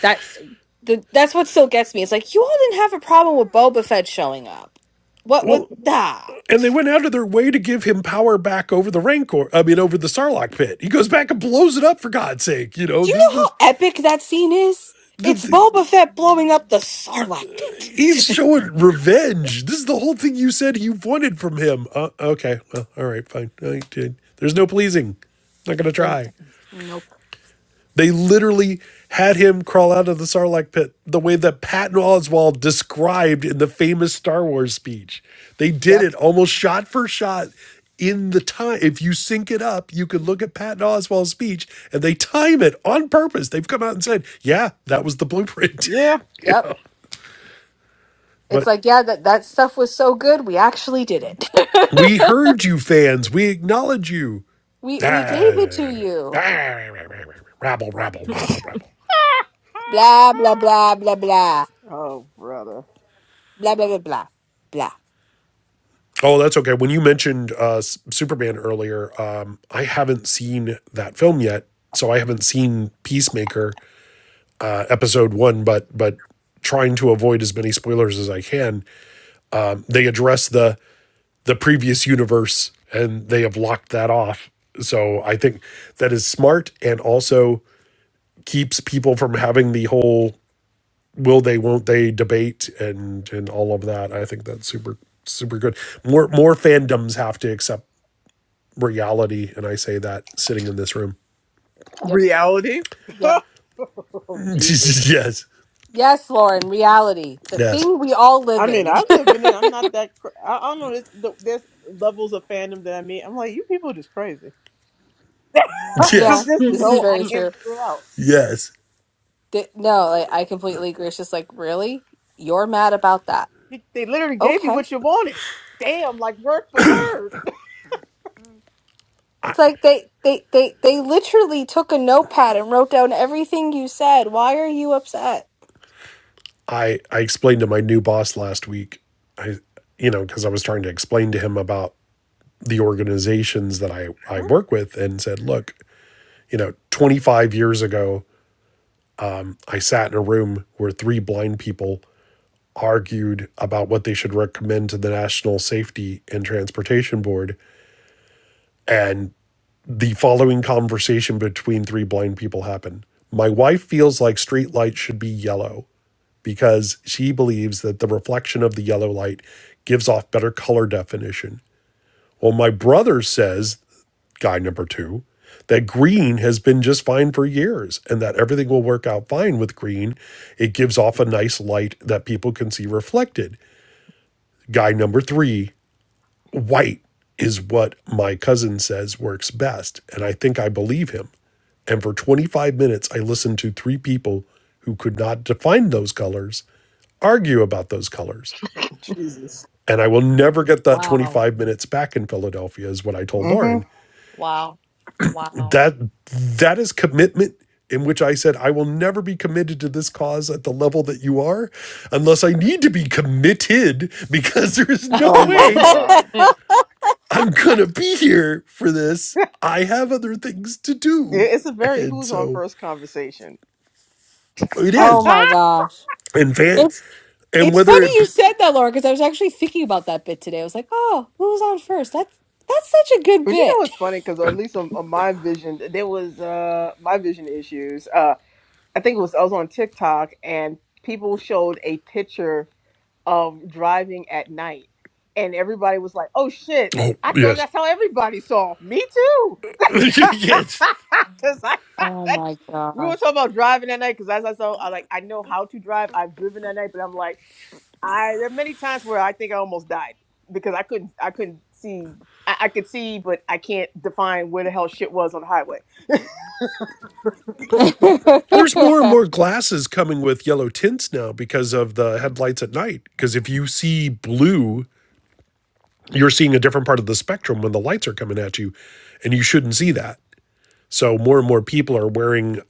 A: That's the that's what still gets me. It's like you all didn't have a problem with Boba Fett showing up. What what
D: Well,
A: nah.
D: and they went out of their way to give him power back over the Rancor, I mean, over the Sarlacc pit. He goes back and blows it up for God's sake. You know,
A: Do you
D: this is
A: know
D: the,
A: how epic that scene is?
D: the,
A: It's
D: the
A: Boba Fett blowing up the Sarlacc
D: he's
A: pit.
D: showing revenge. This is the whole thing you said you wanted from him. Uh, okay. Well, all right, fine. I did. There's no pleasing. Not going to try.
A: Nope.
D: They literally had him crawl out of the Sarlacc pit the way that Patton Oswalt described in the famous Star Wars speech. They did
A: Yep.
D: it almost shot for shot in the time. If you sync it up, you could look at Patton Oswalt's speech and they time it on purpose. They've come out and said, yeah, that was the blueprint.
B: Yeah.
A: Yep. It's
D: but
A: like, yeah, that, that stuff was so good, we actually did
D: we
A: it.
D: heard you, fans. We acknowledge you.
A: we we gave it to you.
D: Rabble,
B: Right.
D: rabble, rabble, rabble.
A: Blah blah blah blah blah.
B: Oh, brother.
A: Blah blah blah blah. Blah.
D: Oh, that's okay. When you mentioned uh, S- Superman earlier, um, I haven't seen that film yet, so I haven't seen Peacemaker uh, episode one. But but trying to avoid as many spoilers as I can, they address the the previous universe and they have locked that off. So I think that is smart and also keeps people from having the whole will they won't they debate and and all of that. I think that's super super good. More more fandoms have to accept reality, and I say that sitting in this room.
A: Yep.
B: Reality.
A: Yep.
B: oh Jesus.
D: yes. Yes.
A: Yes, Lauren, reality, the thing we all
B: I
A: live
B: mean,
A: in.
B: I live in it. I'm not that. Cr- I, I don't know. There's, th- there's levels of fandom that I mean. I'm like, you people are just crazy. crazy.
A: Yeah,
B: 'Cause
D: Yes.
B: there's
A: this is
B: no. I
A: very true.
B: can't figure it out.
D: Yes.
A: Th- no, like, I completely agree. It's just like, really? You're mad about that.
B: They they literally gave you
A: Okay.
B: what you wanted. Damn, like word for word.
A: It's like they, they, they, they literally took a notepad and wrote down everything you said. Why are you upset?
D: I I explained to my new boss last week. I you know because I was trying to explain to him about the organizations that I I work with and said, look, you know, 25 years ago, I sat in a room where three blind people argued about what they should recommend to the National Safety and Transportation Board and the following conversation between three blind people happened. My wife feels like street lights should be yellow because she believes that the reflection of the yellow light gives off better color definition. Well, my brother says, guy number two, that green has been just fine for years and that everything will work out fine with green. It gives off a nice light that people can see reflected. Guy number three White is what my cousin says works best. And I think I believe him. And for 25 minutes, I listened to three people who could not define those colors argue about those colors.
B: Jesus.
D: And I will never get that
A: Wow.
D: 25 minutes back in Philadelphia, is what I told
B: hmm
D: Lauren.
A: Wow. Wow.
D: That that is commitment in which I said, I will never be committed to this cause at the level that you are, unless I need to be committed, because there is no
B: Oh my
D: way
B: God.
D: I'm gonna be here for this. I have other things to do.
B: It- It's a very
D: And
B: who's on
D: so
B: first conversation.
D: it
B: but
A: Oh
D: is.
A: my
B: you
A: gosh.
D: And fan
A: It's
D: and
A: it's
D: whether
A: funny
D: it
A: you said that, Laura, because I was actually thinking about that bit today. I was like, oh, who was on first? That's that's such a good
B: know
A: bit.
B: what's funny? Because at least on, on my vision, there was uh my vision issues. Uh, I think it was I was on TikTok and people showed a picture of driving at night. And everybody was like, oh shit,
D: oh
B: I thought
D: yes.
B: that's how everybody saw. Me too.
D: yes.
B: Because I,
A: Oh my
B: we were
A: gosh.
B: talking about driving at night. Because as I saw, I like, I know how to drive. I've driven at night, but I'm like, I, there are many times where I think I almost died because I couldn't, I couldn't see. I, I could see, but I can't define where the hell shit was on the highway.
D: There's more and more glasses coming with yellow tints now because of the headlights at night. Because if you see blue, you're seeing a different part of the spectrum when the lights are coming at you, and you shouldn't see that. So more and more people are wearing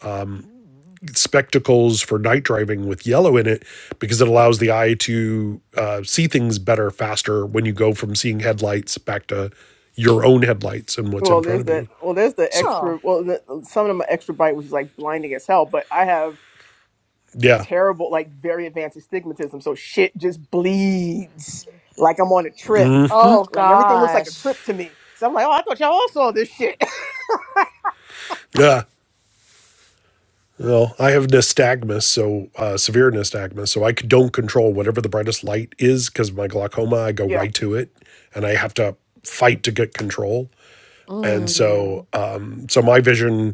D: spectacles for night driving with yellow in it because it allows the eye to uh, see things better faster when you go from seeing headlights back to your own headlights and what's in
B: Well,
D: front
B: there's
D: of
B: the
D: you.
B: Well, there's the
D: So
A: oh.
B: extra. Well, the, some of them are extra bite, which is like blinding as hell. But I have.
D: yeah,
B: terrible, like very advanced astigmatism. So shit just bleeds like I'm on a trip.
A: Oh
B: Like everything looks like a trip
A: gosh.
B: to me. So I'm like, oh, I thought y'all all saw this shit.
D: yeah. Well, I have nystagmus, so uh, severe nystagmus, so I c- don't control whatever the brightest light is because of my glaucoma. I go
B: yeah,
D: right to it, and I have to fight to get control. And
A: Mm,
D: so, um, so my vision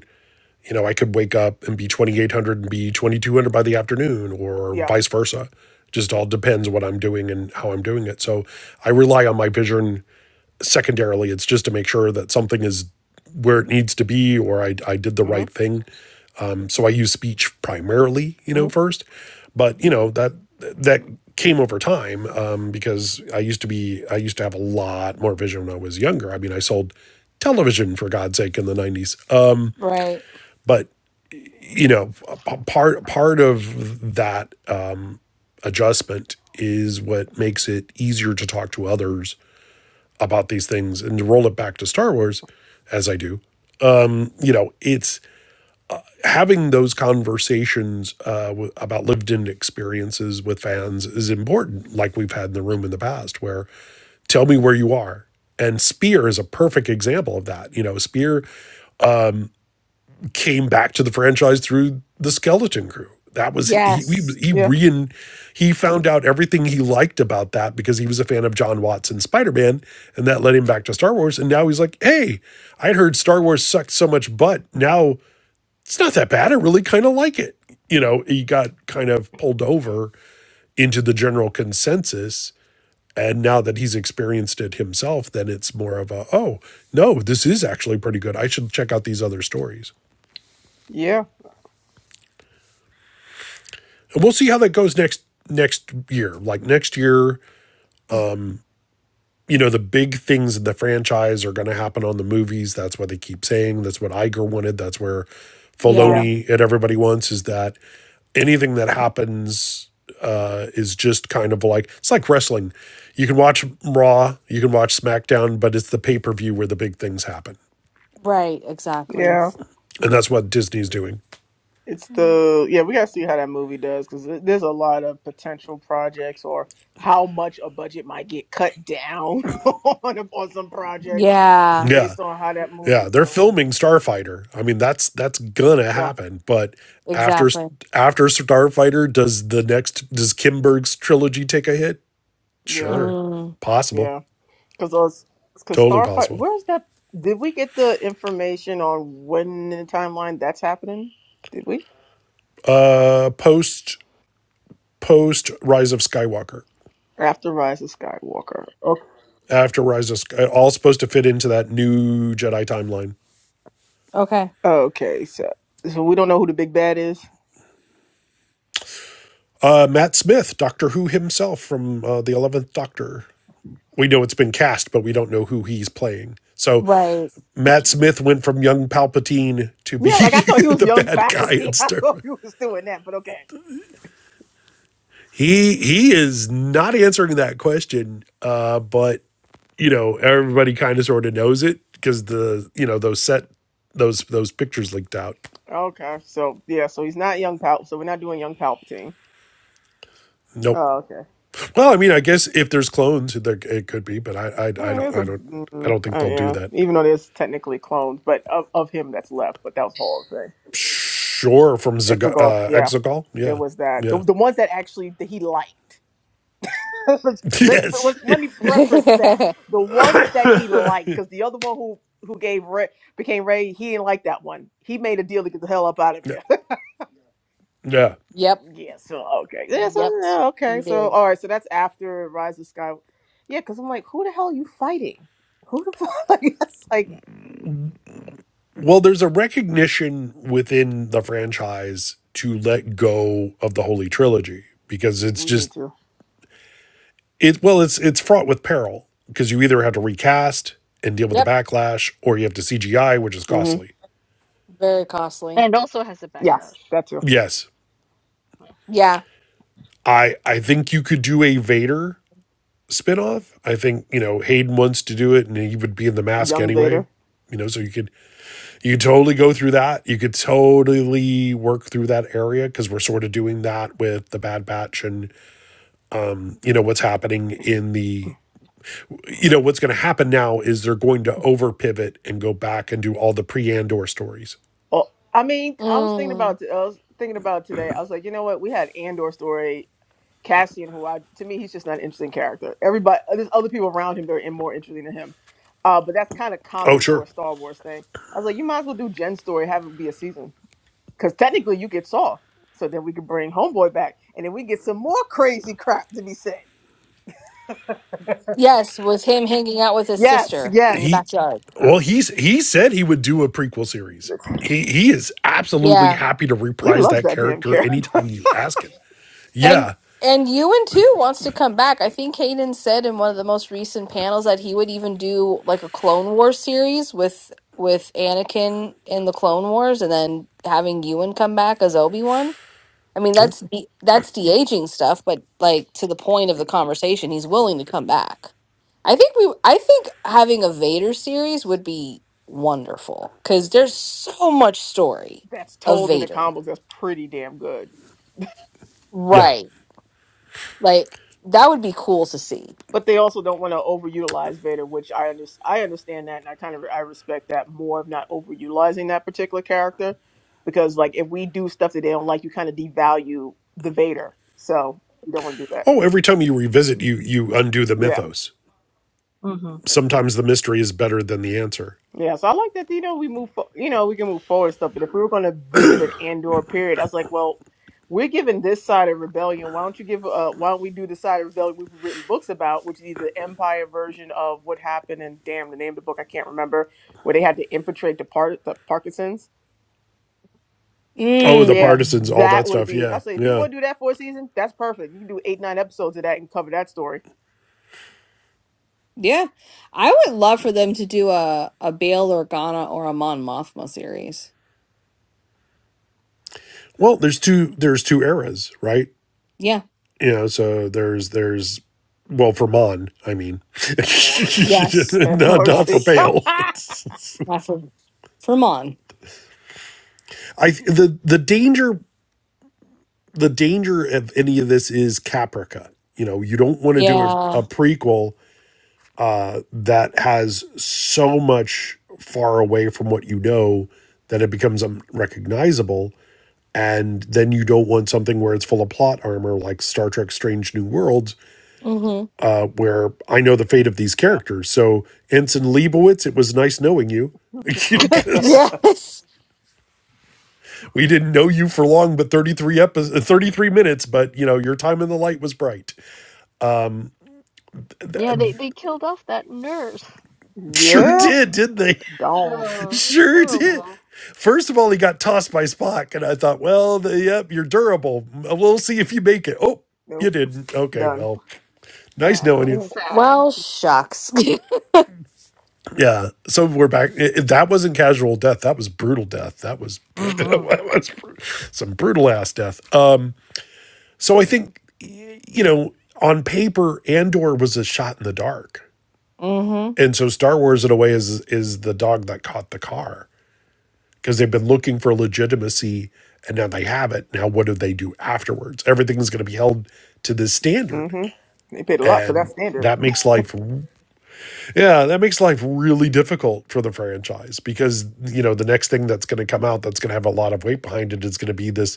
D: You know, I could wake up and be 2800 and be 2200 by the afternoon or
B: yeah,
D: vice versa. Just all depends what I'm doing and how I'm doing it. So I rely on my vision secondarily. It's just to make sure that something is where it needs to be or I, I did the right
B: mm-hmm,
D: thing. Um, so I use speech primarily, you know,
B: mm-hmm,
D: first. But, you know, that that came over time um, because I used to be, I used to have a lot more vision when I was younger. I mean, I sold television for God's sake in the 90s. Um,
A: right.
D: but you know, part part of that uh, adjustment is what makes it easier to talk to others about these things and to roll it back to Star Wars, as I do. You know, it's having those conversations uh, about lived-in experiences with fans is important, like we've had in the room in the past, where tell me where you are. And Spear is a perfect example of that. You know, Spear came back to the franchise through the Skeleton Crew. That was he he,
A: Yes.
D: he
B: yeah,
D: re he found out everything he liked about that because he was a fan of John Watson's Spider Man, and that led him back to Star Wars. And now he's like, hey, I'd heard Star Wars sucked so much butt. Now it's not that bad. I really kind of like it. You know, he got kind of pulled over into the general consensus. And now that he's experienced it himself, then it's more of a, oh, no, this is actually pretty good. I should check out these other stories.
B: yeah,
D: And we'll see how that goes next next year. Like next year, you know, the big things in the franchise are going to happen on the movies. That's what they keep saying. That's what Iger wanted. That's where
A: Yeah.
B: yeah,
D: Filoni and everybody wants is that anything that happens uh, is just kind of like it's like wrestling. You can watch Raw, you can watch SmackDown, but it's the pay per view where the big things happen,
A: Right. Exactly.
B: yeah.
D: and that's what Disney's doing.
B: It's
A: Mm.
B: the yeah. We gotta see how that movie does because there's a lot of potential projects or how much a budget might get cut down on on some projects
A: Yeah.
D: Yeah.
B: based on how that
D: Yeah,
B: movie's
D: they're
B: going.
D: filming Starfighter. I mean, that's that's gonna
B: Yeah,
D: happen. But after
A: Exactly.
D: after Starfighter, does the next does Kimberg's trilogy take a hit?
B: yeah,
D: Sure,
A: Mm,
B: yeah.
D: possible,
B: Because us, because
D: totally
B: Starfight,
D: possible.
B: where's that? Did we get the information on when in the timeline that's happening? Did we?
D: Uh, post post Rise of Skywalker.
B: After Rise of Skywalker. Okay.
D: After Rise of Sky, all supposed to fit into that new Jedi timeline.
A: okay.
B: Okay. So so we don't know who the big bad is.
D: Uh, Matt Smith, Doctor Who himself from uh, the Eleventh Doctor. We know it's been cast, but we don't know who he's playing. So
A: Right.
D: Matt Smith went from young Palpatine to be
B: Yeah, like I thought he was
D: the
B: young
D: bad guy in
B: faculty. I
D: Star
B: thought
D: Wars.
B: he was doing that, but okay.
D: He he is not answering that question, uh, but you know everybody kind of sort of knows it because the you know those set those those pictures leaked out.
B: Okay. So yeah, so he's not young Pal. So we're not doing young Palpatine.
D: Nope.
B: Oh, okay.
D: Well, I mean, I guess if there's clones, there it could be, but I I, I
B: Eh,
D: don't
B: there's a
D: I don't I
B: mm,
D: don't think
B: uh,
D: they'll do
B: yeah.
D: that.
B: Even though there's technically clones, but of, of him that's left. But that was Hall's thing.
D: Sure, from Zaga,
B: Exegol,
D: uh,
B: yeah,
D: Exegol,
B: there
D: yeah,
B: was that. The,
D: yeah,
B: the ones that actually that he liked. let's,
D: yes,
B: let's let me preface that the ones that he liked, because the other one who who gave Ray became Ray, he didn't like that one. He made a deal to get the hell up out of there.
D: yeah.
A: yep.
B: yeah. So okay. Yeah.
A: Yep.
B: So yeah,
A: He
B: okay. So
A: did.
B: all right. So that's after Rise of Sky. Yeah, because I'm like, who the hell are you fighting? Who the fuck? Like, that's like
D: Well, there's a recognition within the franchise to let go of the Holy Trilogy because it's
B: we
D: just
B: need to.
D: it well, it's it's fraught with peril because you either have to recast and deal with the
A: Yep.
D: backlash or you have to CGI, which is
B: hmm
D: costly.
A: Very costly.
C: And also has a backlash.
B: Yes, that too.
D: Yes.
A: Yeah.
D: I I think you could do a Vader spinoff. I think, you know, Hayden wants to do it and he would be in the mask
B: Young Vader.
D: anyway. You know, so you could you could totally go through that. You could totally work through that area because we're sort of doing that with the Bad Batch and you know what's happening in the you know what's going to happen now is they're going to over pivot and go back and do all the pre Andor stories.
B: Oh, I mean, I was thinking
A: Mm.
B: about I was thinking about today. I was like, you know what? We had Andor story, Cassian, who I to me he's just not an interesting character. Everybody, uh, there's other people around him that are in more interesting than him. Uh, but that's kind of
D: Oh
B: common for
D: sure,
B: a Star Wars thing. I was like, you might as well do Jen's story, have it be a season, because technically you get Saw, so then we could bring Homeboy back, and then we get some more crazy crap to be said.
A: Yes. Was him hanging out with his
B: Yes,
A: sister in the
B: yes.
D: he
A: backyard.
D: well he's he said he would do a prequel series. He he is
A: Yeah.
D: absolutely happy to
B: He
D: reprise
B: loves
D: that
B: that damn
D: character
B: character.
D: anytime you ask him.
A: And
D: Yeah,
A: and Ewan too wants to come back. I think Hayden said in one of the most recent panels that he would even do like a Clone Wars series with with Anakin in the Clone Wars, and then having Ewan come back as Obi Wan. I mean,
D: Well,
A: that's the that's de aging stuff, but like to the point of the conversation, he's willing to come back. I think we I think having a Vader series would be wonderful because there's so much story
B: That's
A: of
B: told in the
A: Vader.
B: comics. That's pretty damn good.
D: yeah.
A: Right. Like that would be cool to see.
B: but they also don't want to overutilize Vader, which I under- I understand that, and I kind of I respect that more of not overutilizing that particular character, because like if we do stuff that they don't like, you kind of devalue the Vader, so you don't want to do that.
D: Oh, every time you revisit, you you undo the
B: Yeah.
D: mythos.
C: hmm
D: Sometimes the mystery is better than the answer.
B: Yeah, so I like that. You know, we move. fo- You know, we can move forward stuff. But if we were going to visit an Andor period, I was like, well, we're given this side of rebellion. Why don't you give? Uh, why don't we do the side of rebellion we've written books about, which is either the Empire version of what happened and damn the name of the book I can't remember, where they had to infiltrate the part the Parkinsons.
D: Oh, the
B: Yeah,
A: Mm.
D: partisans, all
B: that
D: that
B: would
D: stuff.
B: be.
D: Yeah,
B: I say if you
D: yeah.
B: want to do that for a season, that's perfect. You can do eight nine episodes of that and cover that story.
A: Yeah. I would love for them to do a, a Bail Organa or a Mon Mothma series.
D: Well, there's two there's two eras, right?
A: Yeah.
D: you know so there's there's well for mon i mean
B: Lord
A: Yes.
B: have
D: not, not
B: mercy.
D: for
A: Yes.
D: pale
A: Yeah, for, for Mon.
D: i the the danger the danger of any of this is caprica you know you don't want to do a,
A: Yeah.
D: a prequel that has so much far away from what you know that it becomes unrecognizable and then you don't want something where it's full of plot armor like star trek strange new worlds
A: Mm-hmm.
D: where I know the fate of these
B: yeah.
D: characters. So, Ensign Leibowitz, it was nice knowing you because
A: Yes.
D: we didn't know you for long, but 33 episodes, 33 minutes, but you know, your time in the light was bright.
C: Yeah, they, they killed off that nurse.
D: Sure
B: yeah.
C: Oh,
D: did, didn't they?
B: Gone.
C: oh, it's
D: Sure did.
C: horrible.
D: First of all, he got tossed by Spock, and I thought, well, the, yep, you're durable. We'll see if you make it. Oh,
B: Nope.
D: you didn't. Okay,
B: Done.
D: well, nice
C: Yeah, it
D: knowing
C: was
D: you.
C: sad.
A: Well, shucks.
D: Yeah. So we're back. if that wasn't casual death. That was brutal death. That was,
C: Mm-hmm.
D: that was some brutal ass death. Uh, so I think, you know, on paper, Andor was a shot in the dark.
A: Mm-hmm.
D: And so Star Wars, in a way, is is the dog that caught the car because they've been looking for legitimacy and now they have it. Now, what do they do afterwards? Everything is going to be held to this
B: hmm
D: standard.
B: They paid a lot for that
D: And
B: standard.
D: that makes life Yeah, that makes life really difficult for the franchise because, you know, the next thing that's going to come out that's going to have a lot of weight behind it is going to be this,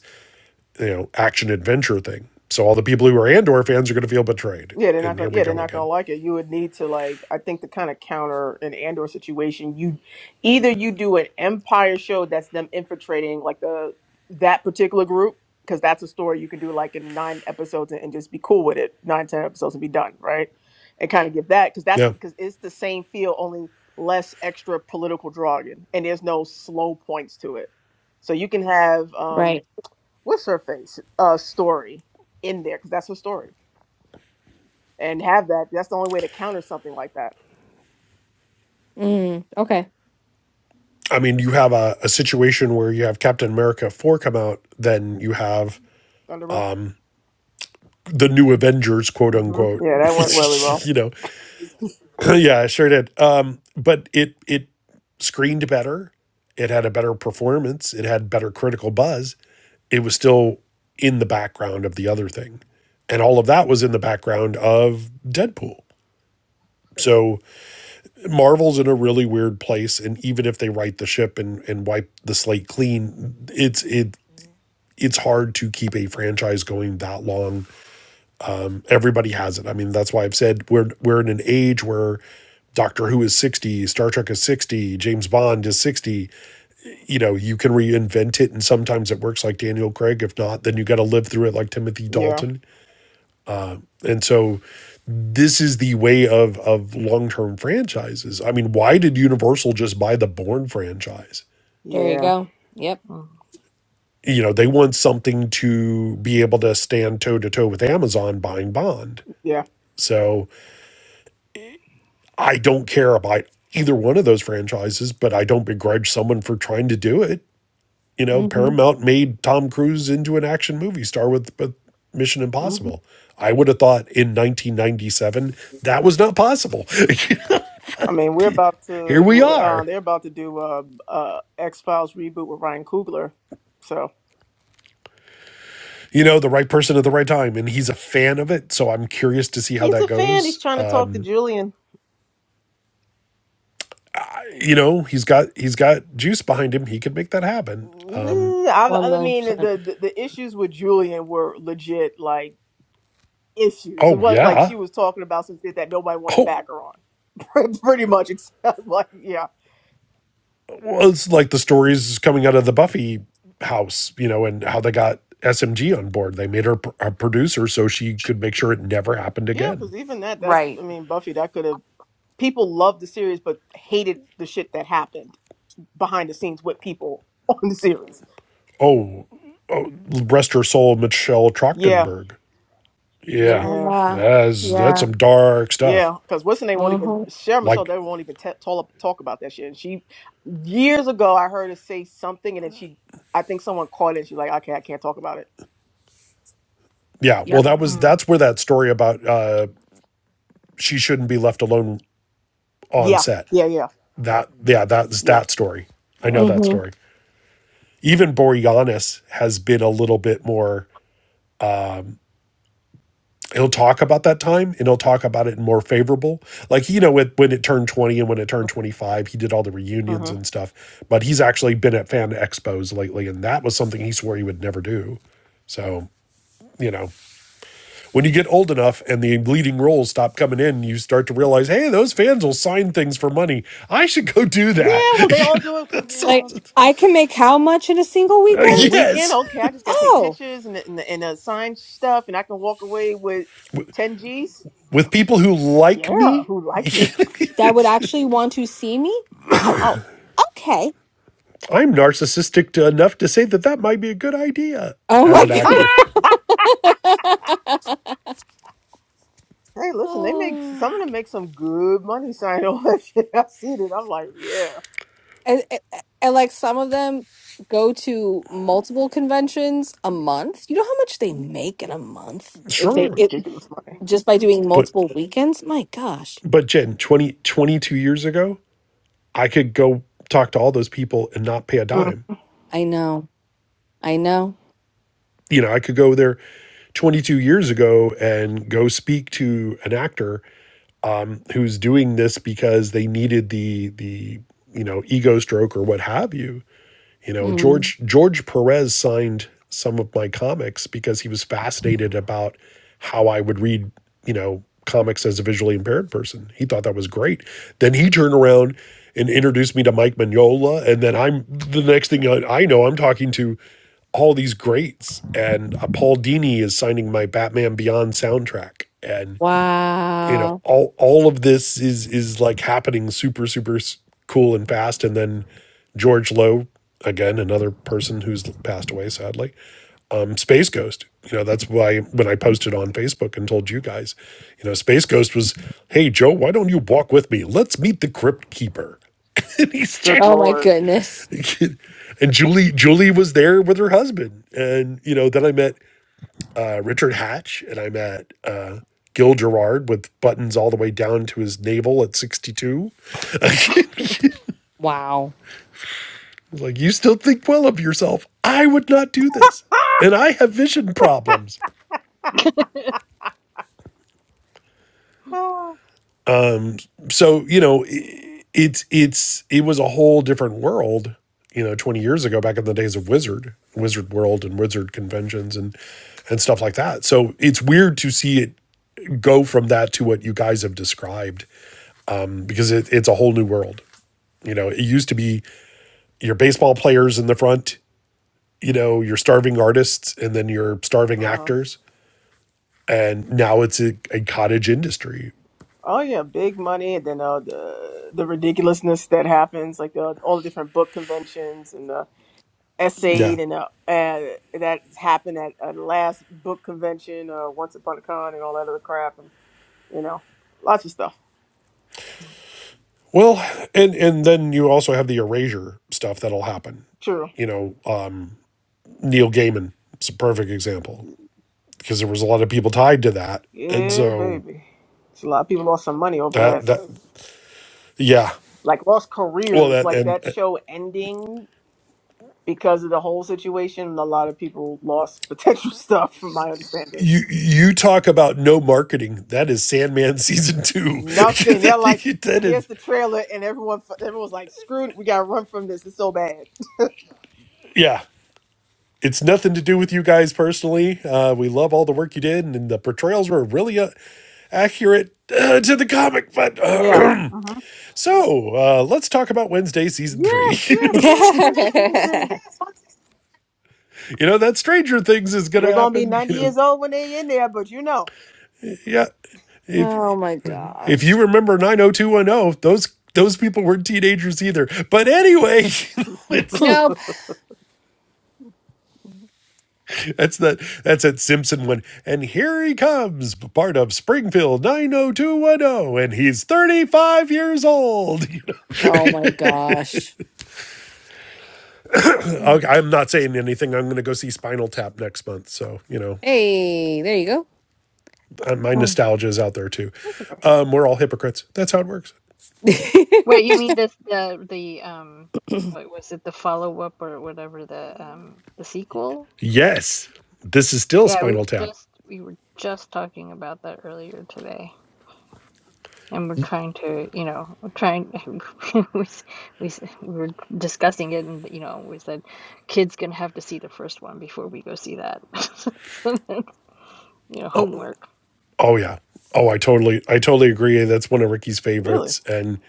D: you know, action adventure thing. So all the people who are Andor fans are going to feel betrayed.
B: Yeah, they're not
D: And
B: gonna.
D: here we
B: Yeah, they're
D: go
B: not gonna
D: again.
B: like it. You would need to like. I think to kind of counter an Andor situation, you either you do an Empire show that's them infiltrating like the that particular group because that's a story you can do like in nine episodes and, and just be cool with it, nine ten episodes and be done, right? And kind of give that because that's
D: Yeah.
B: because it's the same feel, only less extra political jargon, and there's no slow points to it. So you can have. um
A: Right.
B: what's her face uh story in there because that's her story and have that that's the only way to counter something like that
A: Mm. Okay.
D: I mean, you have a, a situation where you have Captain America 4 come out, then you have
B: thunderbolt
D: the new Avengers, quote
B: hmm
D: unquote.
B: yeah that went really well
D: you know, yeah, it sure did. Um, but it, it, screened better. It had a better performance. It had better critical buzz it was still in the background of the other thing. And all of that was in the background of Deadpool. So Marvel's in a really weird place. And even if they right the ship and, and wipe the slate clean, it's it it's hard to keep a franchise going that long. Everybody has it. I mean, that's why I've said we're we're in an age where Doctor Who is 60, Star Trek is 60, James Bond is 60. You know, you can reinvent it and sometimes it works like Daniel Craig. If not, then you got to live through it like Timothy
B: yeah
D: Dalton And so this is the way of of long-term franchises. I mean, why did Universal just buy the Bourne franchise?
A: There you
B: yeah
A: go. Yep.
D: You know, they want something to be able to stand toe to toe with Amazon buying Bond.
B: yeah
D: So I don't care about either one of those franchises, but I don't begrudge someone for trying to do it. You know,
A: Mm-hmm.
D: Paramount made Tom Cruise into an action movie star with, with Mission
B: hmm
D: Impossible. I would have thought in 1997 that was not possible.
B: i mean we're about
D: Here
B: to
D: we
B: we're- uh,
D: are.
B: they're about to do uh, uh x-files reboot with ryan Coogler. so
D: you know, the right person at the right time. And he's a fan of it, so I'm curious to see how
B: he's
D: that
B: a fan
D: goes.
B: he's trying
D: Uh,
B: to talk to julian
D: you know, he's got he's got juice behind him. He could make that happen.
B: Nah,
A: One
B: I, I
A: million
B: mean the,
A: percent.
B: the the issues with Julian were legit. Like issues. It
D: Oh
B: was like she
D: yeah.
B: was talking about some shit that nobody wanted to
D: Oh,
B: back her on. Pretty much, except like, yeah,
D: well, it's like the stories coming out of the Buffy house, you know, and how they got SMG on board. They made her pr- a producer so she could make sure it never happened
B: yeah.
D: again.
B: Because even that, that I
A: Right.
B: mean, Buffy, that could have people loved the series but hated the shit that happened behind the scenes with people on the series.
D: Oh, rest her soul, Michelle
B: Yeah,
D: Trachtenberg. Yeah,
B: yeah.
A: Yeah.
D: that's that's
A: Yeah.
D: some dark stuff.
B: Yeah, because what's her name won't even
A: Mm-hmm.
B: Sharon so
D: Like,
B: they won't even t- talk talk about that shit. And she years ago, I heard her say something, and then she, I think someone caught it. And she's like, okay, I can't talk about it.
D: yeah, well,
A: Yep.
D: that was
C: Hmm.
D: that's where that story about uh, she shouldn't be left alone on
B: Yeah,
D: set.
B: yeah, yeah,
D: That yeah, that's
B: yeah,
D: that story. I
B: yeah.
D: know that
A: Mm-hmm.
D: story. Even Boreanis has been a little bit more. He'll talk about that time and he'll talk about it in more favorable. Like, you know, with, when it turned 20 and when it turned 25, he did all the reunions
B: hmm
D: and stuff. But he's actually been at fan expos lately, and that was something he swore he would never do. So, you know, when you get old enough and the leading roles stop coming in, you start to realize, hey, those fans will sign things for money. I should go do that.
B: Yeah, well, they all
D: You know,
B: do it because you
D: that's-
A: Like
B: know.
D: uh,
A: I can make how much in a single
B: And the
A: weekend?
B: weekend,
D: yes.
B: okay, I just gotta take
A: Oh,
B: pictures and and, and uh, sign stuff, and I can walk away with ten G's.
D: With people who like
B: Yeah,
D: me,
B: who like
A: with
B: me?
A: that would actually want to see me? Oh,
B: Wow.
A: okay.
D: I'm narcissistic enough to say that that might be a good idea
A: Oh
D: as
A: my
D: an actor.
A: goodness.
B: Hey, listen, they make some of them make some good money signing on that shit. I've seen it. I'm like, yeah,
A: and, and and, like some of them go to multiple
B: yeah,
A: conventions a
B: yeah.
A: month. You know how much they make in a month if they
B: make
D: Sure.
A: it,
B: ridiculous money.
A: just by doing
D: But
A: multiple weekends. My gosh,
D: but Jen, 20 22 years ago, I could go talk to all those people and not pay a
B: Mm,
D: dime.
A: I know, I know.
D: You know, I could go there 22 years ago and go speak to an actor um, who's doing this because they needed the the you know ego stroke or what have you. You know,
A: Mm.
D: George George Perez signed some of my comics because he was fascinated about how I would read you know comics as a visually impaired person. He thought that was great. Then he turned around and introduced me to Mike Mignola, and then I'm the next thing I I know I'm talking to all these greats, and uh, Paul Dini is signing my Batman Beyond soundtrack. and you know
A: Wow.
D: all all of this is is like happening super super cool and fast and then george Low, again another person who's passed away sadly um space ghost you know that's why when i posted on facebook and told you guys you know space ghost was hey joe why don't you walk with me let's meet the crypt keeper and he's
B: good
D: just
A: Oh my
B: lord.
A: goodness.
D: and julie julie was there with her husband and you know then i met uh, Richard Hatch, and I met uh, Gil Gerard with buttons all the way down to his navel at 62.
A: Wow.
D: like, You still think well of yourself. I would not do this. And I have vision problems.
B: Oh,
D: So, you know, i- it's, it's, it was a whole different world, you know, 20 years ago, back in the days of Wizard, Wizard World and Wizard conventions and, and stuff like that. So it's weird to see it go from that to what you guys have described because it, it's a whole new world. You know, it used to be your baseball players in the front, you know, your starving artists, and then your starving
B: Uh-huh.
D: actors. And now it's a, a cottage industry.
B: Oh yeah, big money, and then uh, the the ridiculousness that happens, like the, all the different book conventions and the
D: Yeah.
B: essayed and uh, uh, that happened at uh, the last book convention, uh, Once Upon a Con, and all that other crap, and you know, lots of stuff.
D: Well, and and then you also have the erasure stuff that'll happen.
B: True.
D: You know, uh, Neil Gaiman is a perfect example because there was a lot of people tied to that, and
B: Yeah,
D: so
B: baby. So a lot of people lost some money over
D: that
B: that.
D: that yeah.
B: Like lost
D: Well,
B: careers,
D: that
B: like
D: and
B: that
D: uh,
B: show ending because of the whole situation. A lot of people lost potential stuff, from my understanding.
D: you you talk about no marketing. That is Sandman season two.
B: Nothing. They're like,
D: that
B: here's
D: is
B: the trailer, and everyone, everyone's like, screw it, we gotta run from this. It's so bad.
D: yeah. it's nothing to do with you guys personally. Uh, we love all the work you did, and the portrayals were really uh, accurate uh, to the comic. But
B: Yeah.
D: uh,
B: hmm
D: so uh, let's talk about Wednesday season three.
B: Yes,
D: you know,
B: yes, yes. Wednesday season three.
D: you know, that Stranger Things is going to
B: They're gonna be
D: happen. You
B: ninety
D: know,
B: years old when they in there, but you know,
D: yeah. If
A: oh my
D: if
A: gosh.
D: you remember nine hundred two one zero, those those people weren't teenagers either. But anyway, it's
A: Nope.
D: That's that. That's that Simpson one. And here he comes, part of Springfield 90210, and he's 35 years old.
A: Oh my gosh.
D: Okay, I'm not saying anything. I'm going to go see Spinal Tap next month. So you know,
A: Hey, there you
D: uh, my
A: go.
D: nostalgia is out there too. Um, we're all hypocrites. That's how it works.
C: Wait, you mean this the the um what was it the follow up or whatever the um the sequel?
D: Yes, this is still
C: Yeah, we
D: Spinal
C: were
D: Tap.
C: just we were just talking about that earlier today, and we're trying to, you know, we're trying we s- we s- we were discussing it, and you know, we said kids gonna have to see the first one before we go see that. So then, you know, homework.
D: Oh yeah. Oh, I totally, I totally agree. That's one of Ricky's
B: really.
D: favorites. And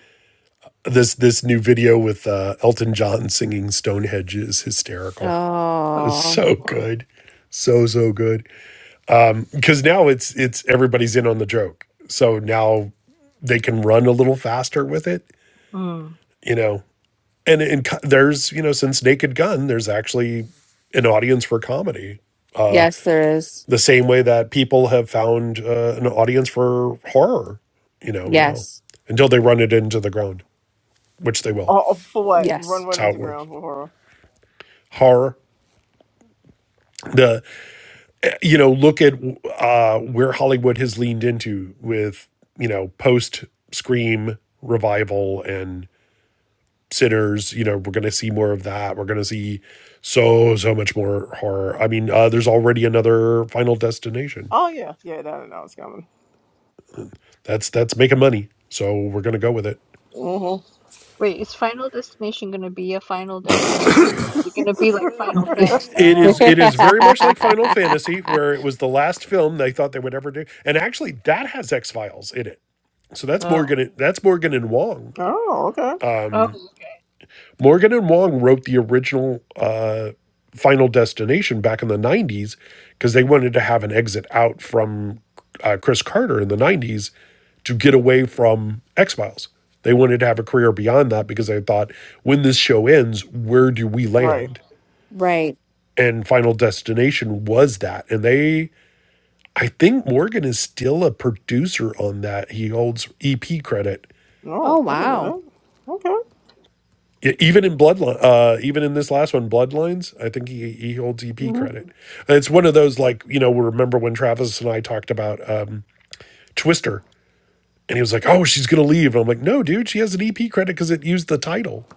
D: this this new video with uh, Elton John singing Stonehenge is hysterical.
A: Oh,
D: It's
A: Oh,
D: so
C: Lord.
D: good. So so good. Cuz now it's it's everybody's in on the joke. So now they can run a little faster with it,
C: Mm.
D: you know. And and there's, you know, since Naked Gun, there's actually an audience for comedy.
A: yes, there is.
D: The same way that people have found uh, an audience for horror, you know, now
A: Yes,
D: until they run it into the ground, which they will.
B: Oh, oh, for what?
A: yes.
B: Run,
D: That's
B: run
D: how
B: into
D: it works.
B: ground for horror.
D: Horror. The you know, look at uh, where Hollywood has leaned into with, you know, post Scream revival and Sinners. You know, we're going to see more of that. We're going to see so so much more horror. I mean, uh, there's already another Final Destination.
B: Oh yeah, yeah. That I know it's coming.
D: That's that's making money, so we're going to go with it.
B: Mm-hmm.
C: Wait, is Final Destination gonna be a Final Destination, or is it gonna be like Final Fantasy?
D: It is it is very much like Final Fantasy, where it was the last film they thought they would ever do, and actually that has X Files in it. So that's
C: Oh,
D: Morgan. That's Morgan and Wong
B: Oh, okay.
C: oh, okay.
D: Morgan and Wong wrote the original uh, Final Destination back in the 90s because they wanted to have an exit out from uh, Chris Carter in the 90s to get away from X Files. They wanted to have a career beyond that because they thought, when this show ends, where do we
B: Right.
D: land?
A: right.
D: And Final Destination was that. And they, I think Morgan is still a producer on that. He holds EP credit
A: Oh,
B: No, I didn't know
A: wow.
B: that. Okay.
D: E- Even in Bloodline, uh, even in this last one, Bloodlines, I think he, he holds EP
B: Mm-hmm.
D: credit. It's one of those like you know. Remember when Travis and I talked about um, Twister, and he was like, "Oh, she's gonna leave," and I'm like, "No, dude, she has an EP credit because it used the title.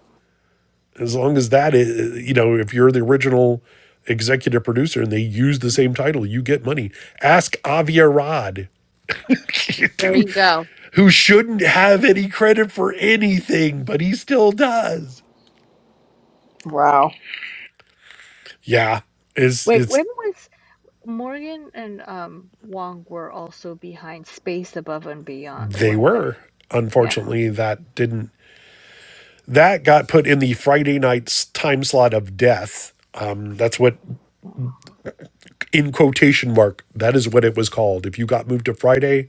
D: As long as that is, you know, if you're the original executive producer and they use the same title, you get money. Ask Avi Arad,
A: There you
D: dude,
A: go.
D: who shouldn't have any credit for anything, but he still does."
B: Wow.
D: Yeah, it's
C: Wait,
D: it's
C: when was Morgan and um Wong were also behind Space Above and Beyond,
D: They
C: weren't they?
D: were.
C: Yeah.
D: Unfortunately, that didn't. That got put in the Friday night's time slot of death. Um, that's what, in quotation mark, that is what it was called. If you got moved to Friday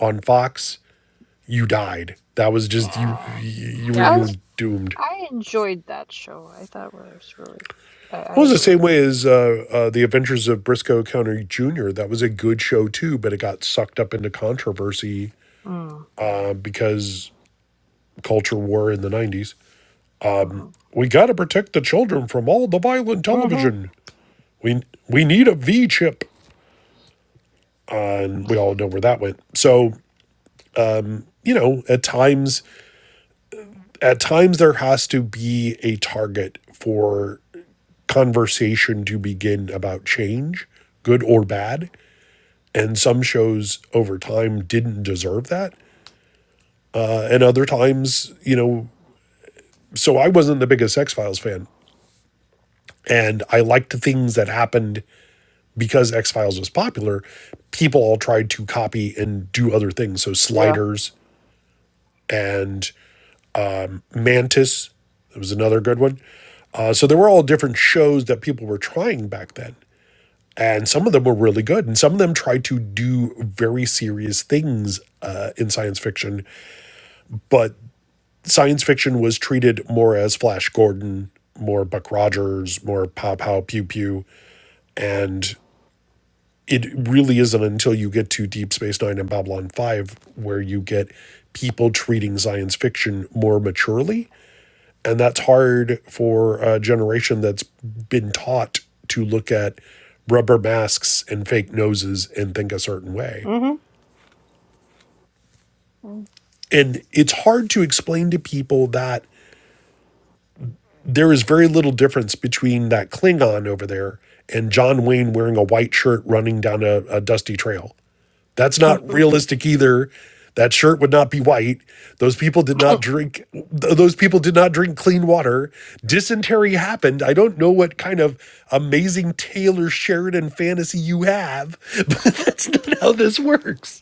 D: on Fox, you died. That was just you.
C: Yeah.
D: You were
A: Yep.
C: I
D: you were doomed.
C: I enjoyed that show. I thought it was really I, I
D: Well, it was the same
C: really
D: way as uh, uh, the Adventures of Briscoe County Jr. That was a good show too, but it got sucked up into controversy
C: mm,
D: uh, because culture war in the '90s.
C: mm-hmm.
D: We got to protect the children from all the violent
B: Mm-hmm.
D: television. we we need a V chip, uh, and we all know where that went. So you know, at times, at times there has to be a target for conversation to begin about change, good or bad. And some shows over time didn't deserve that, uh, and other times, you know. So I wasn't the biggest X Files fan, and I liked the things that happened because X Files was popular. People all tried to copy and do other things. So
B: Yeah.
D: sliders and Mantis. That was another good one. Uh, so there were all different shows that people were trying back then. And some of them were really good. And some of them tried to do very serious things uh, in science fiction. But science fiction was treated more as Flash Gordon, more Buck Rogers, more Pow Pow Pew Pew. And it really isn't until you get to Deep Space Nine and Babylon 5 where you get people treating science fiction more maturely and that's hard for a generation that's been taught to look at rubber masks and fake noses and think a certain way.
B: Mm-hmm.
D: And it's hard to explain to people that there is very little difference between that Klingon over there and John Wayne wearing a white shirt running down a, a dusty trail. That's not realistic either. That shirt would not be white. Those people did not drink th- those people did not drink clean water. Dysentery happened. I don't know what kind of amazing Taylor Sheridan fantasy you have. That's not how this works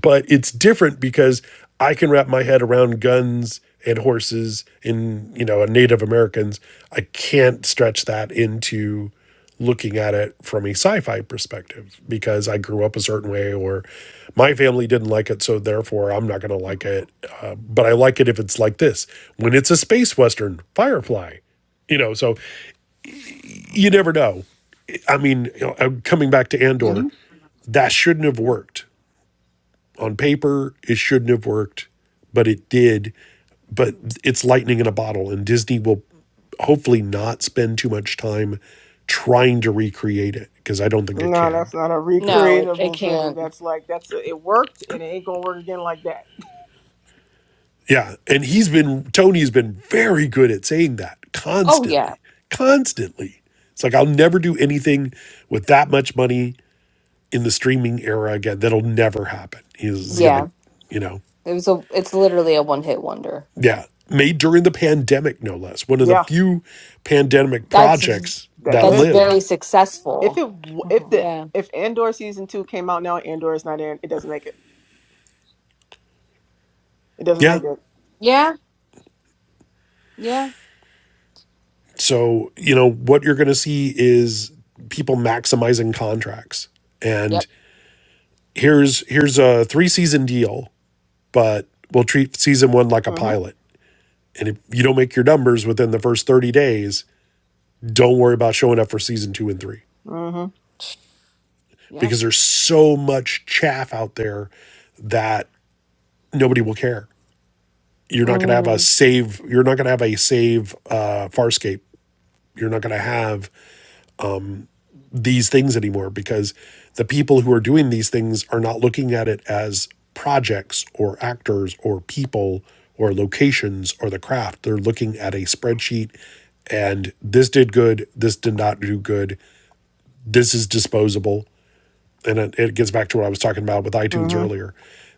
D: but it's different because I can wrap my head around guns and horses in you know Native Americans. I can't stretch that into looking at it from a sci-fi perspective because I grew up a certain way or my family didn't like it, so therefore I'm not going to like
C: mm-hmm.
D: it. Uh, but I like it if it's like this when it's a space western, Firefly. You know, so you never know. I mean, you know, uh, coming back to Andor,
B: Mm-hmm.
D: that shouldn't have worked on paper it shouldn't have worked but it did but it's lightning in a bottle and disney will hopefully not spend too much time trying to recreate it because i don't think it
B: No,
D: can
B: that's not a
A: No, it, it
B: recreatable thing.
A: can't.
B: That's like that's a, it worked and it ain't gonna work again like that.
D: yeah and he's been tony's been very good at saying that
A: Oh, yeah.
D: constantly constantly it's like i'll never do anything with that much money in the streaming era again that'll never happen he's
A: Yeah.
B: Mm-hmm.
D: like you know
A: It was a, it's literally a one hit wonder.
D: Yeah, made during the pandemic, no less. One of the
B: Yeah,
D: few pandemic
A: That's, v-
D: projects
B: that
D: that
A: that's
B: lived.
A: very
B: Yeah.
D: lived.
B: If
A: successful.
B: it w- if the
A: Yeah.
B: if Andor season two came out now, Andor is not in. It doesn't make it. It doesn't
D: Yeah.
B: make it.
A: Yeah. Yeah.
D: So, you know, what you're going to see is people maximizing contracts.
A: Yep.
D: And here's here's a three-season deal, but we'll treat season 1 like a
B: Mm-hmm.
D: pilot. And if you don't make your numbers within the first 30 days, don't worry about showing up for season 2 and 3
B: Mm-hmm.
A: Yep.
D: because there's so much chaff out there that nobody will care you're not going to have a
A: Mm,
D: save you're not going to have a save uh, farscape you're not going to have these things anymore because the people who are doing these things are not looking at it as projects or actors or people or locations or the craft they're looking at a spreadsheet and this did good this did not do good this is disposable and it, it gets back to what i was talking about with itunes
B: Mm-hmm.
D: earlier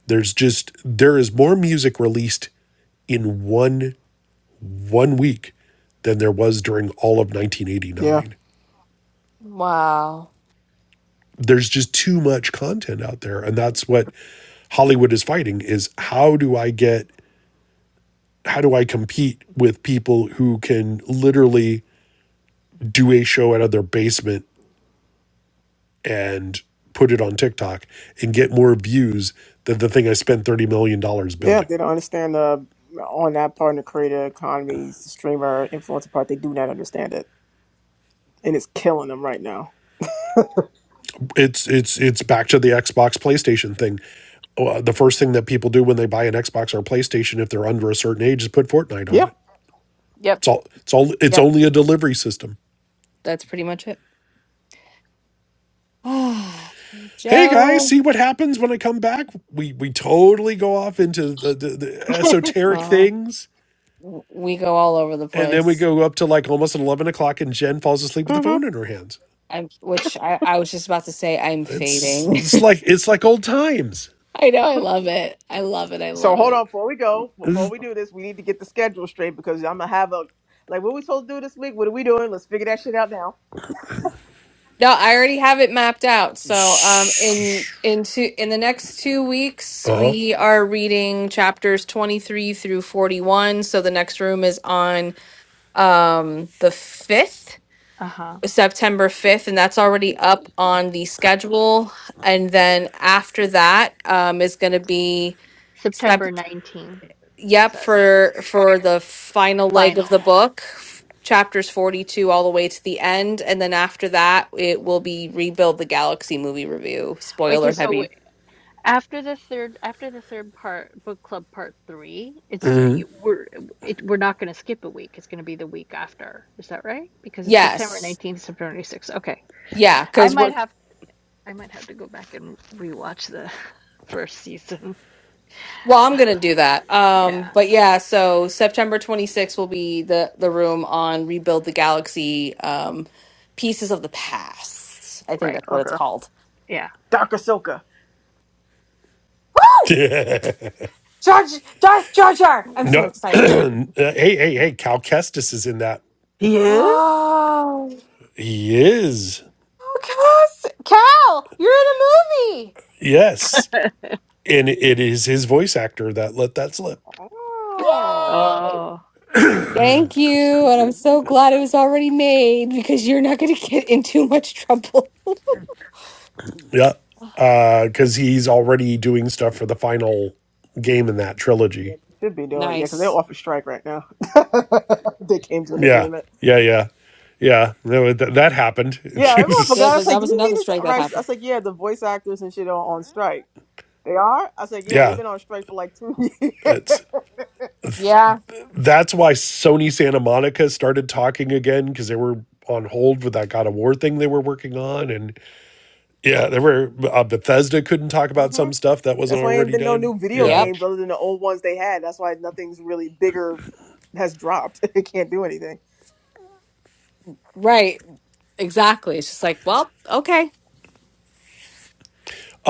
D: there's just there is more music released in one one week than there was during all of
B: Yeah.
D: 1989.
A: wow.
D: There's just too much content out there and that's what Hollywood is fighting is how do I get how do I compete with people who can literally do a show out of their basement and put it on TikTok and get more views than the thing I spent 30 million dollars
B: Yeah,
D: building.
B: they don't understand the on that part in the creator economies, the streamer influencer part. They do not understand it, and it's killing them right now.
D: It's it's it's back to the Xbox PlayStation thing. Uh, the first thing that people do when they buy an Xbox or PlayStation if they're under a certain age is put Fortnite on
B: Yeah.
D: it
A: Yep.
D: It's all it's all it's
A: Yep.
D: only a delivery system.
A: That's pretty much it.
D: Hey guys,
A: Joe,
D: see what happens when I come back? We we totally go off into the, the, the
C: mm-hmm.
D: esoteric
B: Uh huh.
D: things,
A: w- we go all over the
D: and then we
A: place.
D: go up to like almost at eleven o'clock, and Jen falls asleep with the
B: Mm-hmm.
D: phone in her hands.
A: I'm, which I, I was just about to say, I'm
D: It's
A: fading.
D: it's like it's like old times.
A: I know, I love it. I love it. I
B: So
A: love
B: hold
A: it.
B: on, before we go, before we do this, we need to get the schedule straight because I'm gonna have a like what we supposed to do this week. What are we doing? Let's figure that shit out now.
A: No, I already have it mapped out. So, um, in into in the next two weeks,
D: Uh huh.
A: we are reading chapters twenty three through forty one. So the next room is on um the fifth,
C: Uh-huh.
A: September fifth, and that's already up on the schedule. And then after that, um, is going to be step.
C: September 19th, it
A: Yep,
C: says.
A: for for the final leg of the
C: Final.
A: book, f- chapters 42 all the way to the end, and then after that it will be Rebuild the Galaxy movie review.
C: Okay,
A: Spoiler
C: so
A: heavy.
C: After the third, after the third part, book club part three, it's yeah, you, we're it, we're not going to skip a week. It's going to be the week after. Is that right? Because it's September
A: Yes.
C: 19th, September 26th. Okay,
A: Yeah,
C: I
A: cuz
C: might
A: we're
C: have I might have to go back and rewatch the first season.
A: well, I'm going to do that. Um
C: Yeah,
A: but yeah, so September 26th will be the the room on Rebuild the Galaxy um pieces of the past. I'm
C: right.
B: Okay.
C: Yeah,
B: Dr. Silka.
A: so
D: No, uh,
A: excited.
C: yeah.
D: hey hey hey, Cal Kestis is in that.
B: He is?
A: Oh,
D: He is
A: oh Cass, Cal, you're in a movie.
D: yes, and it is his voice actor that let that slip.
B: Oh.
A: Yay!
C: Oh,
A: Thank you. And I'm so glad it was already made because you're not going to get in too much trouble.
D: Yeah. Uh, cause he's already doing stuff for the final game in that
B: Yeah,
D: trilogy.
B: they should be doing yeah, because they're
A: Nice.
B: off a strike right now. they came to an
D: Yeah.
B: agreement.
D: Yeah. Yeah. Yeah. No, that, that happened.
B: Yeah, everyone forgot.
A: Good.
B: I was
A: That
B: like,
A: that
B: "Do
A: was
B: we mean
A: another
B: this?
A: strike
B: Right?
A: that
B: so I
A: happened.
B: was like, yeah, the voice actors and shit are on strike. They are? I was like, yeah, they've
D: yeah.
B: been on strike for like two years.
D: That's,
A: Yeah.
D: that's why Sony Santa Monica started talking again. Cause they were on hold with that God of War thing they were working on. And yeah, there were, uh, Bethesda couldn't talk about
B: hmm
D: some stuff that wasn't
B: That's why ain't
D: already
B: been no
D: done.
B: new video
D: Yeah.
A: Yep.
B: games other than the old ones they had. That's why nothing's really bigger has dropped. it can't do anything.
A: Right. Exactly. It's just like, well, okay.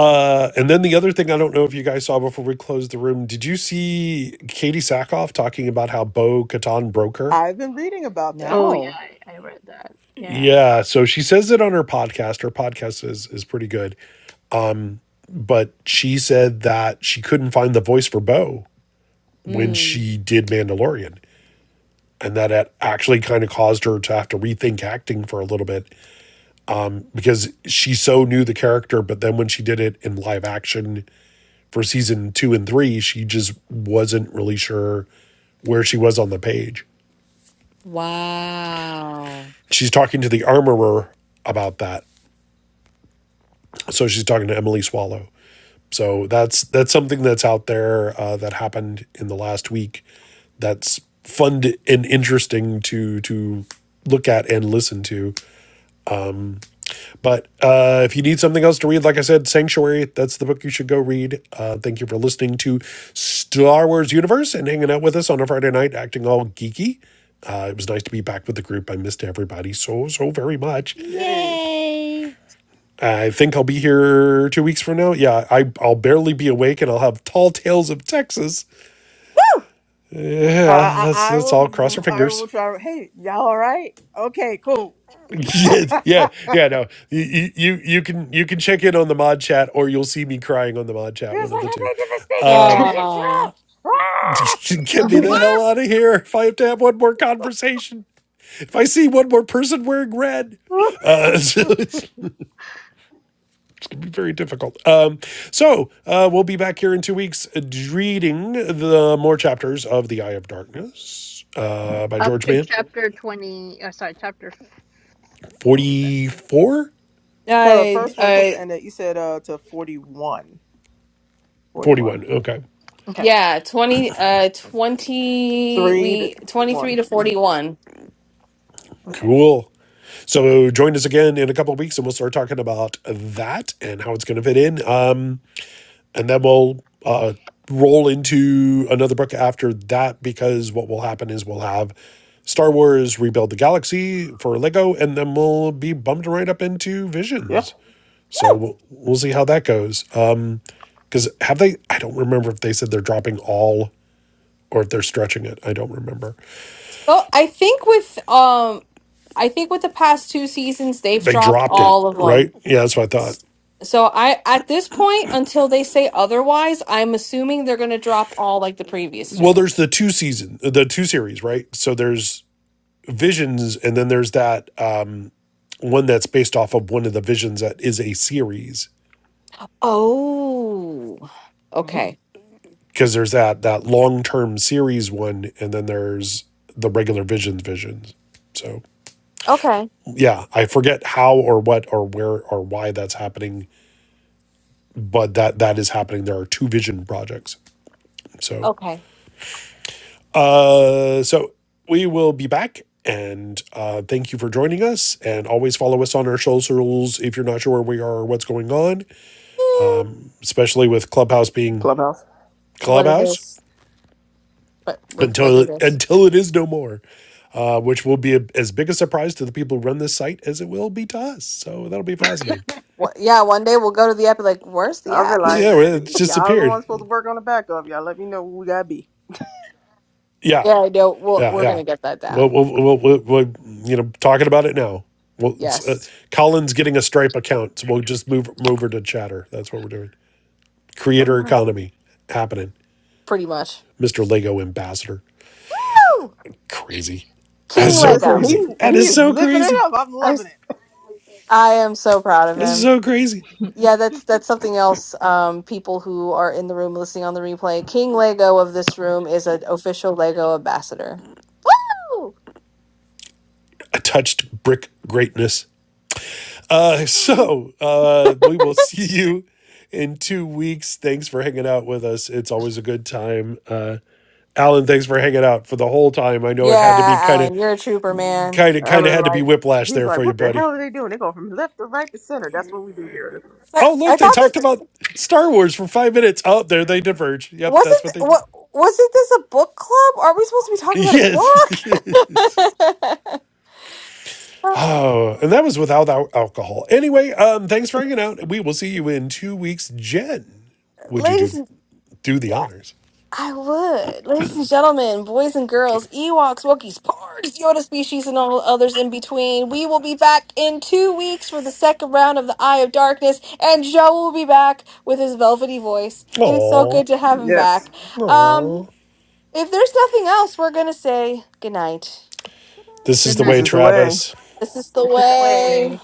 D: Uh, and then the other thing I don't know if you guys saw before we closed the room, did you see Katie Sackhoff talking about how Bo Katan broke her?
B: I've been reading about that.
C: oh yeah,
A: No.
C: I, I read that. Yeah.
D: Yeah, so she says it on her podcast. Her podcast is is pretty good, but she said that she couldn't find the voice for Bo when
A: Mm.
D: she did Mandalorian, and that it actually kind of caused her to have to rethink acting for a little bit because she so knew the character, but then when she did it in live action, for season two and three, she just wasn't really sure where she was on the page.
A: Wow.
D: She's talking to the armorer about that. So she's talking to Emily Swallow. So that's that's something that's out there uh, that happened in the last week. That's fun and interesting to to look at and listen to. But uh, if you need something else to read, like I said, Sanctuary, that's the book you should go read. Uh, thank you for listening to Star Wars Universe and hanging out with us on a Friday night, acting all geeky. Uh, it was nice to be back with the group. I missed everybody so, so very much.
B: Yay.
A: Yay.
D: I think I'll be here two weeks from now. Yeah, I, I'll barely be awake and I'll have tall tales of Texas. Yeah,
B: I,
D: let's,
B: I, I
D: let's all cross our
B: will I
D: fingers.
B: will try. Hey, y'all all right? Okay, cool.
D: Yeah, yeah, yeah. No, you, you you you can you can check in on the mod chat, or you'll see me crying on the mod chat.
B: It's
D: One of
B: like
D: the
B: I
D: two.
B: made the mistake and mentioned
A: Oh.
B: Trump.
D: Get me the hell
B: Ah!
D: out of here if I have to have one more conversation. If I see one more person wearing red. Uh, so it's very difficult. Um, so uh, we'll be back here in two weeks uh, reading the more chapters of The Eye of Darkness uh, by
C: Up
D: George
C: to
D: Mann.
C: chapter 20, oh, sorry, chapter, f- what was that again?
D: 44?
A: Uh,
B: No, the first one was
C: Ish.
B: supposed
A: uh,
B: to end at you said uh to 41. 41.
D: 41. Okay.
C: Okay,
A: yeah. 20, uh, 20,
B: Three to
A: we, 23
B: one.
A: to
B: hmm
A: 41.
C: okay.
D: Cool. So join us again in a couple of weeks and we'll start talking about that and how it's going to fit in. Um, and then we'll uh, roll into another book after that because what will happen is we'll have Star Wars Rebuild the Galaxy for Lego, and then we'll be bumped right up into
B: Yeah.
D: Visions. So we'll, we'll see how that goes. Because uh, have they? I don't remember if they said they're dropping all or if they're stretching it. I don't remember.
A: So I think with um I think with the past two seasons they've
D: They
A: dropped
D: dropped
B: Yeah.
D: it,
A: all of
D: right?
A: them.
D: Yeah, that's what I thought.
A: So I at this point until they say otherwise, I'm assuming they're going to drop all like the previous
D: Well,
A: two.
D: there's the two season, the two series, right? So there's Visions, and then there's that. Um, one that's based off of one of the visions that is a series
A: Oh.
C: Mhm.
A: Okay.
D: because there's that that long-term series one and then there's the regular visions visions so
A: Okay.
D: yeah i forget how or what or where or why that's happening but that that is happening there are two vision projects so
A: Okay.
D: uh so we will be back and uh, thank you for joining us and always follow us on our socials if you're not sure where we are or what's going on especially with clubhouse being
B: Clubhouse.
A: What it
D: clubhouse
A: is, but with what
D: until
A: it is.
D: until it is no more, uh, which will be a, as big a surprise to the people who run this site as it will be to us. So that'll be fascinating.
A: What, yeah, one day we'll go to the app and like, where's the
B: I
A: app?
B: feel
D: Yeah,
B: like
D: well, it's
B: y- y'all the
D: disappeared.
B: ones supposed to work on the back of y'all. Let me know who we gotta be.
D: Yeah,
A: yeah, I know. We'll,
D: yeah,
A: we're going
D: yeah.
A: to get that
D: Well,
A: down.
D: we'll we'll we'll, we'll you know, talking about it now. Well, it's, uh,
A: Yes.
D: Colin's getting a Stripe account, so we'll just move move her to Chatter. That's what we're doing. Creator economy happening.
A: Pretty much.
D: Mister Lego ambassador.
A: Woo!
D: Crazy. That's
A: King
D: so
B: Listen,
A: Lego.
B: he
D: crazy. That
B: he
D: is
B: is
D: so
B: living it
D: crazy.
B: up. I'm
A: I'm,
B: loving
A: s-
B: it.
A: I am so proud of
D: This
A: him.
D: is so crazy.
A: Yeah, that's that's something else. Um, people who are in the room listening on the replay, King Lego of this room is an official Lego ambassador. Woo!
D: I touched brick greatness. Uh, so uh, we will see you in two weeks. Thanks for hanging out with us. It's always a good time. Uh, Alan, thanks for hanging out for the whole time. I know
A: Yeah,
D: it had to be kind of,
A: Alan, you're a trooper, man.
D: kind of,
B: I
D: kind of
B: was
D: had to be
B: like,
D: whiplash
B: he's
D: there for
B: like,
D: you,
B: what the
D: buddy.
B: hell are they doing? They going from left to right to center. That's what we do here.
A: So I,
D: Oh,
A: I
D: look, they
A: thought
D: talked
A: this
D: about Star Wars for five minutes. Oh, there they diverge. Yep,
A: wasn't
D: that's what they do.
A: what wasn't this a book club? Are we supposed to be talking about
D: Yes.
A: a book?
D: oh, and that was without al- alcohol. Anyway, um, thanks for hanging out. We will see you in two weeks. Jen, would you do
A: Ladies,
D: do the
A: yeah.
D: honors?
A: I would. Ladies and gentlemen, boys and girls, Ewoks, Wookiees, Pards, Yoda species, and all others in between, we will be back in two weeks for the second round of the Eye of Darkness, and Joe will be back with his velvety voice. It is so good
D: Oh,
A: to have him back.
B: Yes.
A: Um,
D: oh.
A: if there's nothing else, we're going to say goodnight.
D: This is
C: Good
D: the
B: This
D: way,
B: is the
C: night.
B: way.
D: Travis.
A: This
C: This is the
A: is
C: way.